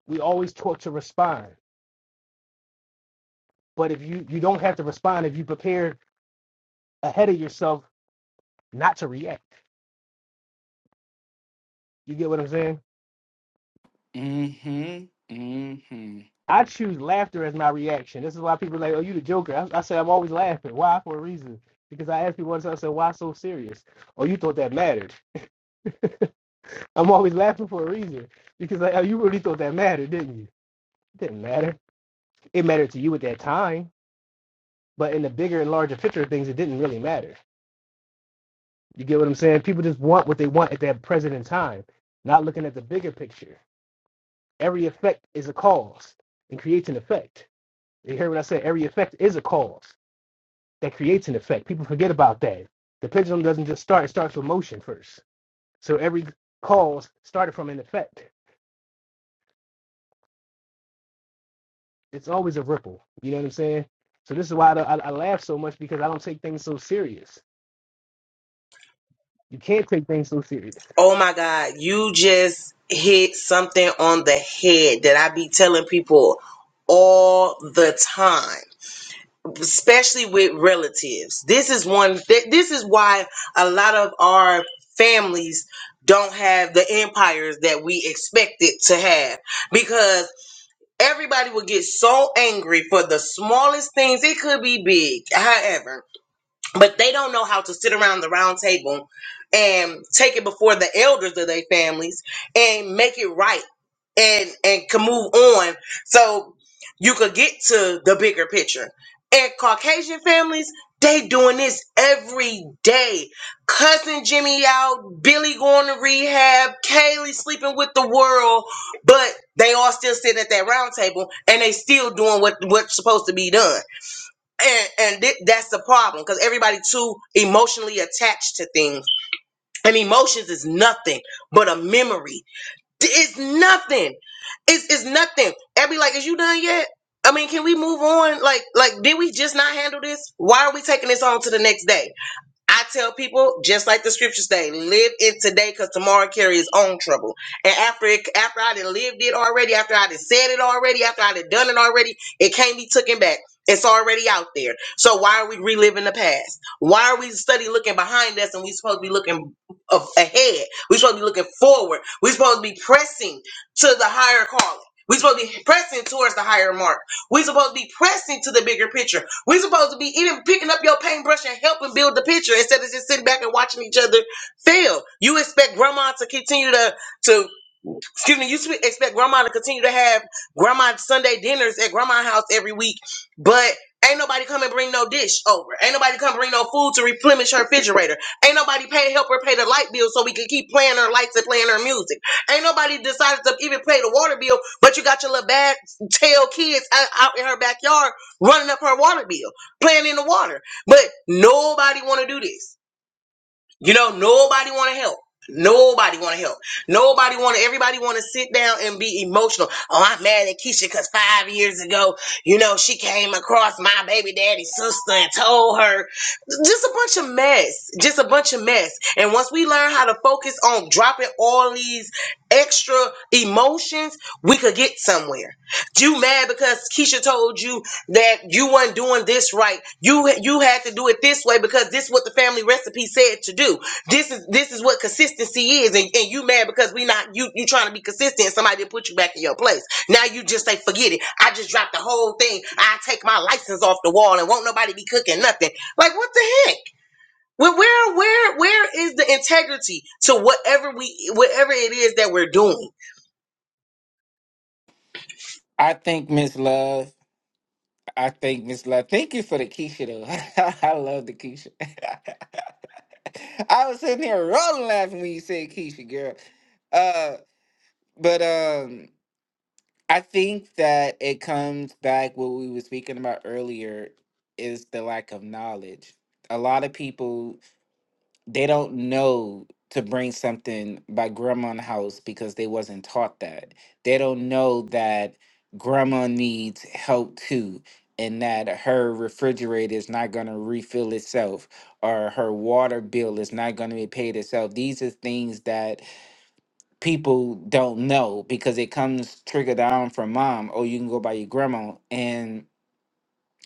S6: We always taught to respond. But if you, you don't have to respond if you prepare ahead of yourself not to react. You get what I'm saying?
S2: Mm-hmm. Mm-hmm.
S6: I choose laughter as my reaction. This is why people are like, "Oh, you the Joker." I, I say I'm always laughing. Why? For a reason. Because I ask people once, I said, "Why so serious?" Oh, you thought that mattered. I'm always laughing for a reason. Because like, oh, you really thought that mattered, didn't you? It didn't matter. It mattered to you at that time, but in the bigger and larger picture of things, it didn't really matter. You get what I'm saying? People just want what they want at that present in time, not looking at the bigger picture. Every effect is a cause and creates an effect. You hear what I said? Every effect is a cause that creates an effect. People forget about that. The pendulum doesn't just start, it starts with motion first. So every cause started from an effect. It's always a ripple. You know what I'm saying? So this is why I, I, I laugh so much because I don't take things so serious. You can't take things so serious.
S7: Oh my God, you just hit something on the head that I be telling people all the time especially with relatives. This is one th- this is why a lot of our families don't have the empires that we expected to have because everybody will get so angry for the smallest things. It could be big, however, but they don't know how to sit around the round table and take it before the elders of their families and make it right and and can move on so you could get to the bigger picture and caucasian families they doing this every day cousin jimmy out billy going to rehab kaylee sleeping with the world but they all still sitting at that round table and they still doing what what's supposed to be done and and thi- that's the problem because everybody too emotionally attached to things and emotions is nothing but a memory it's nothing. It's it's nothing. Abby, like, is you done yet? I mean, can we move on? Like, like, did we just not handle this? Why are we taking this on to the next day? I tell people, just like the scriptures say, live it today because tomorrow carry its own trouble. And after it, after I done lived it already, after I done said it already, after I done done it already, it can't be taken back. It's already out there. So why are we reliving the past? Why are we study looking behind us and we supposed to be looking a- ahead? we supposed to be looking forward. we supposed to be pressing to the higher calling. we supposed to be pressing towards the higher mark. We're supposed to be pressing to the bigger picture. We're supposed to be even picking up your paintbrush and helping build the picture instead of just sitting back and watching each other fail. You expect grandma to continue to to Excuse me, you should expect grandma to continue to have grandma Sunday dinners at grandma's house every week, but ain't nobody come and bring no dish over. Ain't nobody come bring no food to replenish her refrigerator. Ain't nobody pay help her pay the light bill so we can keep playing her lights and playing her music. Ain't nobody decided to even pay the water bill, but you got your little bad tail kids out, out in her backyard running up her water bill, playing in the water. But nobody want to do this. You know, nobody want to help. Nobody want to help. Nobody want to. Everybody want to sit down and be emotional. Oh, I'm mad at Keisha because five years ago, you know, she came across my baby daddy's sister and told her just a bunch of mess, just a bunch of mess. And once we learn how to focus on dropping all these extra emotions, we could get somewhere. You mad because Keisha told you that you weren't doing this right. You you had to do it this way because this is what the family recipe said to do. This is this is what consistency is, and, and you mad because we not you you trying to be consistent. And somebody didn't put you back in your place. Now you just say forget it. I just dropped the whole thing. I take my license off the wall and won't nobody be cooking nothing. Like what the heck? Where where where where is the integrity to whatever we whatever it is that we're doing?
S2: I think Miss Love. I think Miss Love. Thank you for the Keisha though. I love the Keisha. I was sitting here rolling laughing when you said Keisha, girl. Uh, but um, I think that it comes back what we were speaking about earlier is the lack of knowledge. A lot of people they don't know to bring something by grandma in the house because they wasn't taught that. They don't know that grandma needs help too and that her refrigerator is not going to refill itself or her water bill is not going to be paid itself. These are things that people don't know because it comes triggered down from mom. Oh, you can go by your grandma and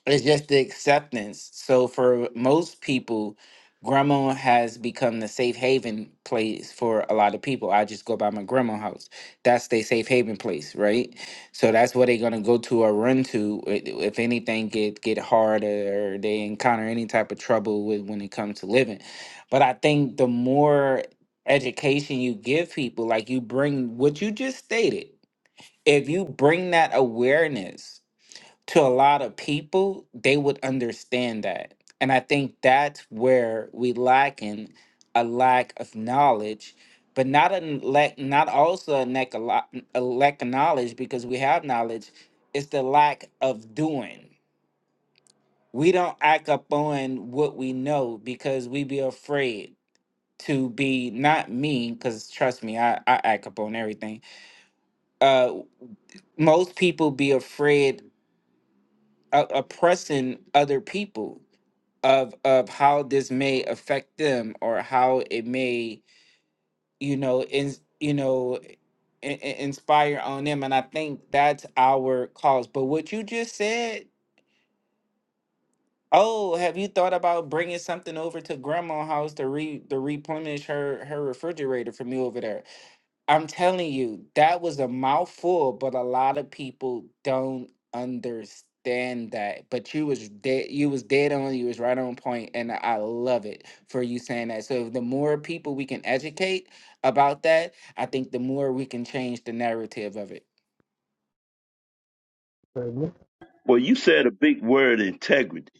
S2: it's just the acceptance. So for most people, grandma has become the safe haven place for a lot of people. I just go by my grandma house. That's their safe haven place, right? So that's where they're gonna go to or run to i- if anything get get hard or they encounter any type of trouble with when it comes to living. But I think the more education you give people, like you bring what you just stated, if you bring that awareness to a lot of people, they would understand that. And I think that's where we lack in a lack of knowledge, but not a n- lack, not also a lack, a, lot, a lack of knowledge because we have knowledge. It's the lack of doing. We don't act up on what we know because we be afraid to be not me. Because trust me, I, I act up on everything. Uh, most people be afraid of oppressing other people of of how this may affect them or how it may you know in you know in, inspire on them and i think that's our cause but what you just said oh have you thought about bringing something over to grandma house to re to replenish her her refrigerator for me over there I'm telling you, that was a mouthful, but a lot of people don't understand that. But you was dead, you was dead on, you was right on point, and I love it for you saying that. So the more people we can educate about that, I think the more we can change the narrative of it.
S6: So,
S1: Well, you said a big word, integrity.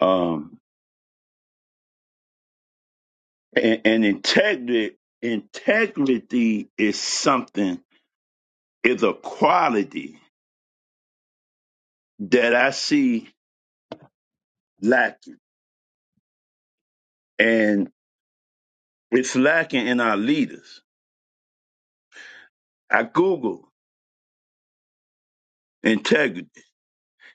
S1: Um, and, and integrity, integrity is something, is a quality that I see lacking, and it's lacking in our leaders. I Googled integrity,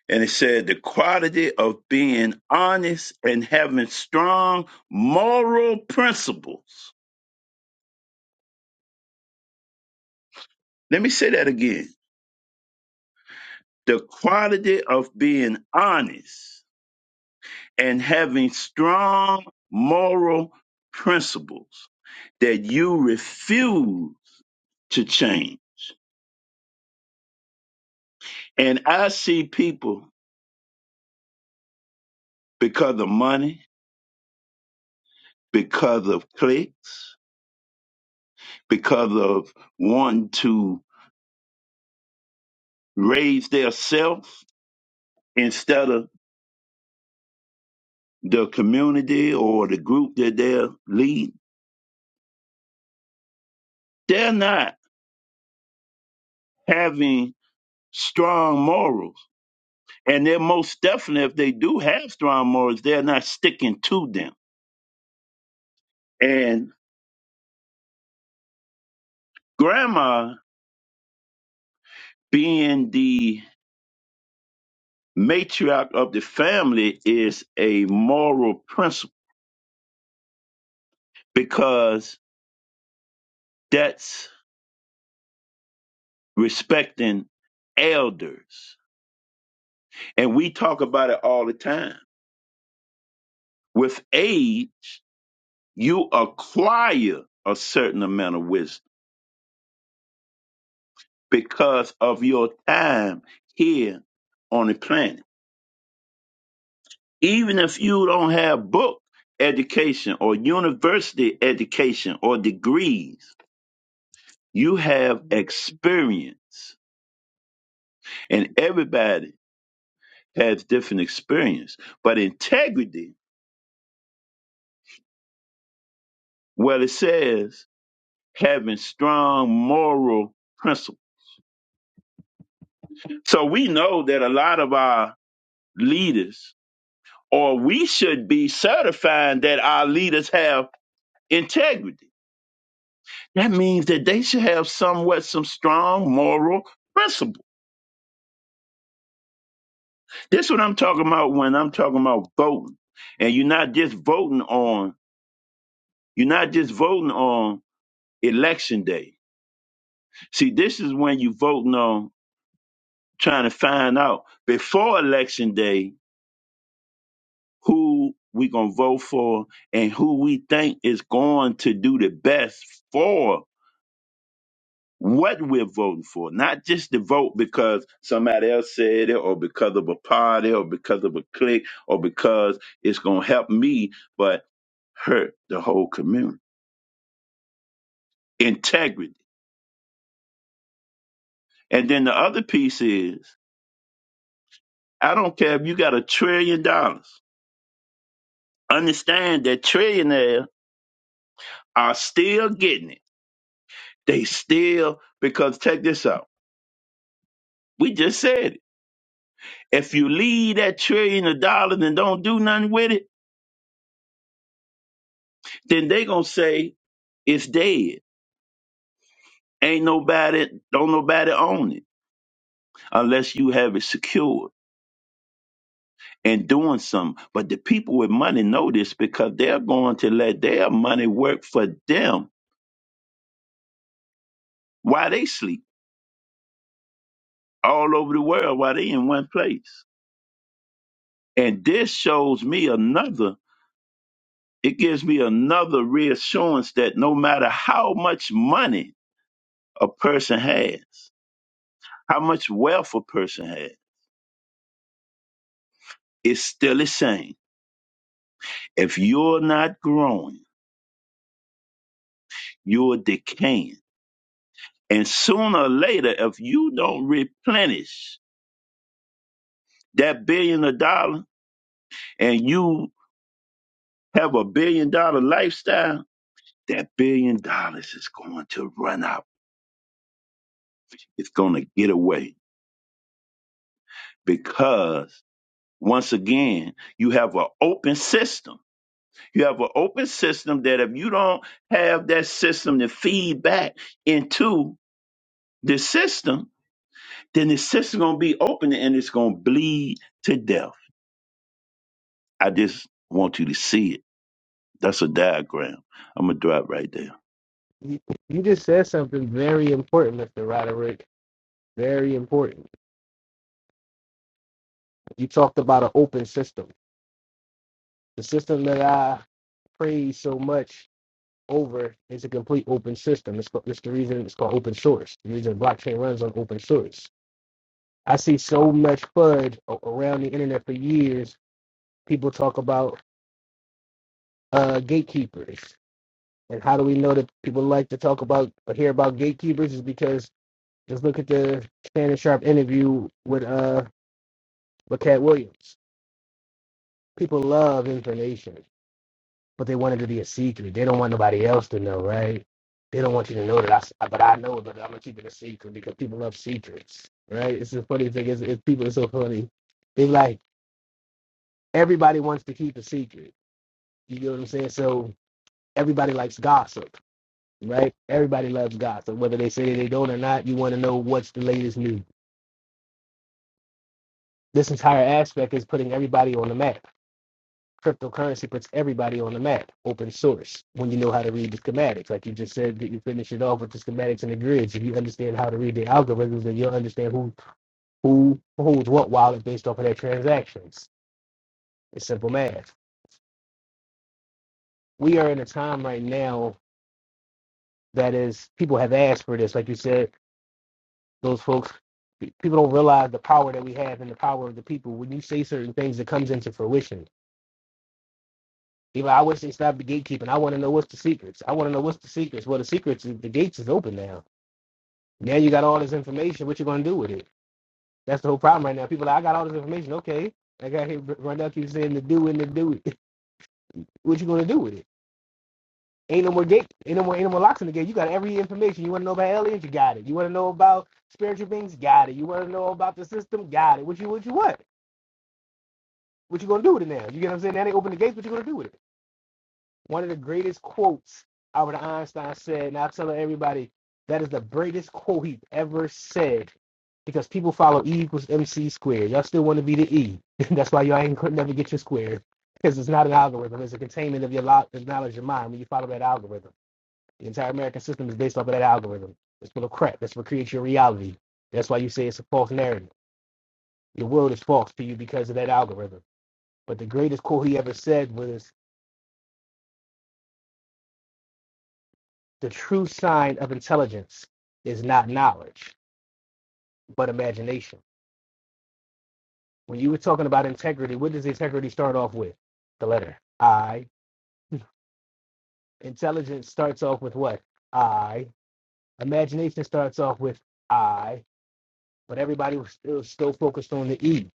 S1: and it said the quality of being honest and having strong moral principles. Let me say that again: the quality of being honest and having strong moral principles that you refuse to change. And I see people because of money, because of clicks, because of wanting to raise their self instead of the community or the group that they're leading. They're not having strong morals. And they're most definitely, if they do have strong morals, they're not sticking to them. And Grandma, being the matriarch of the family, is a moral principle because that's respecting elders. And we talk about it all the time. With age, you acquire a certain amount of wisdom because of your time here on the planet. Even if you don't have book education or university education or degrees, You have experience, and everybody has different experience. But integrity, well, it says having strong moral principle. So we know that a lot of our leaders, or we should be certifying that our leaders have integrity. That means that they should have somewhat some strong moral principle. This is what I'm talking about when I'm talking about voting. And you're not just voting on, you're not just voting on election day. See, this is when you voting on trying to find out before election day who we gonna vote for and who we think is going to do the best for what we're voting for, not just to vote because somebody else said it or because of a party or because of a clique or because it's gonna help me, but hurt the whole community. Integrity. And then the other piece is I don't care if you got a trillion dollars Understand that trillionaires are still getting it. They still, because check this out. We just said it. If you leave that trillion of dollars and don't do nothing with it, then they gonna say it's dead. Ain't nobody, don't nobody own it unless you have it secured and doing something. But the people with money know this because they're going to let their money work for them while they sleep all over the world while they in one place. And this shows me another. It gives me another reassurance that no matter how much money a person has, how much wealth a person has, it's still the same. If you're not growing, you're decaying. And sooner or later, if you don't replenish that billion of dollars and you have a billion dollar lifestyle, that billion dollars is going to run out. It's going to get away because once again, you have an open system You have an open system that if you don't have that system to feed back into the system, then the system gonna be open and it's gonna bleed to death. I just want you to see it. That's a diagram. I'm gonna drop right there.
S6: yeah, You, you just said something very important, Mr. Roderick. Very important. You talked about an open system. The system that I praise so much over. It's a complete open system. It's, it's the reason it's called open source. The reason blockchain runs on open source. I see so much FUD a- around the internet for years. People talk about uh, gatekeepers. And how do we know that people like to talk about or hear about gatekeepers is because just look at the Shannon Sharp interview with uh with Cat Williams. People love information. but they wanted to be a secret. They don't want nobody else to know, right? They don't want you to know that I, s- but I know, but I'm gonna keep it a secret because people love secrets, right? It's the funny thing is, is people are so funny. They like everybody wants to keep a secret. You get what I'm saying? So everybody likes gossip, right? Everybody loves gossip, whether they say they don't or not. You want to know what's the latest news. This entire aspect is putting everybody on the map Cryptocurrency puts everybody on the map, open source, when you know how to read the schematics. Like you just said that you finish it off with the schematics and the grids. If you understand how to read the algorithms, then you'll understand who who holds what wallet based off of their transactions. It's simple math. We are in a time right now that is people have asked for this. Like you said, those folks pe- people don't realize the power that we have and the power of the people. When you say certain things, it comes into fruition. Even I wish they stopped the gatekeeping. I want to know what's the secrets. I want to know what's the secrets. Well, the secrets is the gates is open now Now you got all this information. What you gonna do with it? That's the whole problem right now. People are like, I got all this information. Okay, Like I got here. Rondell keeps saying to do and to do. it. what you gonna do with it? Ain't no more gate. Ain't no more. Ain't no more locks in the gate. You got every information. You want to know about aliens? You got it. You want to know about spiritual beings? Got it. You want to know about the system? Got it. What you what you what? What you gonna do with it now? You get what I'm saying? Now they open the gates. What you gonna do with it? One of the greatest quotes Albert Einstein said, and I tell everybody that is the greatest quote he ever said because people follow E equals MC squared. Y'all still want to be the E. That's why y'all ain't could never get your square because it's not an algorithm. It's a containment of your lo- knowledge of mind when you follow that algorithm. The entire American system is based off of that algorithm. It's full of crap. That's what creates your reality. That's why you say it's a false narrative. Your world is false to you because of that algorithm. But the greatest quote he ever said was The true sign of intelligence is not knowledge, but imagination. When you were talking about integrity, what does integrity start off with? The letter I. Intelligence starts off with what? I. Imagination starts off with I. But everybody was still, still focused on the E.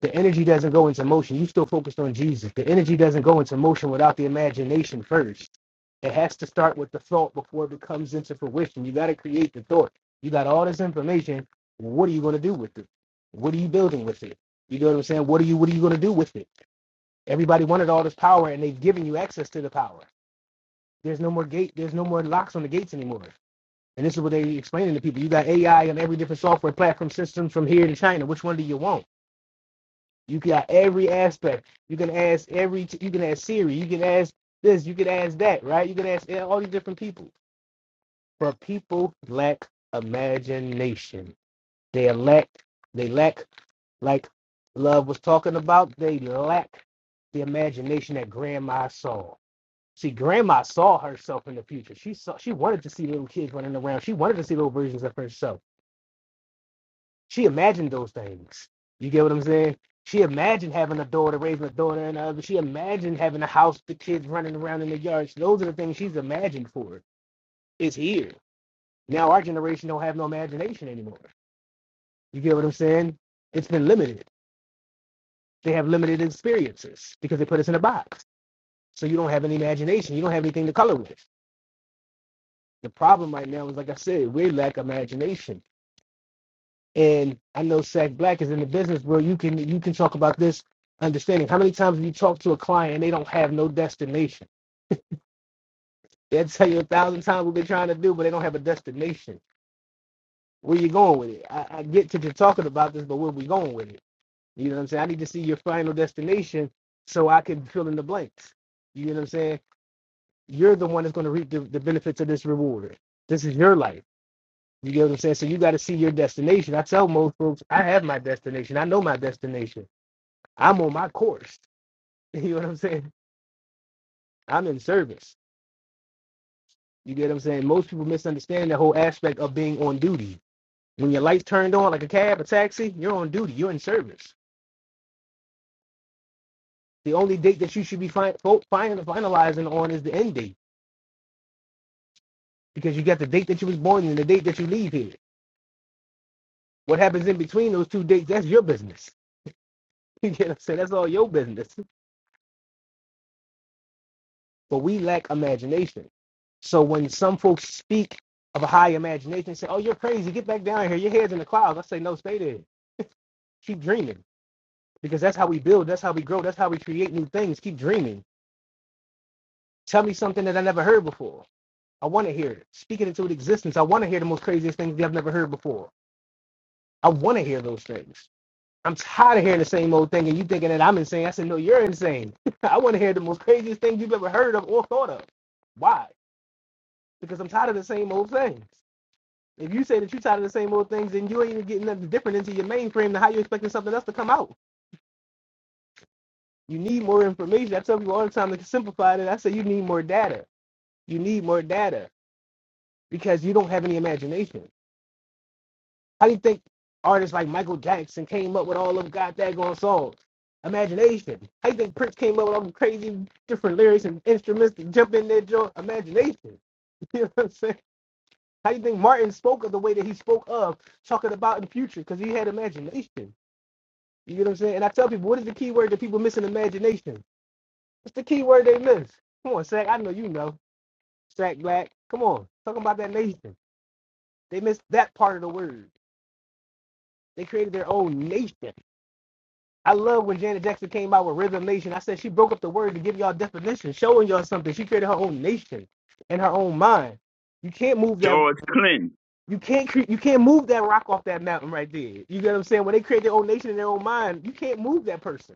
S6: The energy doesn't go into motion. You still focused on Jesus. The energy doesn't go into motion without the imagination first. It has to start with the thought before it comes into fruition. You got to create the thought. You got all this information. What are you going to do with it? What are you building with it? You know what I'm saying? What are you What are you going to do with it? Everybody wanted all this power, and they've given you access to the power. There's no more gate. There's no more locks on the gates anymore. And this is what they are explaining to people. You got AI on every different software platform systems from here to China. Which one do you want? You got every aspect. You can ask every. You can ask Siri. You can ask this. You can ask that. Right? You can ask all these different people. But people lack imagination. They lack. They lack like love was talking about. They lack the imagination that grandma saw. See, grandma saw herself in the future. She saw. She wanted to see little kids running around. She wanted to see little versions of herself. She imagined those things. You get what I'm saying? She imagined having a daughter, raising a daughter and a She imagined having a house, the kids running around in the yard. So Those are the things she's imagined for. It's here. Now our generation don't have no imagination anymore. You get what I'm saying? It's been limited. They have limited experiences because they put us in a box. So you don't have any imagination. You don't have anything to color with. The problem right now is, like I said, we lack imagination And I know Sack Black is in the business where you can you can talk about this understanding. How many times have you talked to a client and they don't have no destination? They'll tell you a thousand times what they're trying to do, but they don't have a destination. Where you going with it? I, I get that you're talking about this, but where we going with it? You know what I'm saying? I need to see your final destination so I can fill in the blanks. You know what I'm saying? You're the one that's going to reap the, the benefits of this reward. This is your life. You get what I'm saying? So you got to see your destination. I tell most folks, I have my destination. I know my destination. I'm on my course. You know what I'm saying? I'm in service. You get what I'm saying? Most people misunderstand the whole aspect of being on duty. When your lights turned on, like a cab, a taxi, you're on duty. You're in service. The only date that you should be fin- fo- fin- finalizing on is the end date because you got the date that you was born and the date that you leave here. What happens in between those two dates, that's your business. You get what I'm saying? That's all your business. But we lack imagination. So when some folks speak of a high imagination, say, "Oh, you're crazy. Get back down here. Your head's in the clouds." I say, "No, stay there." Keep dreaming because that's how we build. That's how we grow. That's how we create new things. Keep dreaming. Tell me something that I never heard before. I want to hear it. Speak it into existence. I want to hear the most craziest things that I've never heard before. I want to hear those things. I'm tired of hearing the same old thing and you thinking that I'm insane. I said, no, you're insane. I want to hear the most craziest thing you've ever heard of or thought of. Why? Because I'm tired of the same old things. If you say that you're tired of the same old things, then you ain't even getting nothing different into your mainframe. Then how you expecting something else to come out? You need more information. I tell people all the time to simplify it. I say you need more data. You need more data because you don't have any imagination. How do you think artists like Michael Jackson came up with all of God daggone songs? Imagination. How do you think Prince came up with all the crazy different lyrics and instruments to jump in their joint? Imagination. You know what I'm saying? How do you think Martin spoke of the way that he spoke of, talking about in the future? Because he had imagination. You get what I'm saying? And I tell people, what is the key word that people miss in imagination? What's the key word they missed? Come on, Sack. I know you know. Sack Black. Come on. Talking about that nation. They missed that part of the word. They created their own nation. I love when Janet Jackson came out with Rhythm Nation. I said she broke up the word to give y'all definition, showing y'all something. She created her own nation in her own mind. You can't move that.
S1: George Clinton,
S6: You can't cre- you can't move that rock off that mountain right there. You get what I'm saying? When they create their own nation in their own mind, you can't move that person.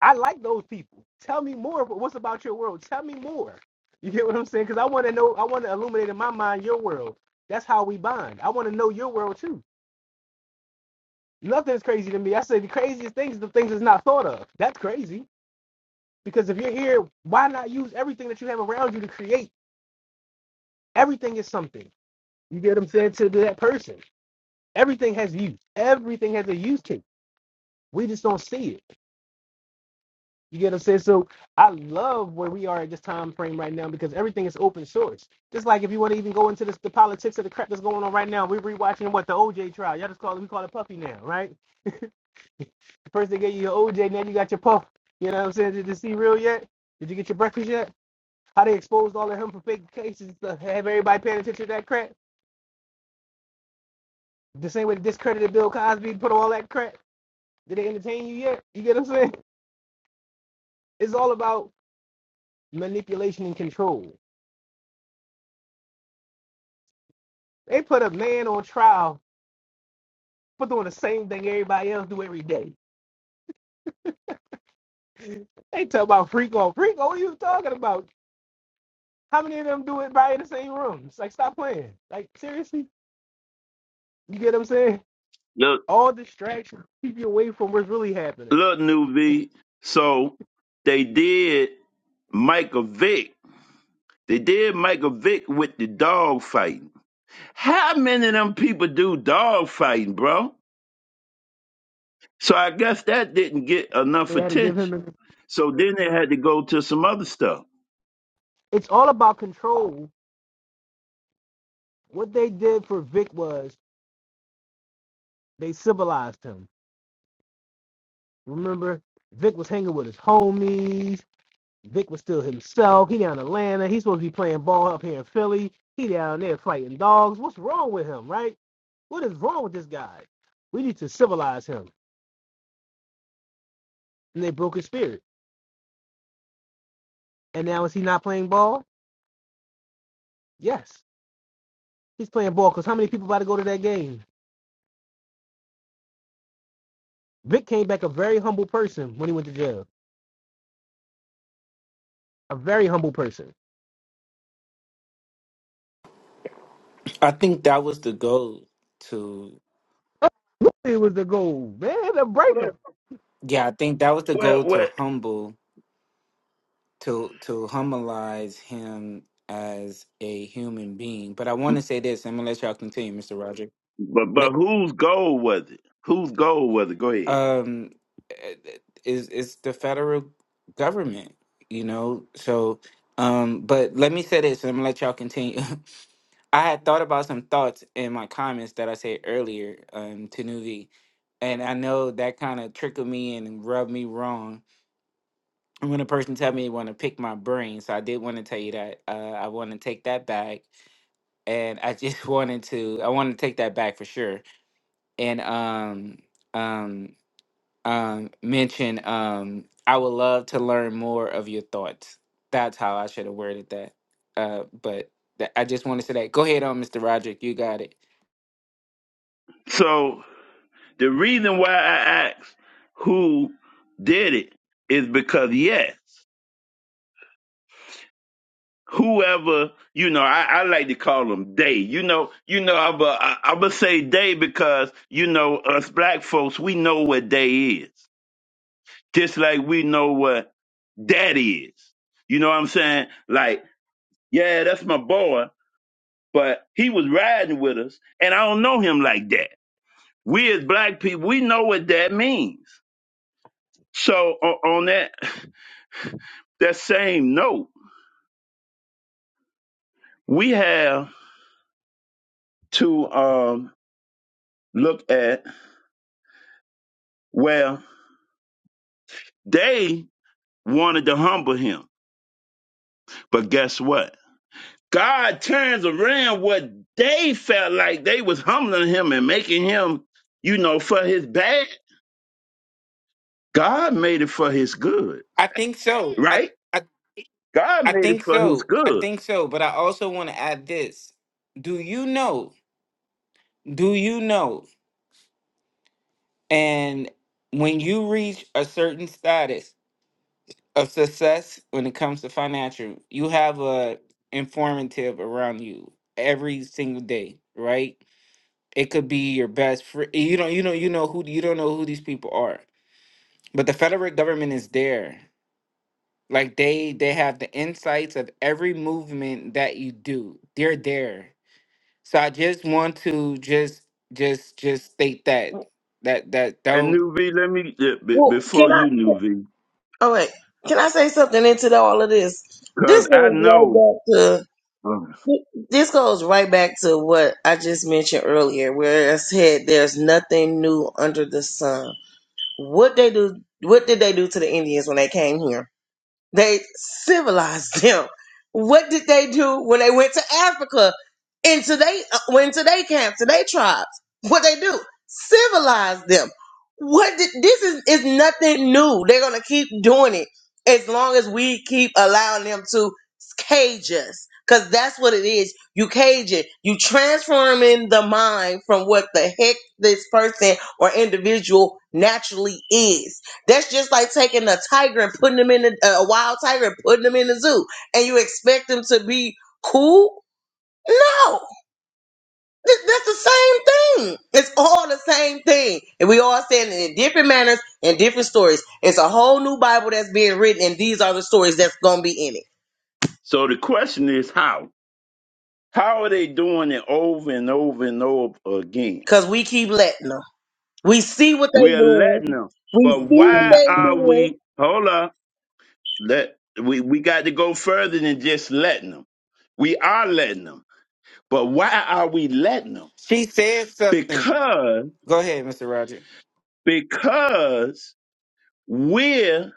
S6: I like those people. Tell me more. But what's about your world? Tell me more. You get what I'm saying? Because I want to know. I want to illuminate in my mind your world. That's how we bond. I want to know your world too. Nothing's crazy to me. I say the craziest things is the things that's not thought of. That's crazy. Because if you're here, why not use everything that you have around you to create? Everything is something. You get what I'm saying to that person. Everything has use. Everything has a use case. We just don't see it. You get what I'm saying? So I love where we are at this time frame right now because everything is open source. Just like if you want to even go into this, the politics of the crap that's going on right now, we're rewatching what the OJ trial. Y'all just call it we call it Puffy now, right? First they gave you your OJ, now you got your Puff. You know what I'm saying? Did you see real yet? Did you get your breakfast yet? How they exposed all of him for fake cases? and stuff. Have everybody paying attention to that crap? The same way they discredited Bill Cosby, put all that crap. Did they entertain you yet? You get what I'm saying? It's all about manipulation and control. They put a man on trial for doing the same thing everybody else do every day. They talk about freak on freak. on, What are you talking about? How many of them do it by in the same rooms? Like, stop playing. Like, seriously, you get what I'm saying?
S1: look,
S6: All distractions keep you away from what's really happening.
S1: look, new V. So they did Michael Vick. They did Michael Vick with the dog fighting. How many of them people do dog fighting, bro? So I guess that didn't get
S6: They
S1: enough
S6: had to give him.
S1: attention.
S6: A,
S1: So then they had to go to some other stuff.
S6: it's all about control. What they did for Vic was they civilized him. Remember, Vic was hanging with his homies. Vic was still himself. He down in Atlanta. He's supposed to be playing ball up here in Philly. He down there fighting dogs. What's wrong with him, right? What is wrong with this guy? We need to civilize him. And they broke his spirit. And now is he not playing ball? Yes. He's playing ball because how many people about to go to that game? Vic came back a very humble person when he went to jail. A very humble person.
S2: I think that was the goal to
S6: It was the goal, man, to break
S1: Well,
S2: yeah, I think that was the
S1: well,
S2: goal to
S1: well
S2: humble to to humilize him as a human being. But I want to say this, I'm gonna let y'all continue, Mr. Roger.
S1: but but whose goal was it? Whose goal was it? Go ahead.
S2: um eh, eh, is is the federal government you know so um but let me say this and i'm gonna let y'all continue i had thought about some thoughts in my comments that i said earlier um to nuvi and i know that kind of trickled me and rubbed me wrong And when a person tell me they want to pick my brain so i did want to tell you that uh, i want to take that back and i just wanted to i want to take that back for sure and um um um, mention, um, I would love to learn more of your thoughts. That's how I should have worded that. Uh, but th- I just want to say that. Go ahead on, Mr. Roderick. You got it.
S1: So the reason why I asked who did it is because yes, whoever you know, I, I like to call them they. You know, you know, I'm a, I, I'm gonna say they because you know us black folks we know what they is. Just like we know what that is. You know what I'm saying? Like, yeah, that's my boy, but he was riding with us, and I don't know him like that. We as black people, we know what that means. So o- on that that same note, we have to um, look at well, they wanted to humble him, but guess what? God turns around what they felt like they was humbling him and making him, you know, for his bad. God made it for his good,
S2: I think so. I,
S1: right?
S2: I,
S1: God
S2: I
S1: made it
S2: think
S1: for his
S2: so. I
S1: good.
S2: think so. But I also want to add this. Do you know? Do you know? And when you reach a certain status of success when it comes to financial, you have a informative around you every single day, right? It could be your best friend. You don't you know you know who you don't know who these people are. But the federal government is there. Like they they have the insights of every movement that you do. They're there. So I just want to just just just state that that that
S1: And
S2: don't
S1: New V, let me uh, be-
S7: Well, can
S1: before you,
S7: I?
S1: New V,
S7: All right, can I say something into the- all of this? This
S1: because
S7: goes
S1: I
S7: right
S1: know.
S7: back to
S1: uh,
S7: this goes right back to what I just mentioned earlier, where I said there's nothing new under the sun. What they do? What did they do to the Indians when they came here? They civilized them. What did they do when they went to Africa into they uh, into they camps, to they tribes? What they do? Civilize them. What did this is is nothing new. They're gonna keep doing it as long as we keep allowing them to cage us. Cause that's what it is. You cage it. You transforming the mind from what the heck this person or individual naturally is that's just like taking a tiger and putting them in a, a wild tiger and putting them in the zoo, and you expect them to be cool. No, Th- that's the same thing. It's all the same thing, and we all saying it in different manners and different stories. It's a whole new Bible that's being written, and these are the stories that's gonna be in it
S1: So the question is how? How are they doing it over and over and over again?
S7: because we keep letting them. We see what they
S1: We're letting them,
S7: we
S1: but
S6: him.
S1: why are we? Hold up. Let we, we got to go further than just letting them. We are letting them. But why are we letting them?
S2: she said something.
S1: Because
S2: Go ahead, Mr. Roger.
S1: because we're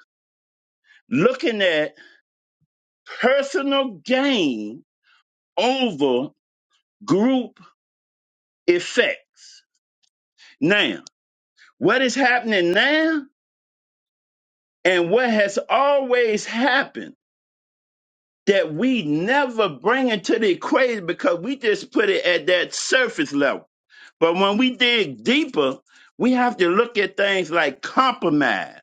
S1: looking at personal gain over group effects. Now, what is happening now and what has always happened that we never bring into the equation because we just put it at that surface level But when we dig deeper, we have to look at things like compromise.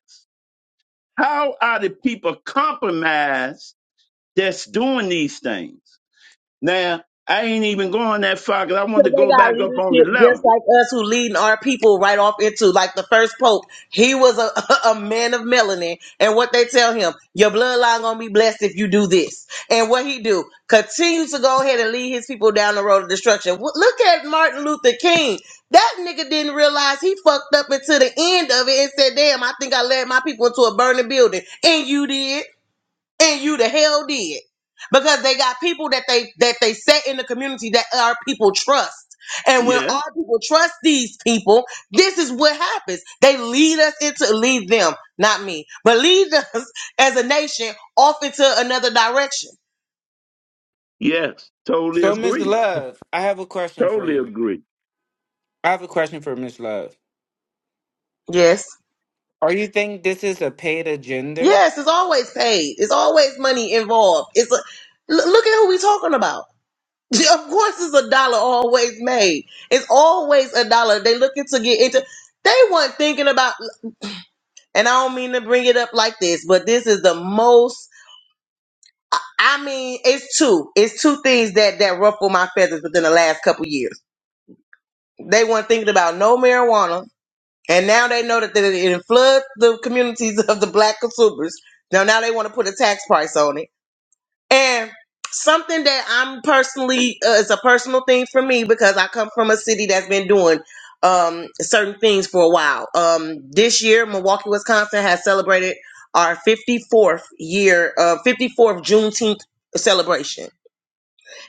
S1: How are the people compromised that's doing these things? Now, I ain't even going that far because I want
S7: Because
S1: to
S7: they
S1: go
S7: got
S1: back up on the
S7: leadership just
S1: level.
S7: like us who leading our people right off into like the first pope. He was a, a man of melanin. And what they tell him, your bloodline gonna be blessed if you do this. And what he do, continues to go ahead and lead his people down the road of destruction. W- Look at Martin Luther King. That nigga didn't realize he fucked up until the end of it and said, damn, I think I led my people into a burning building. And you did and you the hell did because they got people that they that they set in the community that our people trust and when
S1: Yeah,
S7: our people trust these people this is what happens they lead us into lead them not me but lead us as a nation off into another direction
S1: yes, totally
S2: So Miss
S1: agree.
S2: Love, I have a question for
S1: Totally
S2: you.
S1: agree.
S2: I have a question for Miss Love.
S7: yes
S2: Are you think this is a paid agenda?
S7: yes it's always paid it's always money involved it's a l- look at who we talking about of course it's a dollar always made it's always a dollar they looking to get into they weren't thinking about. And I don't mean to bring it up like this, but this is the most I mean, it's two. It's two things that that ruffle my feathers within the last couple years. They weren't thinking about no marijuana, and now they know that it it floods the communities of the black consumers. Now now they want to put a tax price on it And something that I'm personally uh, it's a personal thing for me because I come from a city that's been doing um certain things for a while. Um this year Milwaukee, Wisconsin has celebrated our 54th year uh 54th Juneteenth celebration.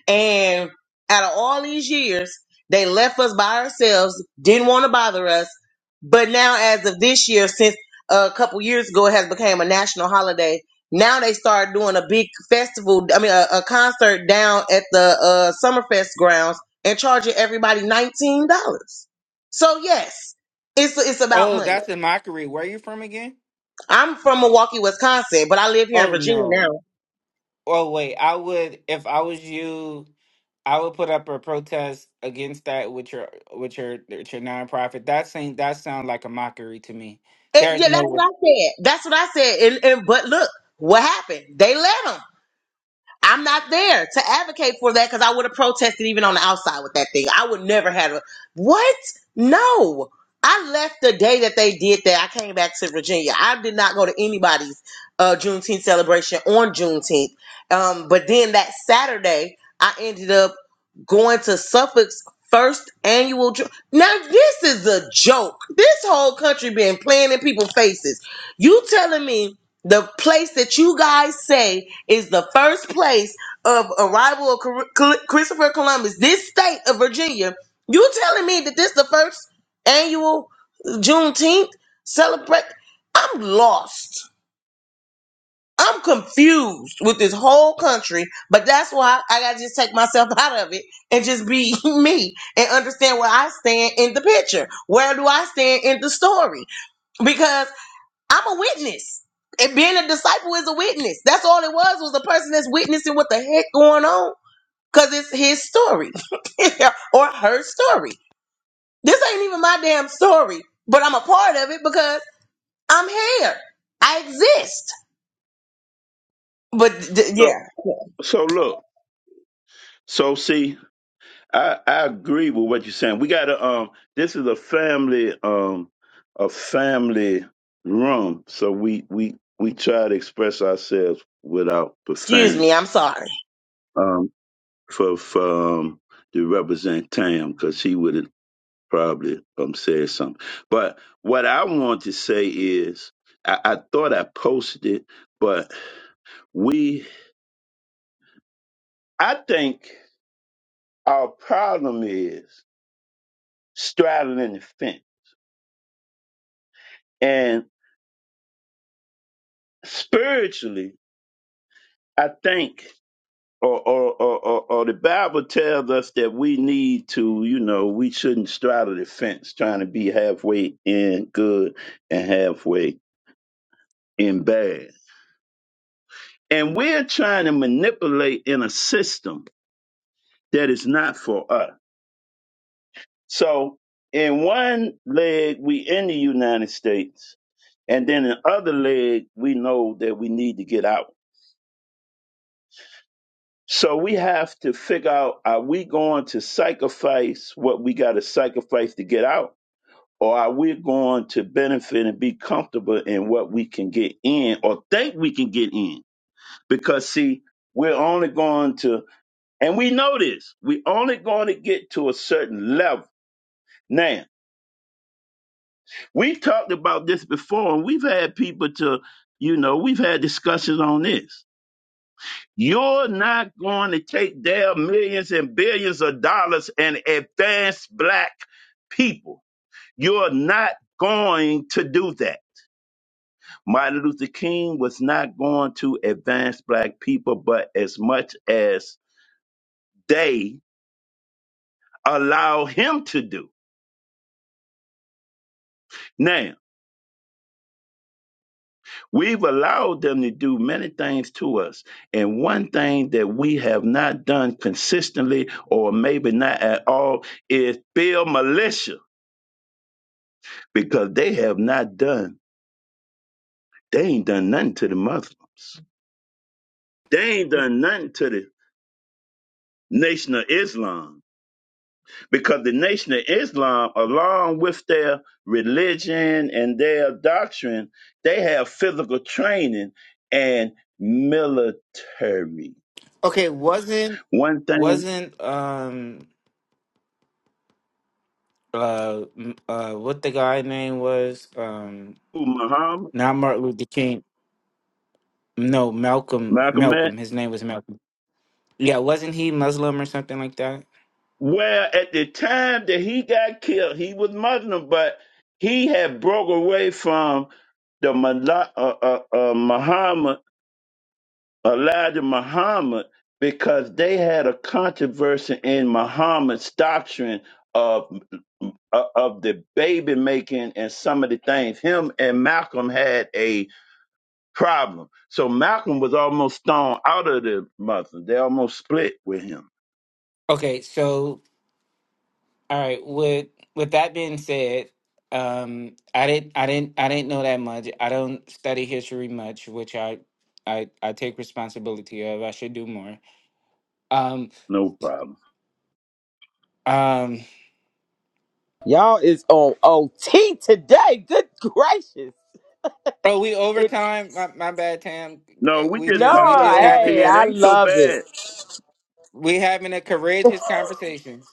S7: And out of all these years, they left us by ourselves, didn't want to bother us. But now, as of this year, since a couple years ago, it has become a national holiday. Now they start doing a big festival. I mean, a, a concert down at the uh, Summerfest grounds and charging everybody nineteen dollars. So yes, it's it's about
S2: Oh,
S7: money.
S2: that's a mockery. Where are you from again?
S7: I'm from Milwaukee, Wisconsin, but I live here in
S2: Oh
S7: Virginia now.
S2: no. Oh wait, I would if I was you, I would put up a protest against that with your with your with your nonprofit. That seemed that sounds like a mockery to me.
S7: Eh,
S2: There's
S7: yeah, that's
S2: no way.
S7: what I said. That's what I said. And, and but look, what happened? They let them. I'm not there to advocate for that because I would have protested even on the outside with that thing. I would never have. A, what? No. I left the day that they did that. I came back to Virginia. I did not go to anybody's uh, Juneteenth celebration on Juneteenth. Um, but then that Saturday, I ended up going to Suffolk's first annual. Ju- now this is a joke. This whole country been playing in people's faces. You telling me the place that you guys say is the first place of arrival of Cor- Col- Christopher Columbus. This state of Virginia, you telling me that this the first annual Juneteenth celebrate? I'm lost. I'm confused with this whole country, but that's why I gotta just take myself out of it and just be me and understand where I stand in the picture. Where do I stand in the story? Because I'm a witness. And being a disciple is a witness. That's all it was, was a person that's witnessing what the heck going on. Cause it's his story. or her story. This ain't even my damn story, but I'm a part of it because I'm here. I exist. But d- yeah,
S1: So, so look, so see, I, I agree with what you're saying. We gotta um this is a family um a family room, so we we we try to express ourselves without
S7: excuse
S1: profanity.
S7: me, I'm sorry.
S1: Um for for um to represent Tam because she would have probably um said something. But what I want to say is I, I thought I posted it, but we I think our problem is straddling the fence. spiritually, I think, or, or, or, or, or the Bible tells us that we need to, you know, we shouldn't straddle the fence trying to be halfway in good and halfway in bad. And we're trying to manipulate in a system that is not for us. So, in one leg, we in the United States, and then in the other leg, we know that we need to get out. So we have to figure out are we going to sacrifice what we got to sacrifice to get out? Or are we going to benefit and be comfortable in what we can get in or think we can get in? Because, see, we're only going to, and we know this, we're only going to get to a certain level. Now, we talked about this before, and we've had people to, you know, we've had discussions on this You're not going to take their millions and billions of dollars and advance black people. You're not going to do that. Martin Luther King was not going to advance black people, but as much as they allow him to do. Now, we've allowed them to do many things to us. And one thing that we have not done consistently or maybe not at all is build militia. because they have not done, they ain't done nothing to the Muslims. They ain't done nothing to the Nation of Islam because the Nation of Islam, along with their religion and their doctrine, they have physical training and military.
S2: Okay, wasn't
S1: One thing,
S2: wasn't um uh m- uh what the guy name was um
S1: Muhammad,
S2: not Martin Luther King. No, Malcolm.
S1: Malcolm X,
S2: Malcolm. His name was Malcolm. Yeah, wasn't he Muslim or something like that?
S1: Well, at the time that he got killed, he was Muslim, but he had broke away from the Mala- uh, uh, uh, Muhammad, Elijah Muhammad, because they had a controversy in Muhammad's doctrine of uh, of the baby making and some of the things. Him and Malcolm had a problem, so Malcolm was almost thrown out of the Muslim. They almost split with him.
S2: Okay, so All right. With with that being said, um, I didn't I didn't I didn't know that much. I don't study history much, which I I I take responsibility of. I should do more. Um
S1: No problem.
S2: um. Oh, we overtime. My, my bad, Tam.
S1: No,
S2: Uh,
S1: we
S2: We
S1: just
S2: just we
S1: call it
S2: just
S1: OT.
S2: having
S1: It
S2: a
S1: ain't so bad.
S2: we having a courageous conversation.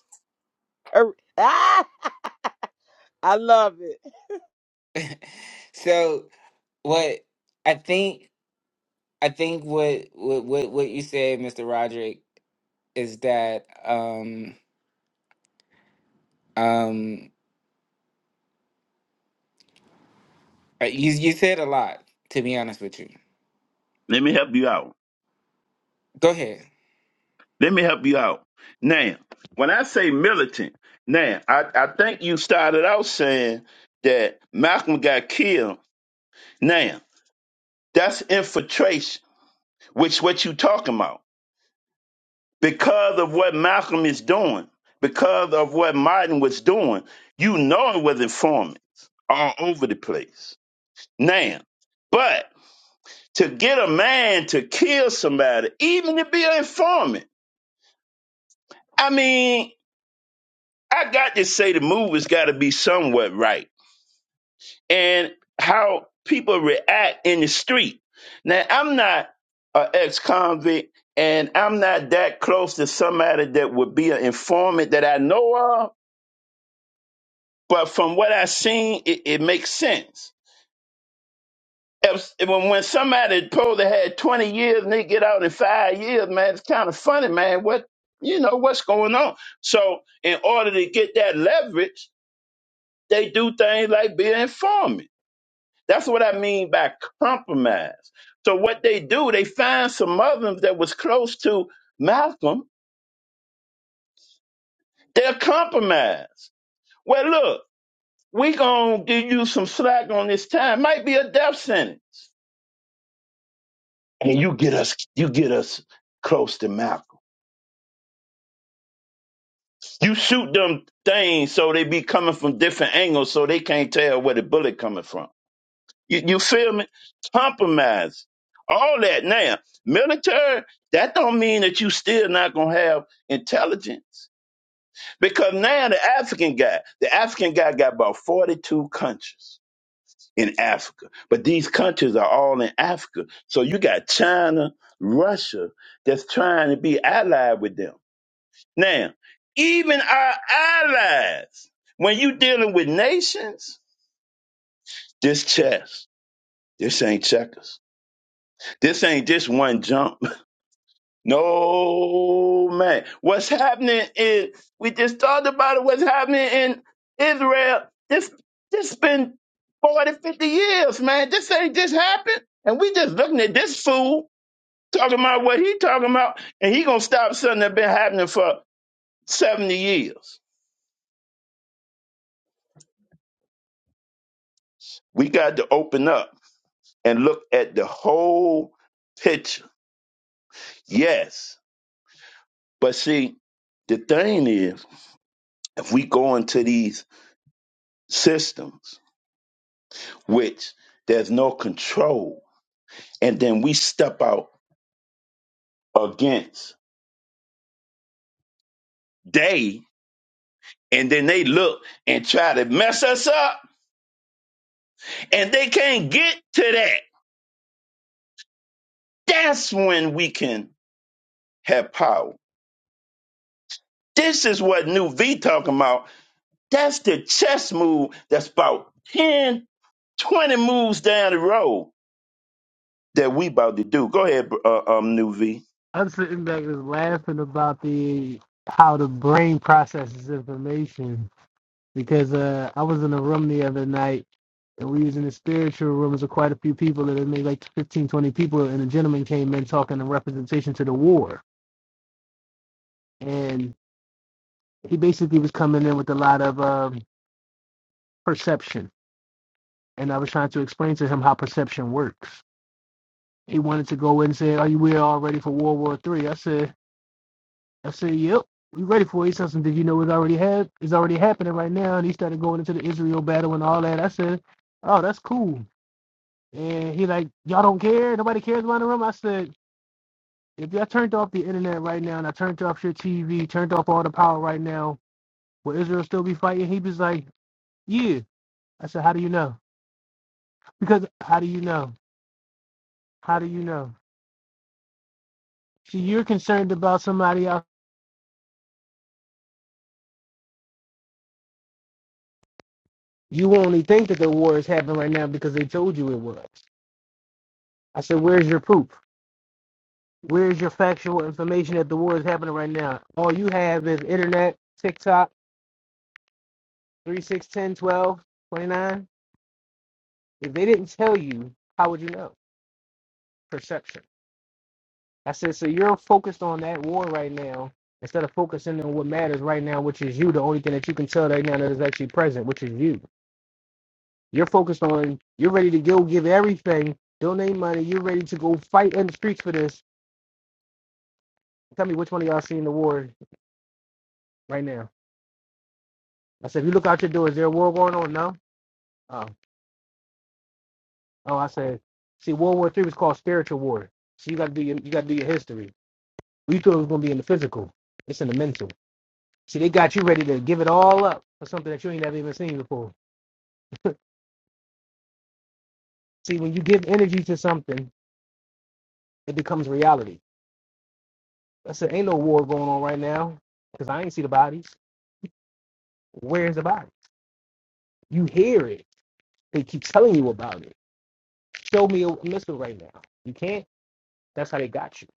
S2: So what I think I think what what what, what you said, Mister Roderick, is that um um Uh, You you said a lot, to be honest with you.
S1: Let me help you out.
S2: Go ahead.
S1: Let me help you out. Now, when I say militant, now I, I think you started out saying that Malcolm got killed. Now, that's infiltration, which what you talking about. Because of what Malcolm is doing, because of what Martin was doing, you know it was informants all over the place. Now, but to get a man to kill somebody, even to be an informant. I mean, I got to say the movie's got to be somewhat right, and how people react in the street. Now, I'm not an ex-convict, and I'm not that close to somebody that would be an informant that I know of. But from what I've seen, it, it makes sense If, when, when somebody supposed to had 20 years and they get out in five years, man, it's kind of funny, man. What, you know, what's going on? So in order to get that leverage, they do things like be an informant. That's what I mean by compromise. So what they do, they find some Muslims that was close to Malcolm. They'll compromise. Well, look, we gonna give you some slack on this time. Might be a death sentence, and you get us, you get us close to Malcolm. You shoot them things so they be coming from different angles so they can't tell where the bullet coming from. You, you feel me? Compromise. All that now. Military, that don't mean that you still not gonna have intelligence. Because now the African guy, the African guy got about 42 countries in Africa. But these countries are all in Africa. So you got China, Russia that's trying to be allied with them now, even our allies, when you dealing with nations, this chess, this ain't checkers. This ain't just one jump. No, man. What's happening is, we just talked about it, what's happening in Israel, this, this been 40, 50 years, man. This ain't just happened. And we just looking at this fool talking about what he talking about, and he gonna stop something that been happening for 70 years. We got to open up and look at the whole picture. Yes. But see, the thing is, if we go into these systems, which there's no control, and then we step out against they, and then they look and try to mess us up, and they can't get to that. That's when we can have power. This is what New V talking about. That's the chess move that's about 10, 20 moves down the road that we about to do. Go ahead, uh, um, New V.
S6: I'm sitting back just laughing about the how the brain processes information because uh, I was in a room the other night and we was in the spiritual room, rooms with quite a few people and it made like 15, 20 people and a gentleman came in talking in representation to the war. And he basically was coming in with a lot of um, perception. And I was trying to explain to him how perception works. He wanted to go in and say, Are you we all ready for World War Three? I said I said, Yep. We ready for it. He said, "So Did you know it's already had it's already happening right now? And he started going into the Israel battle and all that. I said, Oh, that's cool. And he like, y'all don't care. Nobody cares about the room. I said, if y'all turned off the internet right now, and I turned off your TV, turned off all the power right now, will Israel still be fighting? He was like, yeah. I said, how do you know? Because how do you know? How do you know? See, you're concerned about somebody else. You only think that the war is happening right now because they told you it was. I said, where's your proof? Where's your factual information that the war is happening right now? All you have is internet, TikTok, 3, six, ten, twelve, twenty nine. If they didn't tell you, how would you know? Perception. I said, so you're focused on that war right now instead of focusing on what matters right now, which is you. The only thing that you can tell right now that is actually present, which is you. You're focused on, you're ready to go give everything, donate money, you're ready to go fight in the streets for this. Tell me which one of y'all seeing the war right now. I said, if you look out your door, is there a war going on? No? Oh. Oh, I said, see, World War Three was called spiritual war. So you gotta do your you gotta do your history. We thought it was gonna be in the physical. It's in the mental. See, they got you ready to give it all up for something that you ain't never even seen before. See, when you give energy to something, it becomes reality. I said, ain't no war going on right now because I ain't see the bodies. Where's the body? You hear it. They keep telling you about it. Show me a missile right now. You can't. That's how they got you.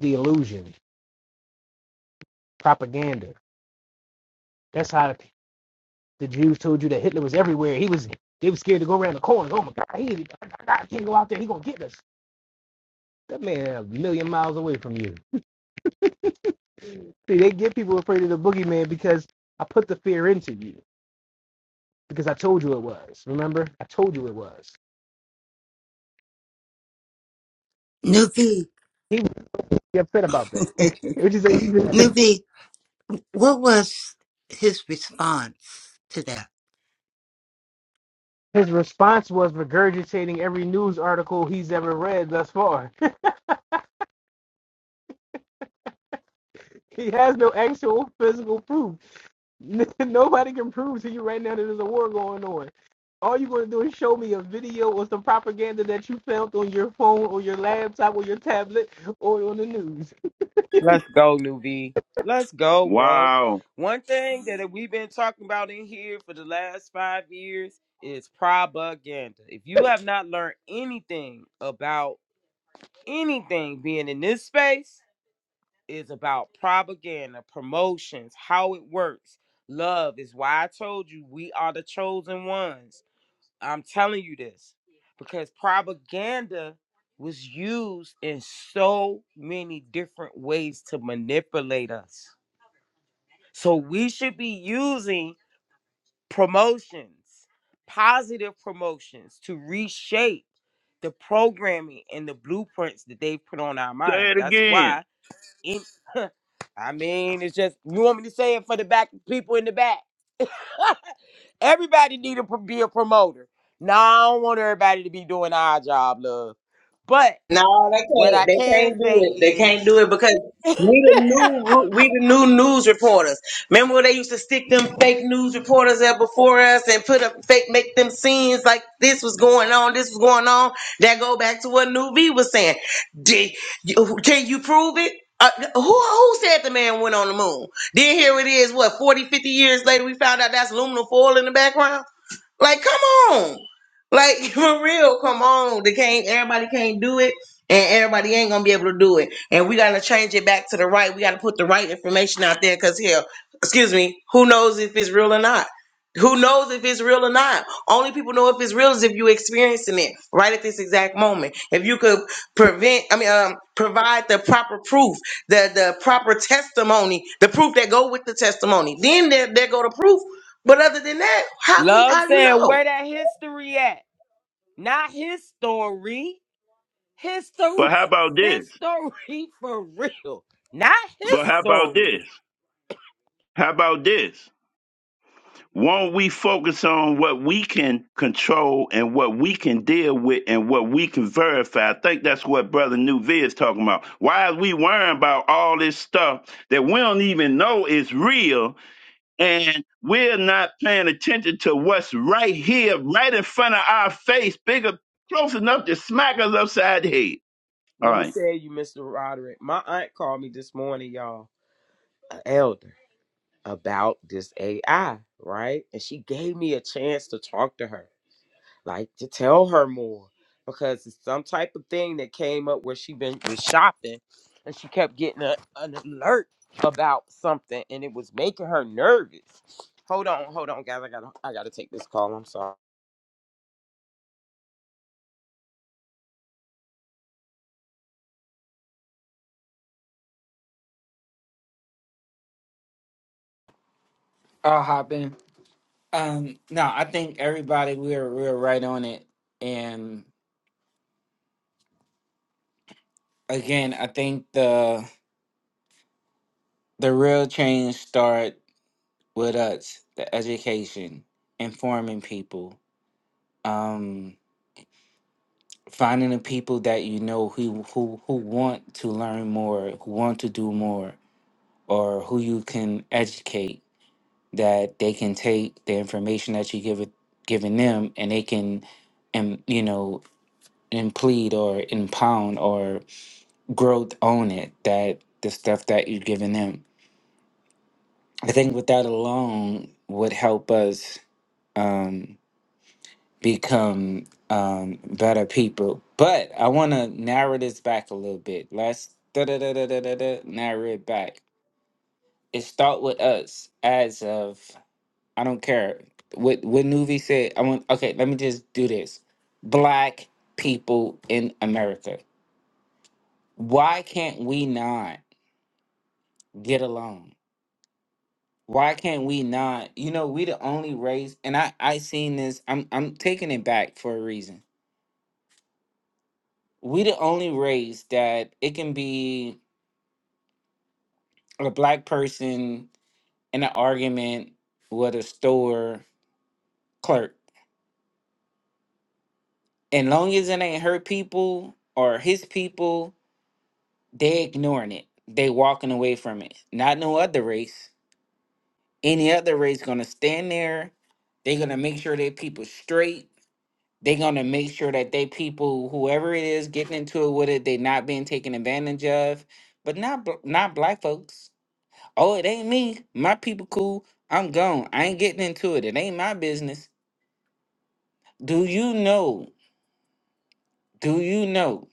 S6: The illusion, propaganda. That's how the Jews told you that Hitler was everywhere. He was. They were scared to go around the corners. Oh my God, he, I, I can't go out there. He gonna get us. That man a million miles away from you. See, they get people afraid of the boogeyman because I put the fear into you because I told you it was. Remember, I told you it was.
S4: Nuvi,
S6: He was really upset about that. Which is
S4: Nuvi, what was his response to that?
S6: his response was regurgitating every news article he's ever read thus far. he has no actual physical proof. Nobody can prove to you right now that there's a war going on. All you're going to do is show me a video or some propaganda that you found on your phone or your laptop or your tablet or on the news.
S1: Wow. Say it again.
S7: No, they can't. They can't do it. They can't do it because we the new we the new news reporters. Remember when they used to stick them fake news reporters there before us and put up fake make them scenes like this was going on, this was going on. That go back to what New V was saying. Did you, can you prove it? Uh, who who said the man went on the moon? Then here it is, what 40 50 years later, we found out that's aluminum foil in the background. Like, come on. Like for real, come on. They can't everybody can't do it, and everybody ain't gonna be able to do it. And we gotta change it back to the right. We gotta put the right information out there because hell, excuse me, who knows if it's real or not? Who knows if it's real or not? Only people know if it's real is if you're experiencing it right at this exact moment. If you could prevent, I mean, um, provide the proper proof, the the proper testimony, the proof that go with the testimony, then there, there go the proof but other than that, how can how do you know?
S1: But how about this? But how about this? How about this? Won't we focus on what we can control and what we can deal with and what we can verify? I think that's what Brother New V is talking about. Why is we worrying about all this stuff that we don't even know is real and we're not paying attention to what's right here, right in front of our face, bigger, close enough to smack us upside the head. All right.
S2: I'll hop in. Um, no, I think everybody we we're we we're right on it. And again, I think the the real change start with us, the education, informing people, um, finding the people that you know who who who want to learn more, who want to do more, or who you can educate that they can take the information that you give it giving them and they can and you know implead or impound or growth on it that the stuff that you're giving them i think with that alone would help us um become um better people but i want to narrow this back a little bit let's da da da da da da da narrow it back it start with us as of I don't care what what Nuvi said. I want okay. Let me just do this. Black people in America. Why can't we not get along? Why can't we not? You know, we the only race, and I I seen this. I'm I'm taking it back for a reason. We the only race that it can be a black person in an argument with a store clerk, and long as it ain't her people or his people, they ignoring it. They walking away from it. Not no other race. Any other race gonna stand there. They gonna make sure their people straight. They gonna make sure that they people, whoever it is, getting into it with it, they not being taken advantage of. But not bl- not black folks. Oh, it ain't me. My people cool. I'm gone. I ain't getting into it. It ain't my business. Do you know? Do you know?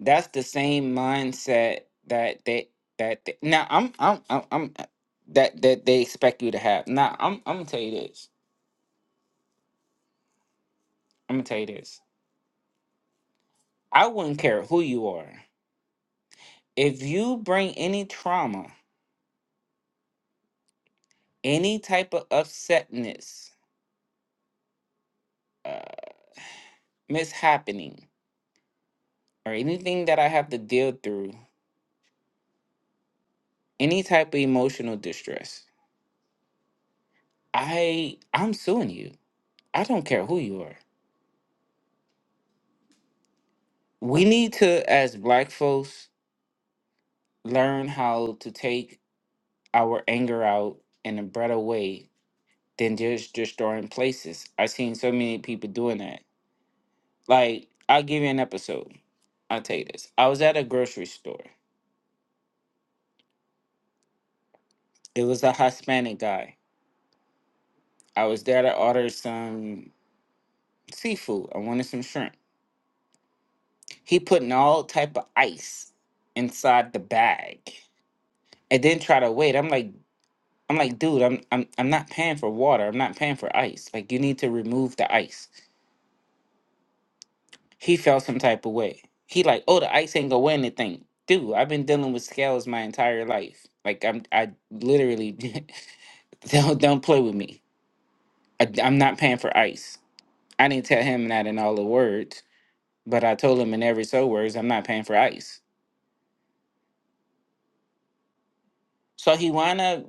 S2: that's the same mindset that they that they, now I'm I'm I'm, I'm that that they expect you to have. Now I'm I'm gonna tell you this. I'm gonna tell you this. I wouldn't care who you are. If you bring any trauma, any type of upsetness, uh, mishappening, or anything that I have to deal through, any type of emotional distress, I I'm suing you. I don't care who you are. We need to, as black folks, learn how to take our anger out in a better way than just destroying places. I've seen so many people doing that. Like, I'll give you an episode. I'll tell you this. I was at a grocery store. It was a Hispanic guy. I was there to order some seafood. I wanted some shrimp. He putting all type of ice inside the bag. And then try to wait. I'm like, I'm like, dude, I'm I'm I'm not paying for water. I'm not paying for ice. Like you need to remove the ice. He felt some type of way. He like, oh, the ice ain't gonna weigh anything. Dude, I've been dealing with scales my entire life. Like I'm, I literally don't don't play with me. I, am not paying for ice. I didn't tell him that in all the words, but I told him in every so words, I'm not paying for ice. So he wound up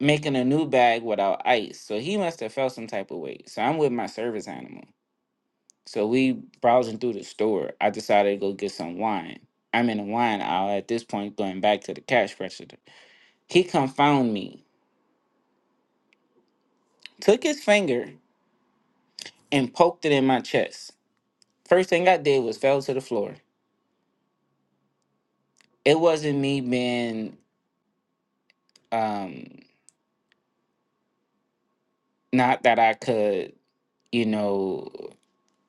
S2: making a new bag without ice. So he must have felt some type of way. So I'm with my service animal. So we browsing through the store. I decided to go get some wine. I'm in the wine aisle at this point, going back to the cash register. He confounded me, took his finger and poked it in my chest. First thing I did was fell to the floor. It wasn't me being um not that I could, you know,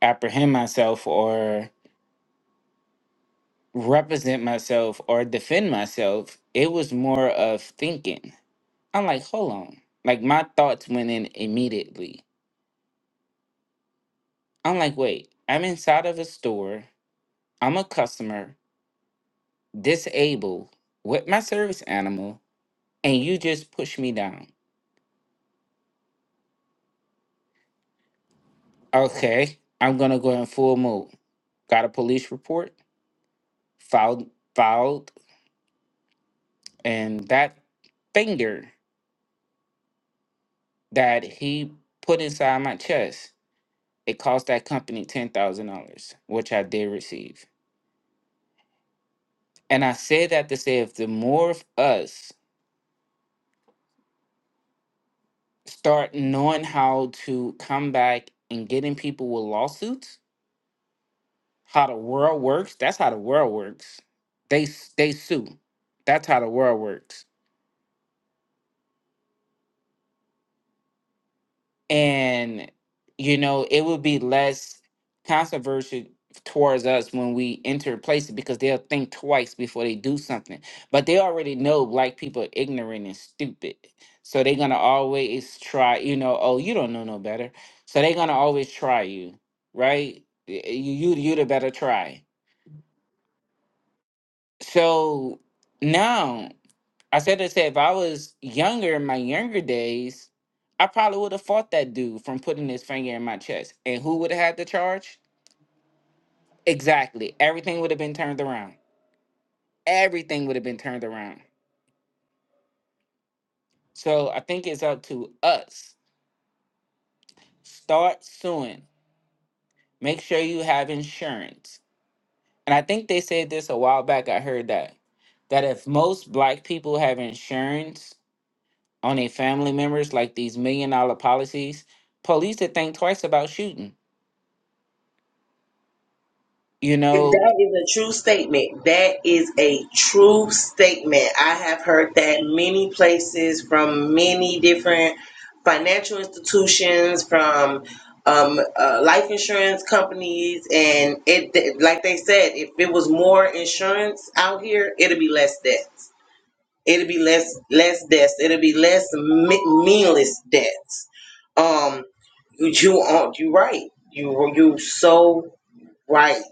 S2: apprehend myself or represent myself or defend myself. It was more of thinking. I'm like, hold on. Like my thoughts went in immediately. I'm like, wait, I'm inside of a store. I'm a customer, disabled, with my service animal. and you just push me down. Okay, I'm gonna go in full mode. Got a police report, filed, filed, and that finger that he put inside my chest, it cost that company ten thousand dollars, which I did receive. And I say that to say, if the more of us start knowing how to come back and getting people with lawsuits, how the world works. That's how the world works. They s- they sue. That's how the world works and you know it would be less controversial towards us when we enter places because they'll think twice before they do something but they already know black people are ignorant and stupid so they're gonna always try you know oh you don't know no better so they're gonna always try you right Y- you you you the better try so now I said to say if I was younger in my younger days, I probably would have fought that dude from putting his finger in my chest. And who would have had the charge? Exactly. Everything would have been turned around. Everything would have been turned around. So I think it's up to us. Start suing. Make sure you have insurance. And I think they said this a while back. I heard that. That if most black people have insurance on their family members, like these million dollar policies, police would think twice about shooting You
S7: That is
S2: know,
S7: a true statement. That is a true statement. I have heard that many places from many different financial institutions, from um, uh, life insurance companies, and it, like they said, if it was more insurance out here, it'd be less deaths. It'll be less less deaths. It'll be less me- meaningless deaths. Um, you you are you right. You you so right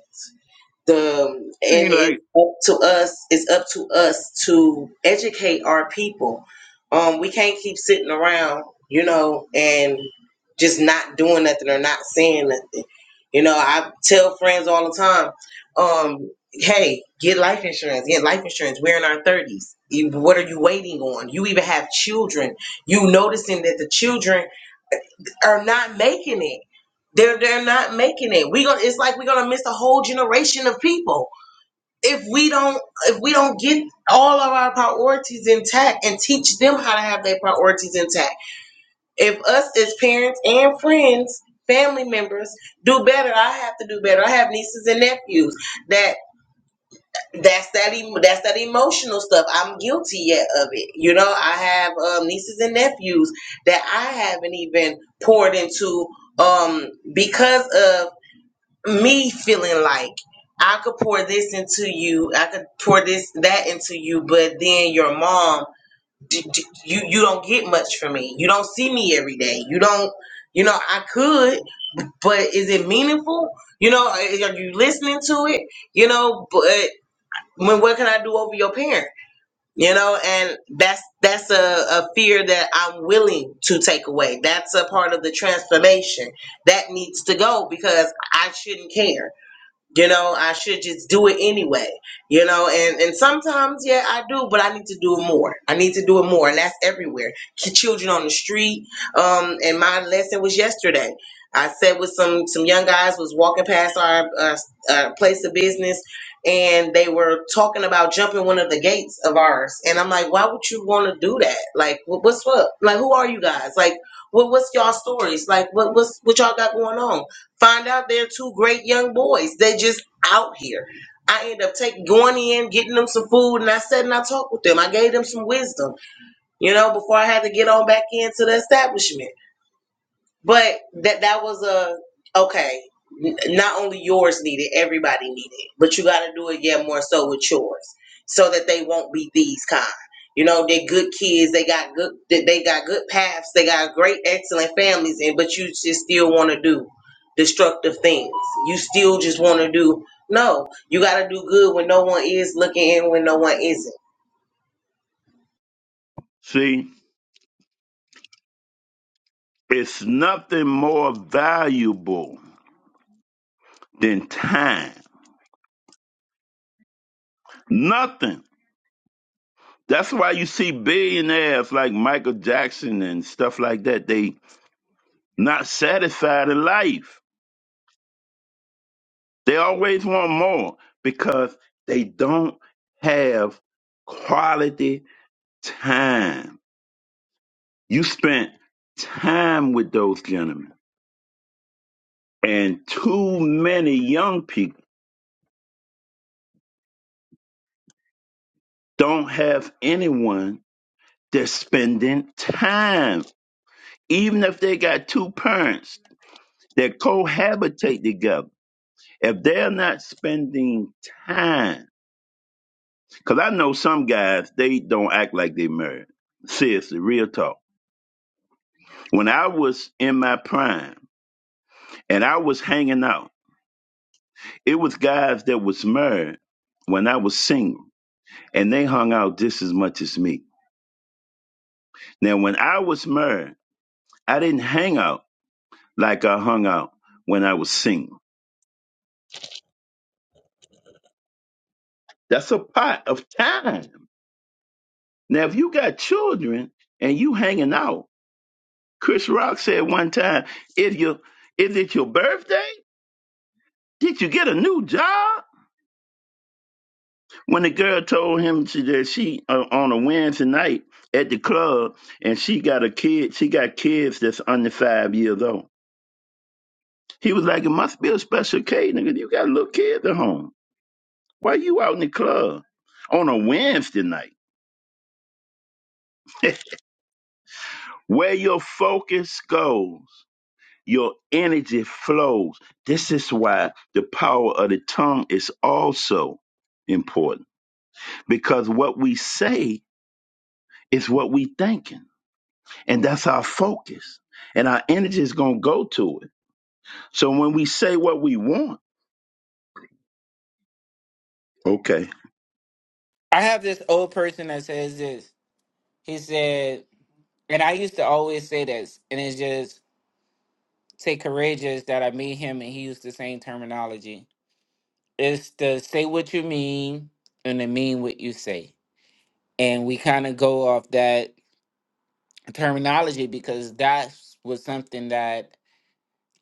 S7: the and
S1: Thing
S7: it's
S1: like,
S7: up to us it's up to us to educate our people um we can't keep sitting around you know and just not doing nothing or not saying nothing you know i tell friends all the time um hey get life insurance get life insurance we're in our 30s You- what are you waiting on you even have children you noticing that the children are not making it they're they're not making it we gonna it's like we're gonna miss a whole generation of people if we don't if we don't get all of our priorities intact and teach them how to have their priorities intact if us as parents and friends family members do better i have to do better i have nieces and nephews that that's that em- that's that emotional stuff i'm guilty yet of it you know i have um, nieces and nephews that i haven't even poured into um because of me feeling like I could pour this into you, I could pour this that into you, but then your mom, d- d- you you don't get much from me. You don't see me every day. You don't, you know, I could, but is it meaningful? You know, are are you listening to it? You know, but when what can I do over your parent? You know, and that's that's a, a fear that I'm willing to take away. That's a part of the transformation that needs to go because I shouldn't care you know i should just do it anyway you know and and sometimes yeah i do but i need to do it more i need to do it more and that's everywhere Ch- children on the street um and my lesson was yesterday i sat with some some young guys was walking past our uh, uh, place of business and they were talking about jumping one of the gates of ours and i'm like why would you want to do that like wh- what's up like who are you guys like what, what's y'all stories like what what's what y'all got going on Find out they're two great young boys. They just out here. I end up taking going in, getting them some food, and I sat and I talked with them. I gave them some wisdom, you know, before I had to get on back into the establishment. But that that was a okay. n- Not only yours needed, everybody needed, but you got to do it yet more so with yours, so that they won't be these kind. You know, they're good kids. They got good. They they got good paths. They got great, excellent families. And but you just still want to do destructive things. You still just want to do. No, you got to do good when no one is looking and when no one isn't.
S1: see, it's nothing more valuable than time. Nothing. That's why you see billionaires like Michael Jackson and stuff like that. They not satisfied in life. They always want more because they don't have quality time You spent time with those gentlemen. And too many young people don't have anyone that's spending time. Even if they got two parents that cohabitate together, if they're not spending time, because I know some guys, they don't act like they married. Seriously, real talk. When I was in my prime and I was hanging out, it was guys that was married when I was single and they hung out just as much as me. Now, when I was married, I didn't hang out like I hung out when I was single. That's a part of time. Now, if you got children and you hanging out, Chris Rock said one time, if you if it's your birthday, did you get a new job? When the girl told him she, that she uh, on a Wednesday night at the club and she got a kid, she got kids that's under five years old. He was like, it must be a special K, nigga. You got little kids at home. Why you out in the club on a Wednesday night? Where your focus goes, your energy flows. This is why the power of the tongue is also important because what we say is what we thinking, and that's our focus. And our energy is going to go to it. So when we say what we want, okay.
S2: I have this old person that says this. He said, and I used to always say this, and it's just say courageous that I meet him and he used the same terminology. It's to say what you mean and to mean what you say. And we kind of go off that terminology because that was something that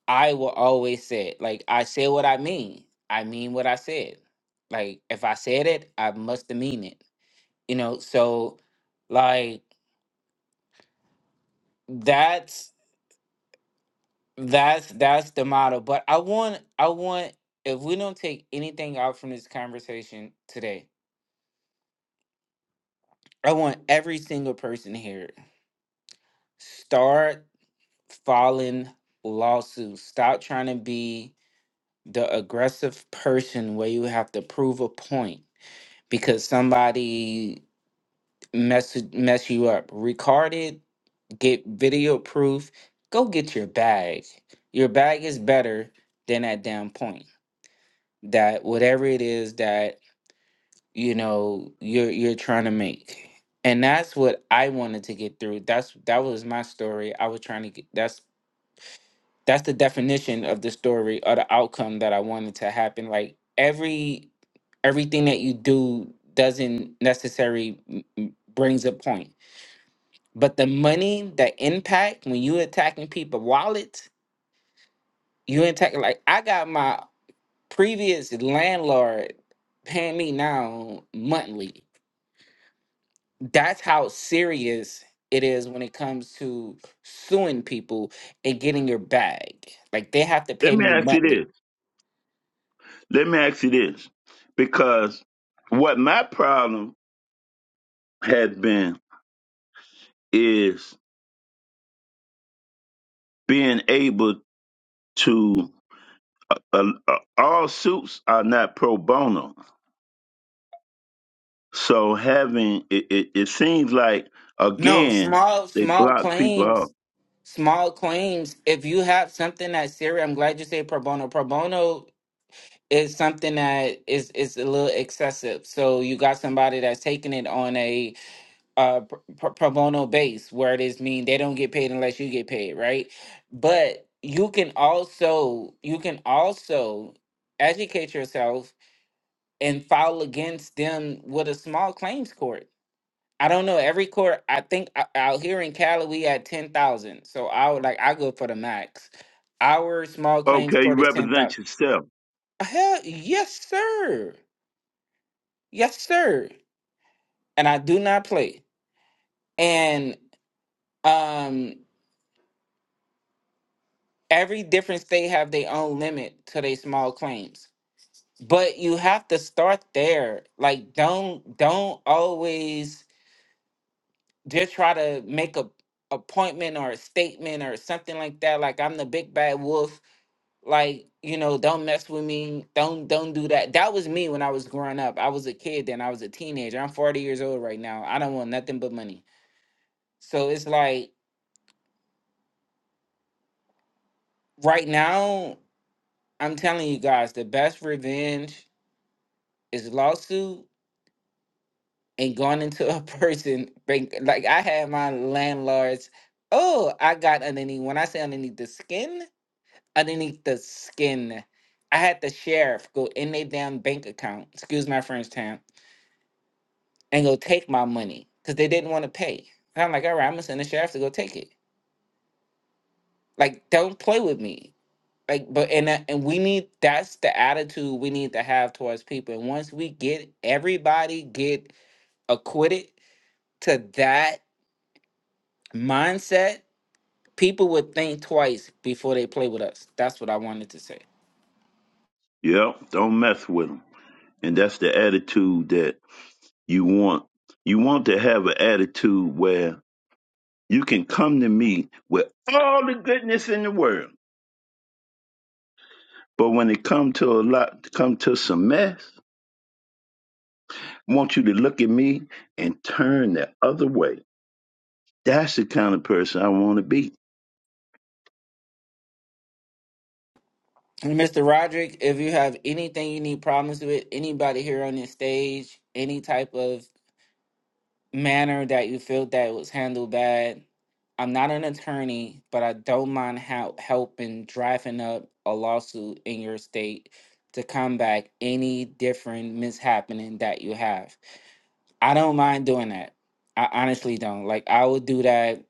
S2: I will always say. Like, I say what I mean, I mean what I said. Like, if I said it, I must have mean it. You know, so like That's that's that's the model. But I want I want if we don't take anything out from this conversation today, I want every single person here start filing lawsuits. Stop trying to be the aggressive person where you have to prove a point because somebody mess mess you up. Record it, get video proof, go get your bag. Your bag is better than that damn point. that whatever it is that you know you're you're trying to make and that's what i wanted to get through that's that was my story i was trying to get that's that's the definition of the story or the outcome that i wanted to happen like every everything that you do doesn't necessarily m- m- brings a point but the money the impact when you attacking people wallets you attacking like i got my previous landlord paying me now monthly. That's how serious it is when it comes to suing people and getting your bag. Like they have to
S1: Let
S2: pay
S1: me
S2: me
S1: ask you
S2: monthly.
S1: this. Let me ask you this, because what my problem has been is being able to. Uh, uh, uh, all suits are not pro bono, so having it, it, it seems like
S2: No,
S1: again
S2: small
S1: they
S2: small
S1: block people off.
S2: claims. Small claims. If you have something that's serious, I'm glad you say pro bono. Pro bono is something that is is a little excessive. So you got somebody that's taking it on a uh pr- pr- pro bono base where it is mean they don't get paid unless you get paid right but you can also you can also educate yourself and file against them with a small claims court i don't know every court i think o- out here in cali we at 10000 so i would like i go for the max our small claims
S1: Okay,
S2: court
S1: you
S2: is 10000
S1: represent yourself.
S2: hell yes sir yes sir and i do not play and um every different state have their own limit to their small claims but you have to start there like don't don't always just try to make a appointment or a statement or something like that like i'm the big bad wolf like you know don't mess with me don't don't do that that was me when i was growing up i was a kid then i was a teenager i'm 40 years old right now i don't want nothing but money so it's like right now i'm telling you guys the best revenge is lawsuit and gone into a person bank- like I had my landlords. Oh, I got underneath. When I say underneath the skin, underneath the skin, I had the sheriff go in their damn bank account. Excuse my French town, and go take my money because they didn't want to pay. And I'm like, all right, I'm gonna send the sheriff to go take it. Like, don't play with me. Like, but and that- and we need that's the attitude we need to have towards people. And once we get everybody get acquitted to that mindset People would think twice before they play with us. That's what I wanted to say.
S1: Yep, don't mess with them, and that's the attitude that you want. You want to have an attitude where you can come to me with all the goodness in the world But when it come to a lot, come to some mess, I want you to look at me and turn the other way. That's the kind of person I want to be.
S2: And Mr. Roderick, if you have anything you need problems with, anybody here on this stage, any type of manner that you feel that was handled bad, I'm not an attorney, but I don't mind how helping drafting up a lawsuit in your state to combat any different mishappening that you have. I don't mind doing that. I honestly don't. Like I would do that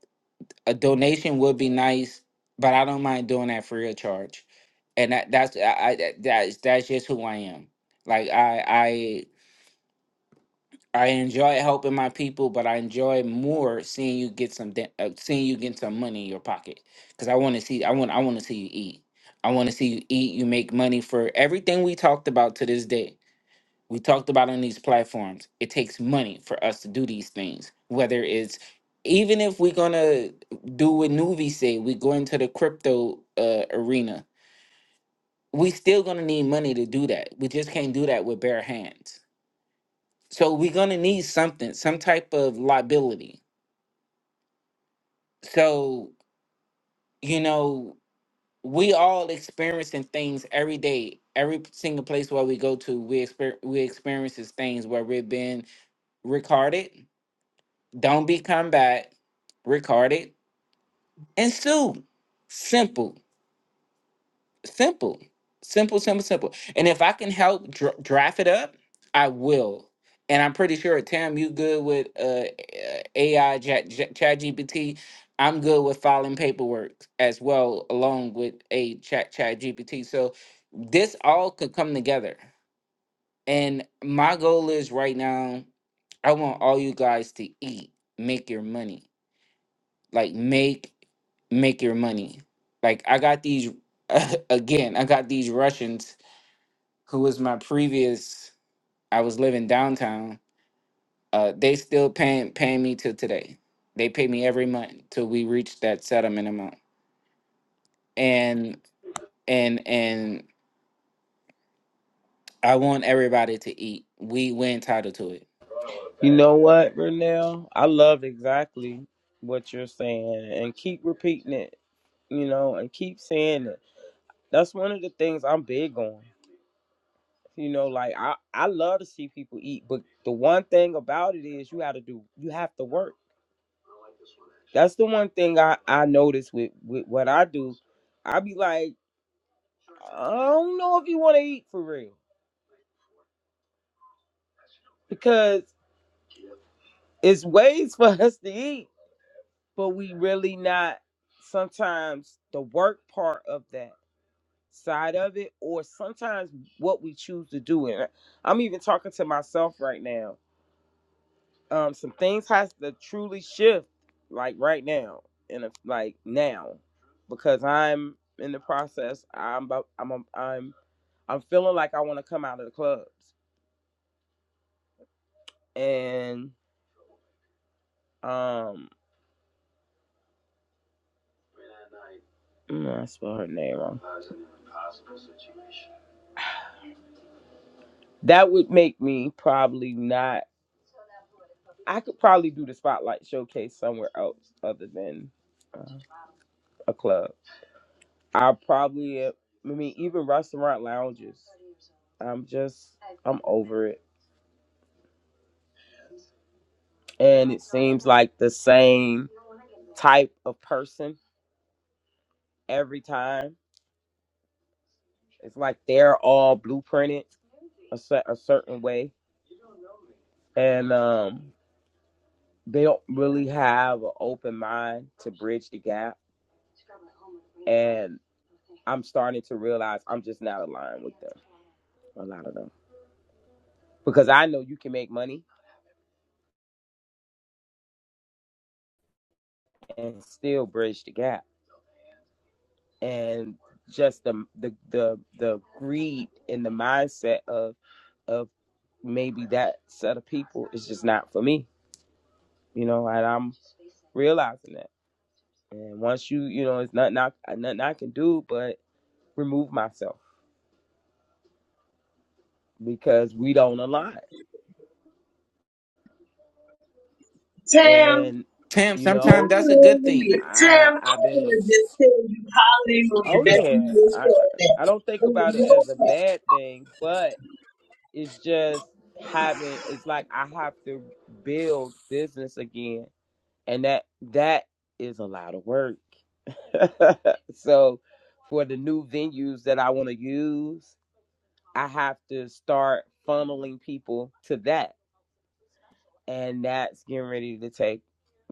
S2: a donation would be nice, but I don't mind doing that free of charge. And that that's I, I that- that's that's just who I am. Like I I I enjoy helping my people, but I enjoy more seeing you get some da- uh, seeing you get some money in your pocket because I want to see I want I want to see you eat. I want to see you eat. You make money for everything we talked about to this day we talked about on these platforms it takes money for us to do these things whether it's even if we're gonna do what Nuvi say we go into the crypto uh, arena we still gonna need money to do that we just can't do that with bare hands so we're gonna need something some type of liability so you know we all experiencing things every day every single place where we go to we, exper- we experiences things where we've been recorded Don't be combat, record it, and sue. Simple, simple, simple, simple, simple. And if I can help dra- draft it up, I will. And I'm pretty sure, Tam, you good with uh, AI, Chat GPT. I'm good with filing paperwork as well, along with a Chat Chat GPT. So this all could come together. And my goal is right now, I want all you guys to eat, make your money. like make make your money like i got these again i got these russians who was my previous i was living downtown uh they still paying paying me till today they pay me every month till we reach that settlement amount and and and i want everybody to eat we we entitled to it Tam, sometimes that's a good thing
S7: Hallelujah. Tim, I want to just tell you hallelujah that you just said that. And I know that-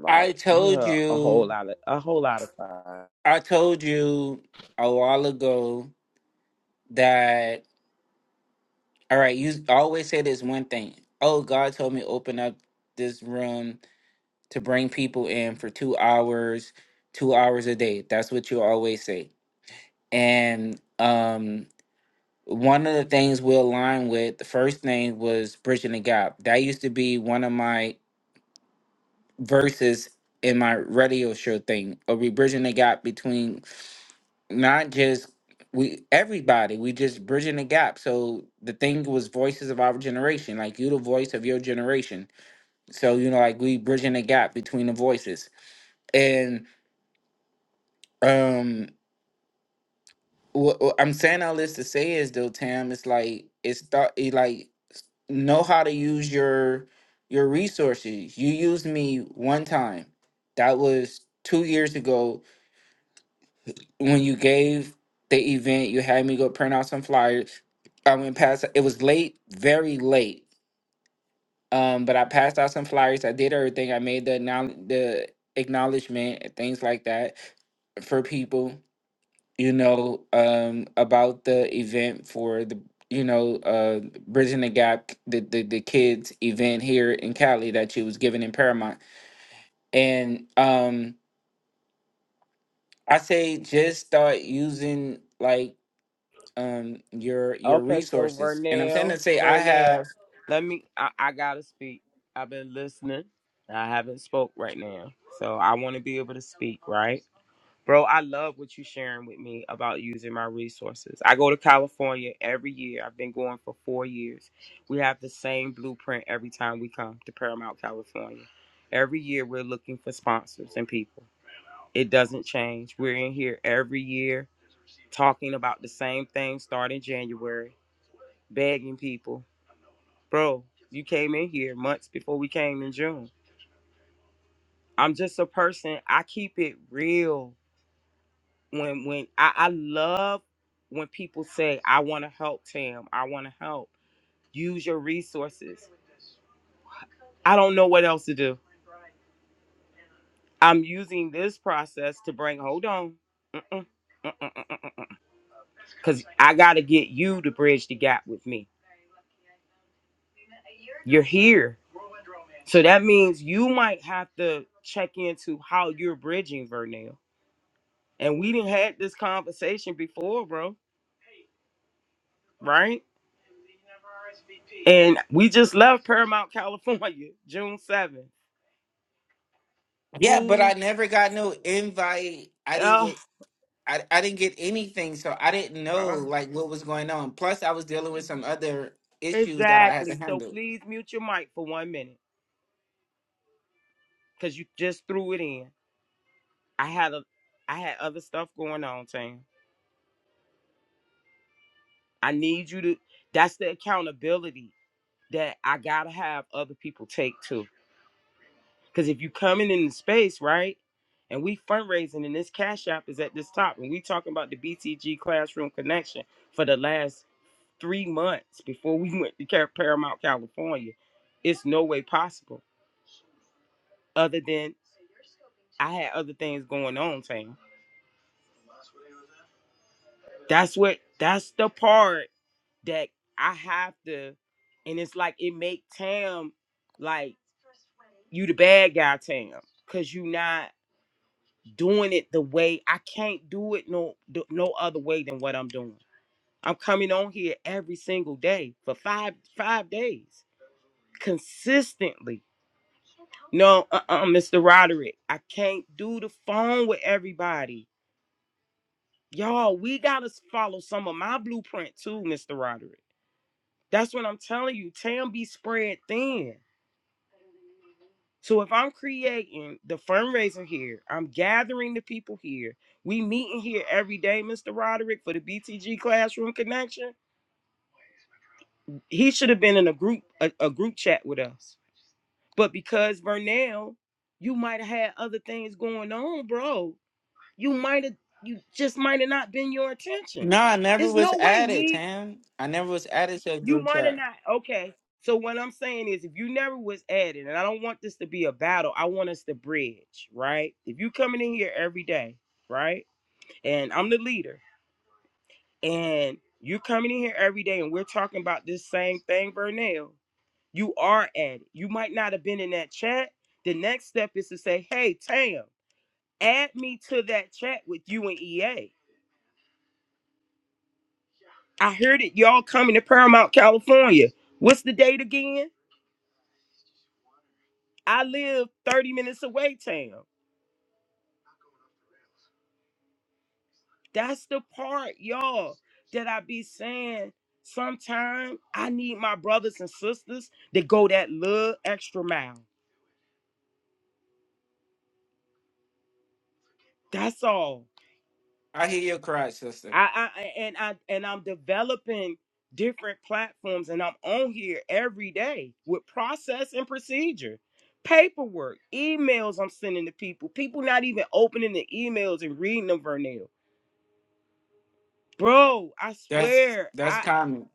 S2: i told you i told you a while ago that All right, you always say this one thing. Oh, God told me open up this room to bring people in for two hours, two hours a day. That's what you always say. And um, one of the things we align with, the first thing was bridging the gap. That used to be one of my verses in my radio show thing. Are we bridging the gap between not just we everybody we just bridging the gap so the thing was voices of our generation like you the voice of your generation so you know like we bridging the gap between the voices and um what, what i'm saying all this to say is though tam it's like it's thought it like know how to use your your resources you used me one time that was two years ago when you gave the event, you had me go print out some flyers. I went past. It was late, very late. Um, but I passed out some flyers. I did everything. I made the acknowl- the acknowledgement and things like that for people. You know, um, about the event for the you know uh bridging the gap the, the the kids event here in Cali that you was giving in Paramount and um I say just start using like um your your resources. And I'm saying to say I have yeah, but I never got no invite. I didn't get I, I didn't get anything, so I didn't know like what was going on. Plus I was dealing with some other issues that I had to handle. No, I never was added, Tam. I never was added to a group chat. I hear your cry, sister. That's that's common.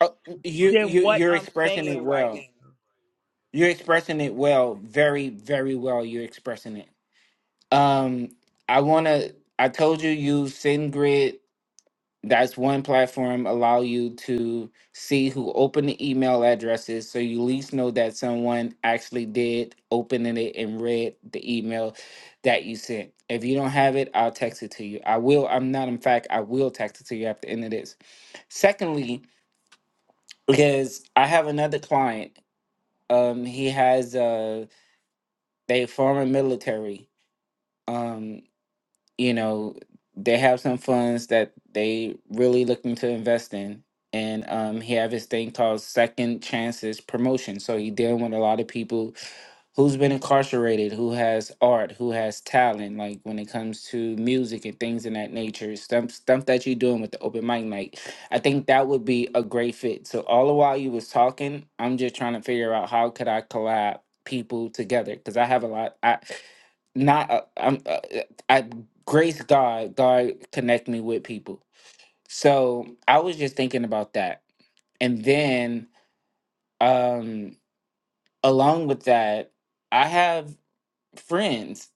S2: Oh, you you you're expressing it well. You're expressing it well, very very well. You're expressing it. Um, I wanna. I told you use SendGrid. That's one platform allow you to see who opened the email addresses, so you at least know that someone actually did open it and read the email that you sent. If you don't have it, I'll text it to you. I will. I'm not. In fact, I will text it to you after the end of this. Secondly, is I have another client. Um, he has uh, they former military. Um. you know they have some funds that they really looking to invest in and um, he have his thing called second chances promotion so he dealing with a lot of people who's been incarcerated who has art who has talent like when it comes to music and things in that nature stuff, stuff that you're doing with the open mic night i think that would be a great fit so all the while you was talking i'm just trying to figure out how could i collab people together because i have a lot i not uh, I'm uh, uh, I grace God, God connect me with people. So I was just thinking about that. And then um along with that, I have friends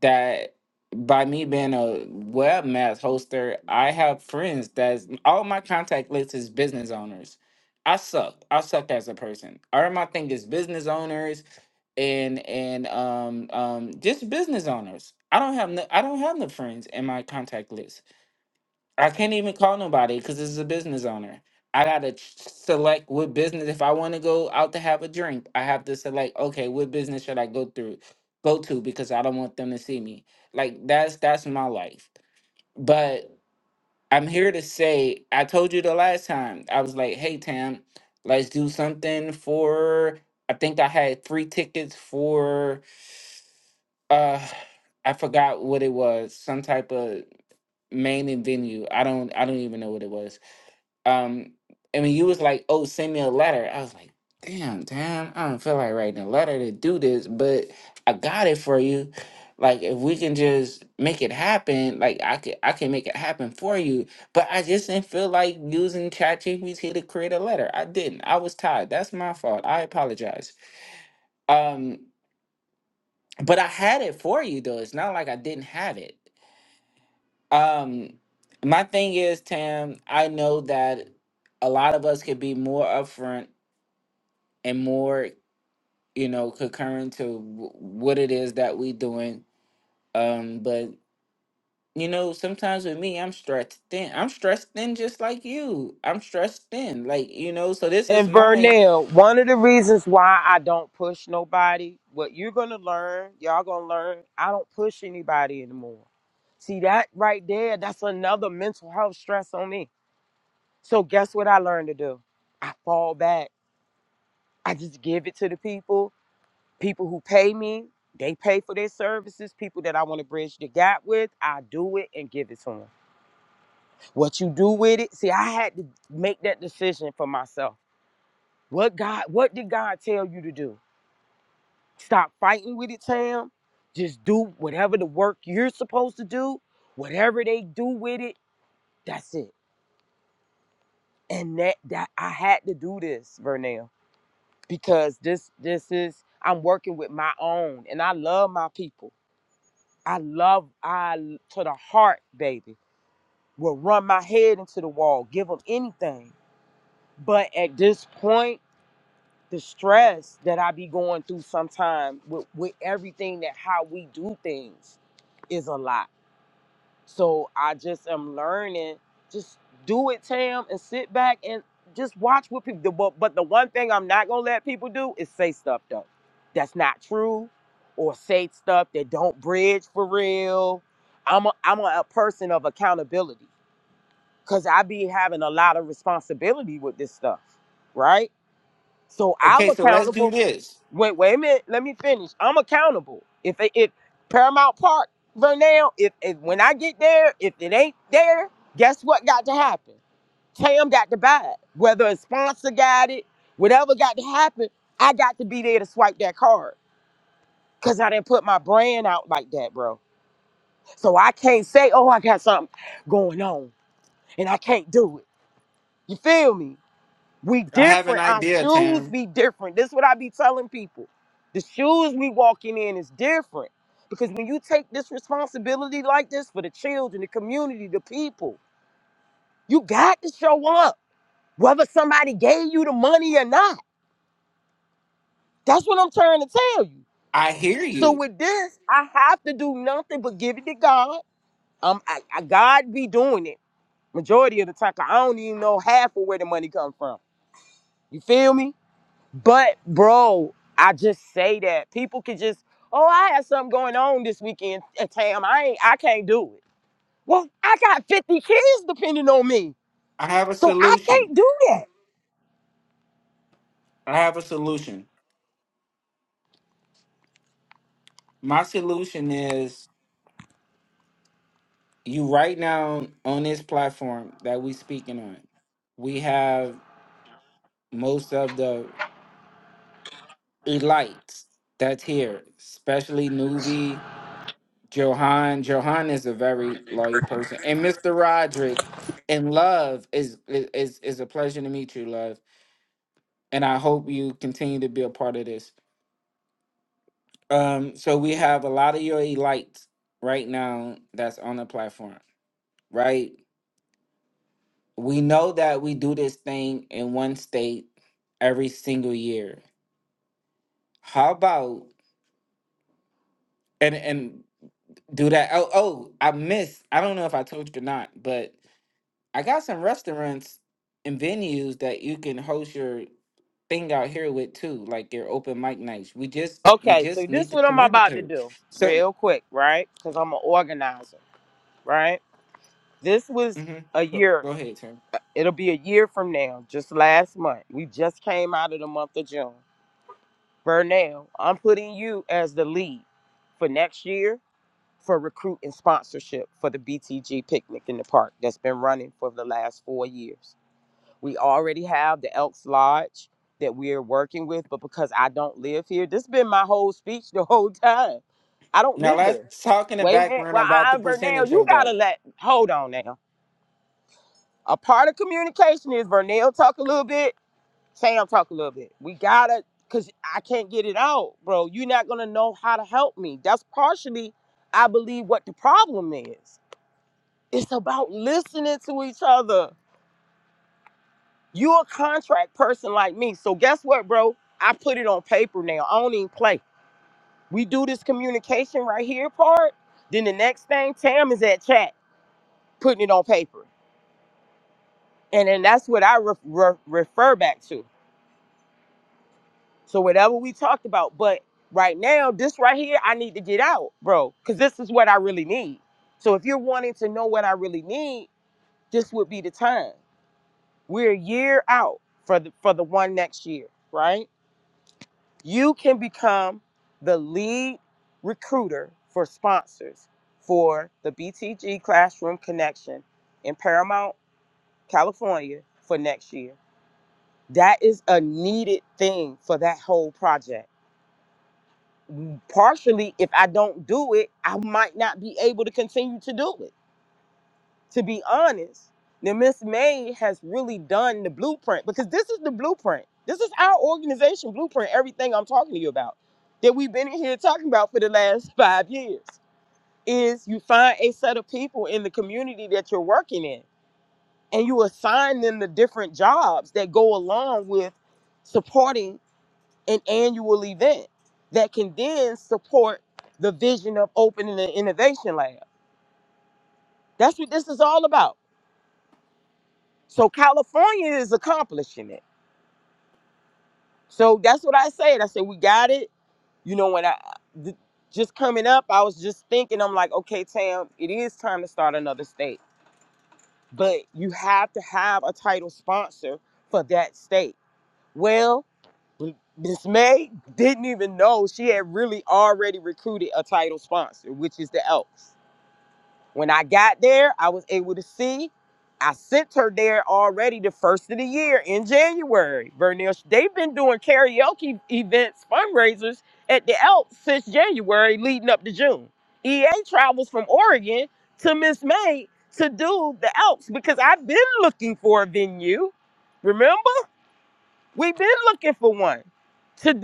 S2: that by me being a webmaster hoster, I have friends that's all my contact list is business owners. I suck. I suck as a person. All of my thing is business owners and and um um just business owners. I don't have no I don't have no friends in my contact list. I can't even call nobody because it's a business owner. I gotta ch- select what business if I want to go out to have a drink. I have to select okay, what business should I go through go to because I don't want them to see me. Like that's that's my life. But I'm here to say I told you the last time I was like, hey Tam, let's do something for. I think I had three tickets for uh I forgot what it was. Some type of main and venue. I don't I don't even know what it was. Um and when you was like, oh, send me a letter, I was like, damn, damn, I don't feel like writing a letter to do this, but I got it for you. Like if we can just make it happen, like I could I can make it happen for you. But I just didn't feel like using ChatGPT to create a letter. I didn't. I was tired. That's my fault. I apologize. Um but I had it for you though. It's not like I didn't have it. Um, my thing is, Tam, I know that a lot of us could be more upfront and more, you know, concurrent to w- what it is that we doing. Um, but you know, sometimes with me, I'm stressed thin. I'm stressed thin, just like you. I'm stressed thin, like you know. So this is my okay. So let's do this. I have an idea, Tam. I hear you. I have a solution. I have a solution. My solution is you right now on this platform that we speaking on, we have most of the elites that's here, especially Nuvi, Johan. Johan is a very loyal person, and Mr. Roderick. And love is is is a pleasure to meet you, love. And I hope you continue to be a part of this. Um, so we have a lot of your elites right now that's on the platform, right? we know that we do this thing in one state every single year. How about and and do that? Oh, oh, I missed. I don't know if I told you or not, but I got some restaurants and venues that you can host your thing out here with too, like your open mic nights. We just we just need to communicate. So, hmm go, go ahead, Tim. Now let's talk in the background about the percentage of that.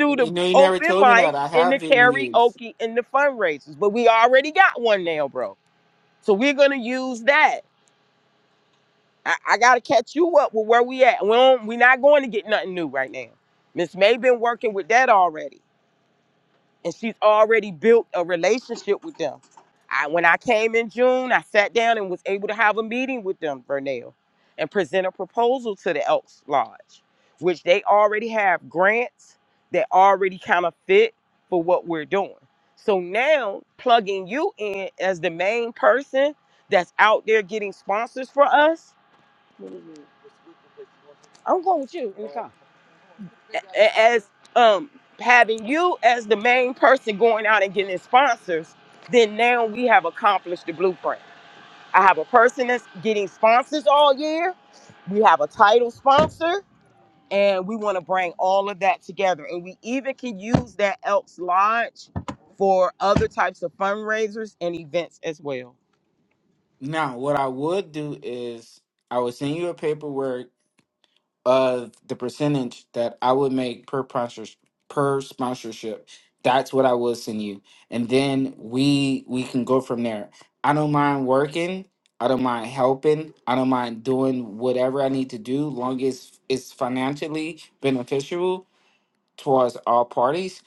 S2: You know, you never told me that. I have venues. Now, what I would do is I would send you a paperwork of the percentage that I would make per sponsors per sponsorship. That's what I would send you, and then we we can go from there. I don't mind working. I don't mind helping. I don't mind doing whatever I need to do, long as it's financially beneficial towards all parties.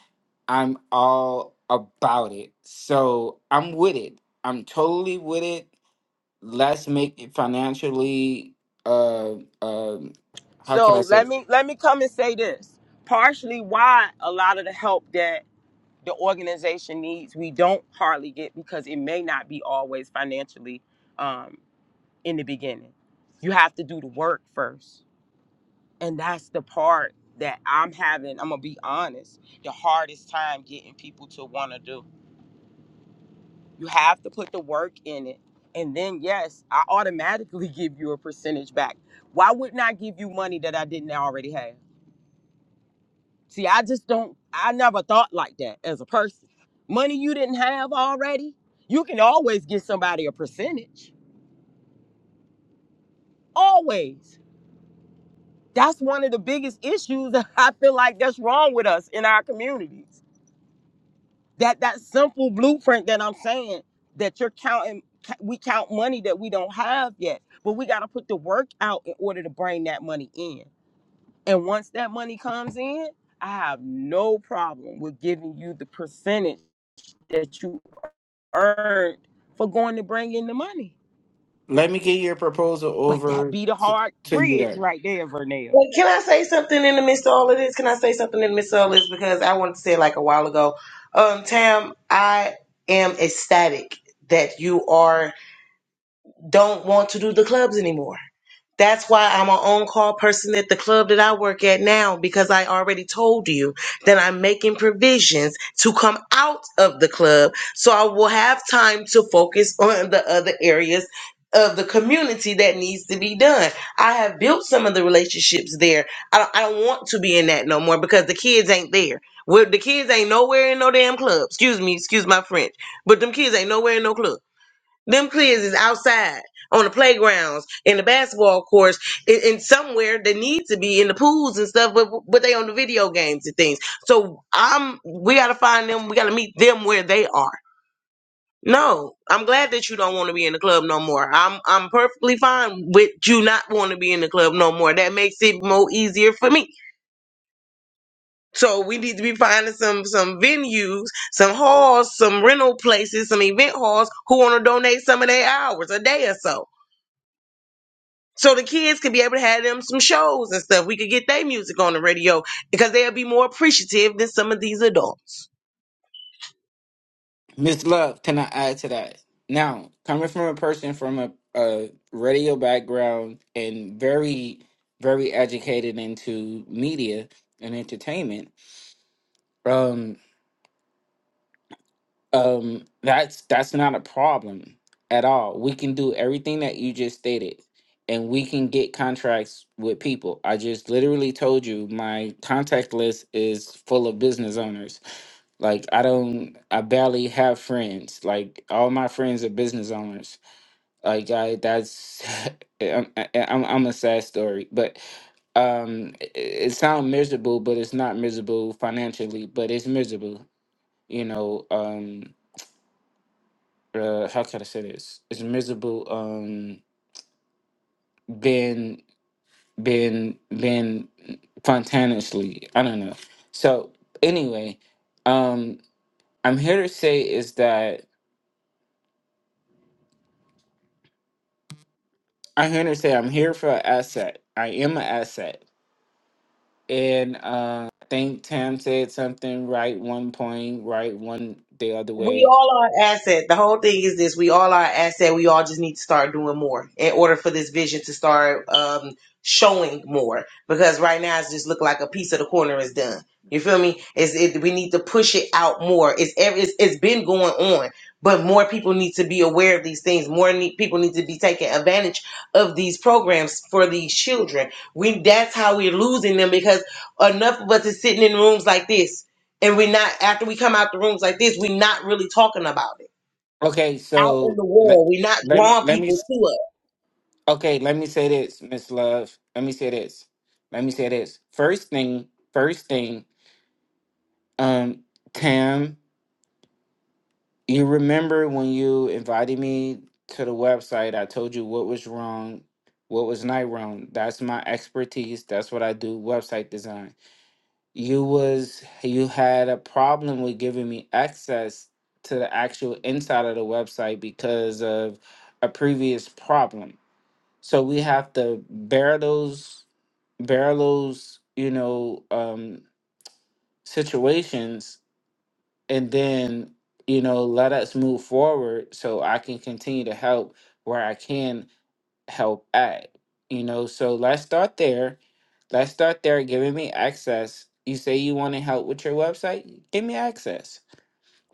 S2: I'm all about it. So I'm with it. I'm totally with it let's make it financially uh um how can I say it? Let me get your proposal over to, to you there.
S7: Wait, can I say something in the midst of all of this? Can I say something in the midst of all of this? Because I wanted to say it like a while ago. Um, Tam, I am ecstatic that you are don't want to do the clubs anymore. That's why I'm an on call person at the club that I work at now because I already told you that I'm making provisions to come out of the club so I will have time to focus on the other areas of the community that needs to be done. I have built some of the relationships there. I don't, I don't want to be in that no more because the kids ain't there. Well, the kids ain't nowhere in no damn club. Excuse me, excuse my French, but them kids ain't nowhere in no club. Them kids is outside on the playgrounds, in the basketball courts, in, in somewhere they need to be in the pools and stuff, but but they on the video games and things. So I'm we gotta find them, we gotta meet them where they are. No, I'm glad that you don't want to be in the club no more. I'm I'm perfectly fine with you not want to be in the club no more. That makes it more easier for me. So we need to be finding some some venues, some halls, some rental places, some event halls who want to donate some of their hours a day or so So the kids could be able to have them some shows and stuff. We could get their music on the radio because they'll be more appreciative than some of these adults.
S2: Miss Love, can I add to that? Now, coming from a person from a, a radio background and very, very educated into media and entertainment, um, um that's that's not a problem at all we can do everything that you just stated and we can get contracts with people i just literally told you my contact list is full of business owners like i don't i barely have friends like all my friends are business owners like i that's I'm, I'm i'm a sad story but um it, it sounds miserable but it's not miserable financially but it's miserable you know um uh, how can I say this? It's miserable um being being being spontaneously. I don't know. So anyway, um I'm here to say is that I'm here to say I'm here for an asset. I am an asset. And uh I think Tam said something right one point, right one the other
S7: we
S2: way.
S7: all are an asset. The whole thing is this: we all are an asset. We all just need to start doing more in order for this vision to start um, showing more. Because right now, it's just look like a piece of the corner is done. You feel me? It's it, we need to push it out more. It's ev- it's it's been going on, but more people need to be aware of these things. More need, people need to be taking advantage of these programs for these children. We that's how we're losing them because enough of us is sitting in rooms like this and we're not after we come out the rooms like this we're not really talking about it
S2: Okay,
S7: out in
S2: so
S7: the
S2: let
S7: world we're not
S2: let,
S7: drawing
S2: let me
S7: people to us
S2: Okay, let me say this, Miss Love. Let me say this. Let me say this. First thing, first thing, um, Tam, you remember when you invited me to the website, I told you what was wrong, what was not wrong. That's my expertise. That's what I do, website design. You was you had a problem with giving me access to the actual inside of the website because of a previous problem So we have to bear those bear those, you know, um situations and then, you know, let us move forward so I can continue to help where I can help at. You know, so let's start there. Let's start there giving me access. You say you want to help with your website? Give me access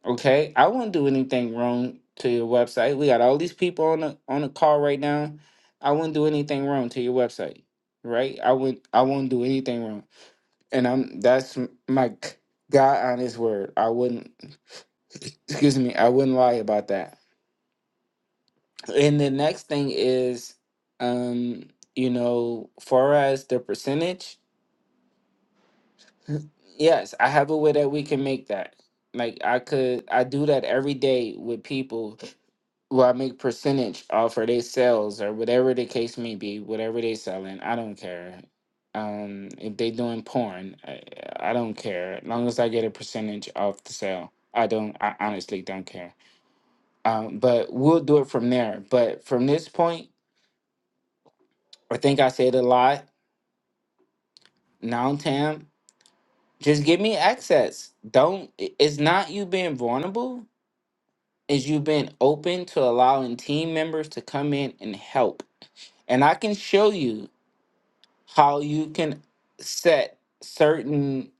S2: Okay, I wouldn't do anything wrong to your website. We got all these people on the on the call right now. I wouldn't do anything wrong to your website, right? I wouldn't I wouldn't do anything wrong, and I'm that's m- my g- God honest word. I wouldn't excuse me. I wouldn't lie about that. And the next thing is, um, you know, far as the percentage, yes, I have a way that we can make that. Like I could, I do that every day with people well, I make percentage off of their sales or whatever the case may be, whatever they selling. I don't care. Um, if they doing porn, I, I don't care. As long as I get a percentage off the sale, I don't. I honestly don't care. Um, but we'll do it from there. But from this point, I think I said a lot. Now, Tam, just give me access. Don't. i- It's not you being vulnerable. It's you being open to allowing team members to come in and help and I can show you. how you can set certain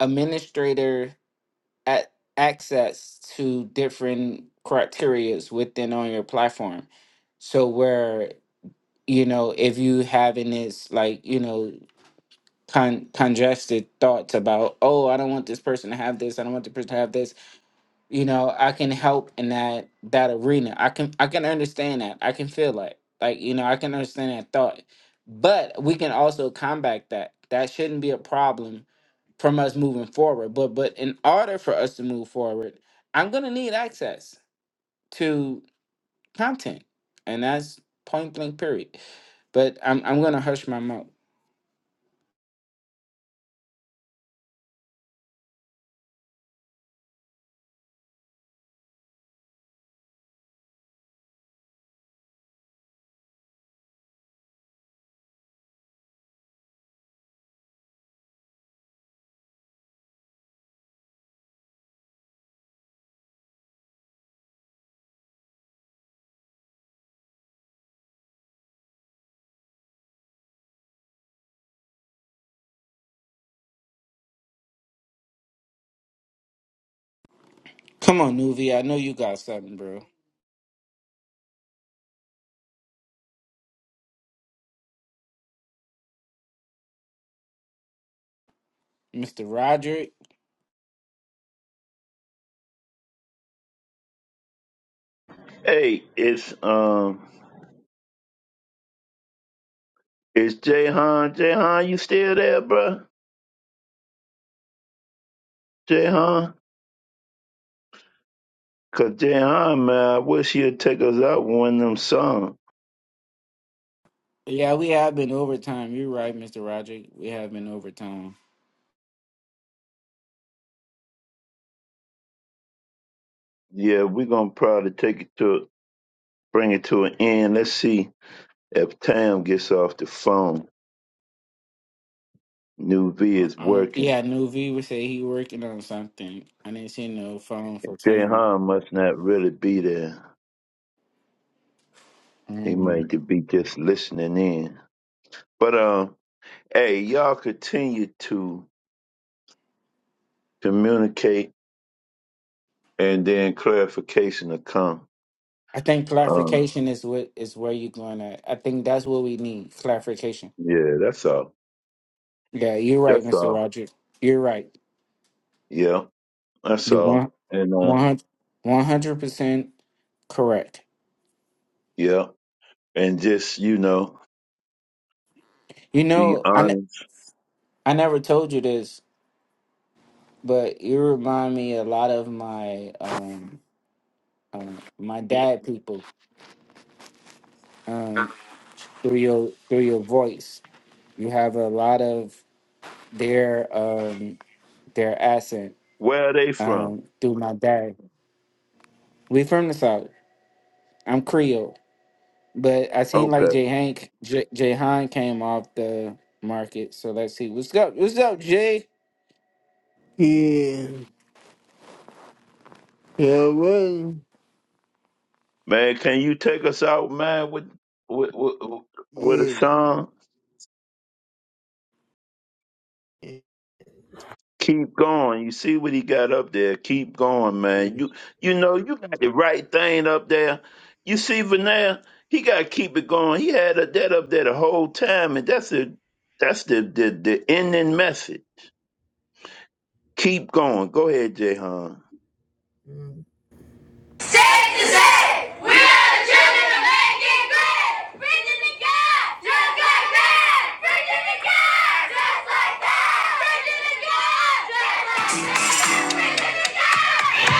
S2: administrator at access to different criterias within on your platform. So where you know if you having this like you know con- congested thoughts about oh I don't want this person to have this I don't want the person to have this you know i can help in that that arena i can i can understand that i can feel that like you know i can understand that thought but we can also combat that that shouldn't be a problem from us moving forward but but in order for us to move forward i'm going to need access to content and that's point blank period but i'm, I'm going to hush my mouth come on nuvi i know you got something bro mr roger
S1: Hey, it's um, it's Jahan. Jahan, you still there, bro? Jahan, cause Jahan, man, I wish he'd take us out with one of them songs.
S2: Yeah, we have been overtime. You're right, Mr. Roger. We have been overtime.
S1: Yeah, we're gonna probably take it to bring it to an end. Let's see if Tam gets off the phone. New V
S2: Uh,
S1: is
S2: um,
S1: working.
S2: yeah, New V would say he working on something. I didn't see no phone for time.
S1: Jahan must not really be there. He
S2: Um,
S1: might be just listening in. But um, hey, y'all continue to communicate and then clarification will come.
S2: I think
S1: Um,
S2: clarification is what is where you're going at. I think that's what we need clarification.
S1: yeah, that's all.
S2: Yeah, you're right,
S1: That's
S2: Mr.
S1: all.
S2: Roger. You're right.
S1: Yeah, that's
S2: You
S1: all.
S2: want
S1: And uh,
S2: 100 percent correct.
S1: yeah, and just you know,
S2: You
S1: be
S2: know, I ne-
S1: honest.
S2: I never told you this, but you remind me a lot of my um, um my dad people um, through your through your voice. You have a lot of their um, their accent
S1: Where are they from?
S2: um, through my dad. We from the south. I'm Creole, but I seem like
S1: Okay,
S2: Jay Hank J, Jay Han came off the market. So let's see what's up. What's up, Jay?
S5: Yeah, yeah, well,
S1: man, can you take us out, man, with with with, with a
S5: yeah.
S1: song?
S5: yeah.
S1: Keep going. You see what he got up there. Keep going, man. You you know you got the right thing up there. You see Vanessa, he got to keep it going. He had a, that up there the whole time, and that's the that's the the, the ending message. Keep going. Go ahead, Jay
S5: Mm. Safe to say, we are the children of making great. Virginia the God, just like that. Virginia the God, just like that. Virginia the God, just like that. Virginia the God.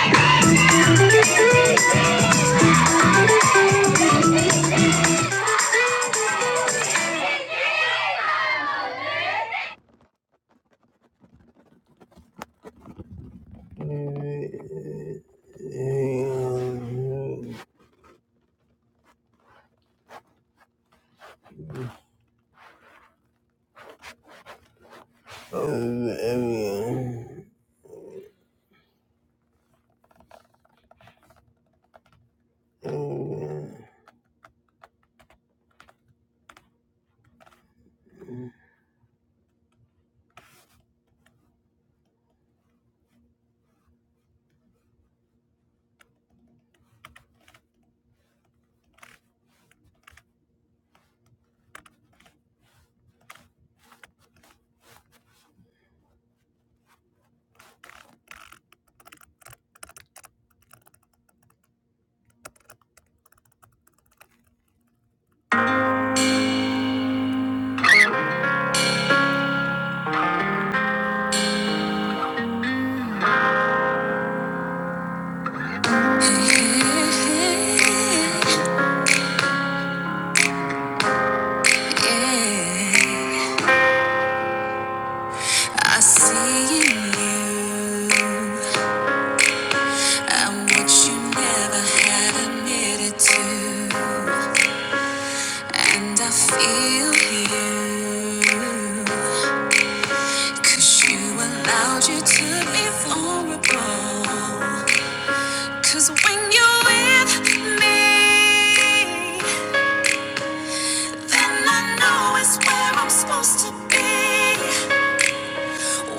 S5: I see in you. I'm what you never had admitted to. And I feel you, 'cause you allowed you to be vulnerable. 'Cause when you're with me, then I know it's where I'm supposed to be.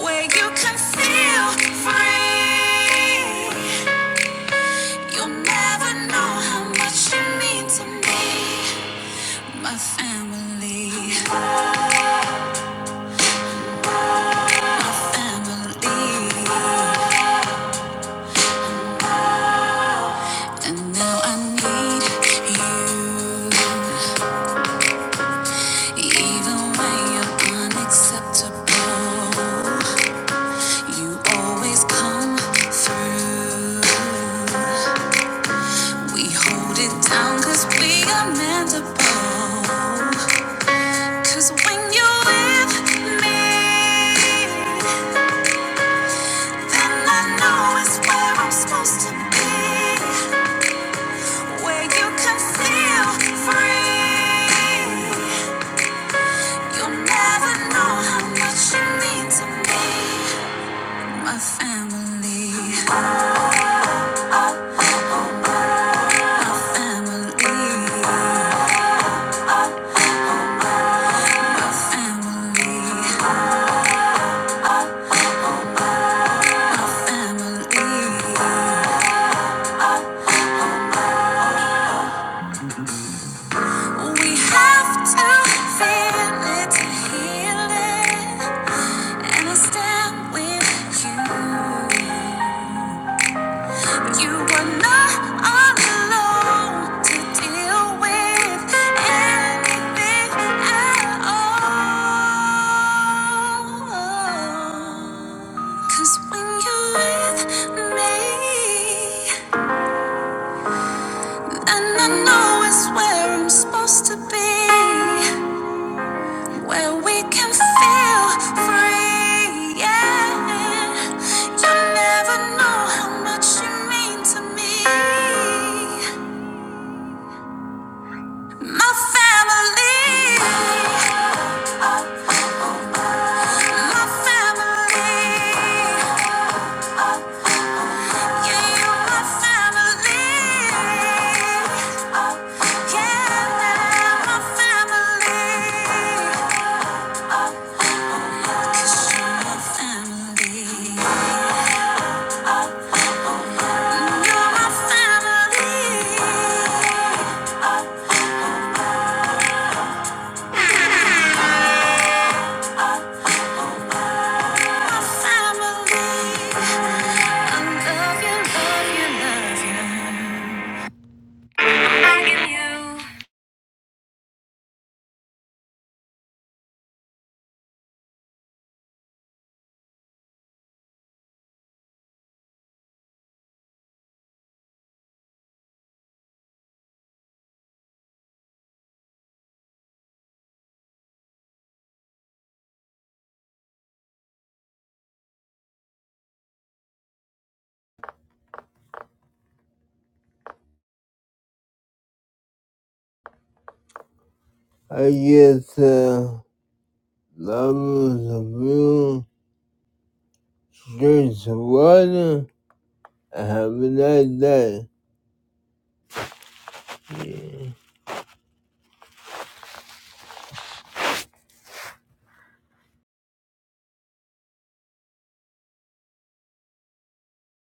S5: Where you can feel free. You'll never know how much you mean to me. My family, my family. And now I need you. Even when you're unacceptable, you always come through. We hold it down 'cause we are mendable. 'Cause when you're with me, then I know it's where I'm supposed to be. Where you can feel free. You'll never know how much you mean to me. My family, my family, my family, my family. We have to feel it to heal it, and I stand with you. You were not alone to deal with anything at all. 'Cause when you're with me, then I know it's where I'm supposed to be, where we can feel free. Yeah, you never know how much you mean to me. My family, my family, yeah, you're my family. Yeah, now my family, 'Cause you're my family. You're my family, my family. I get the levels of you, drink some water, and have a nice day. Yeah.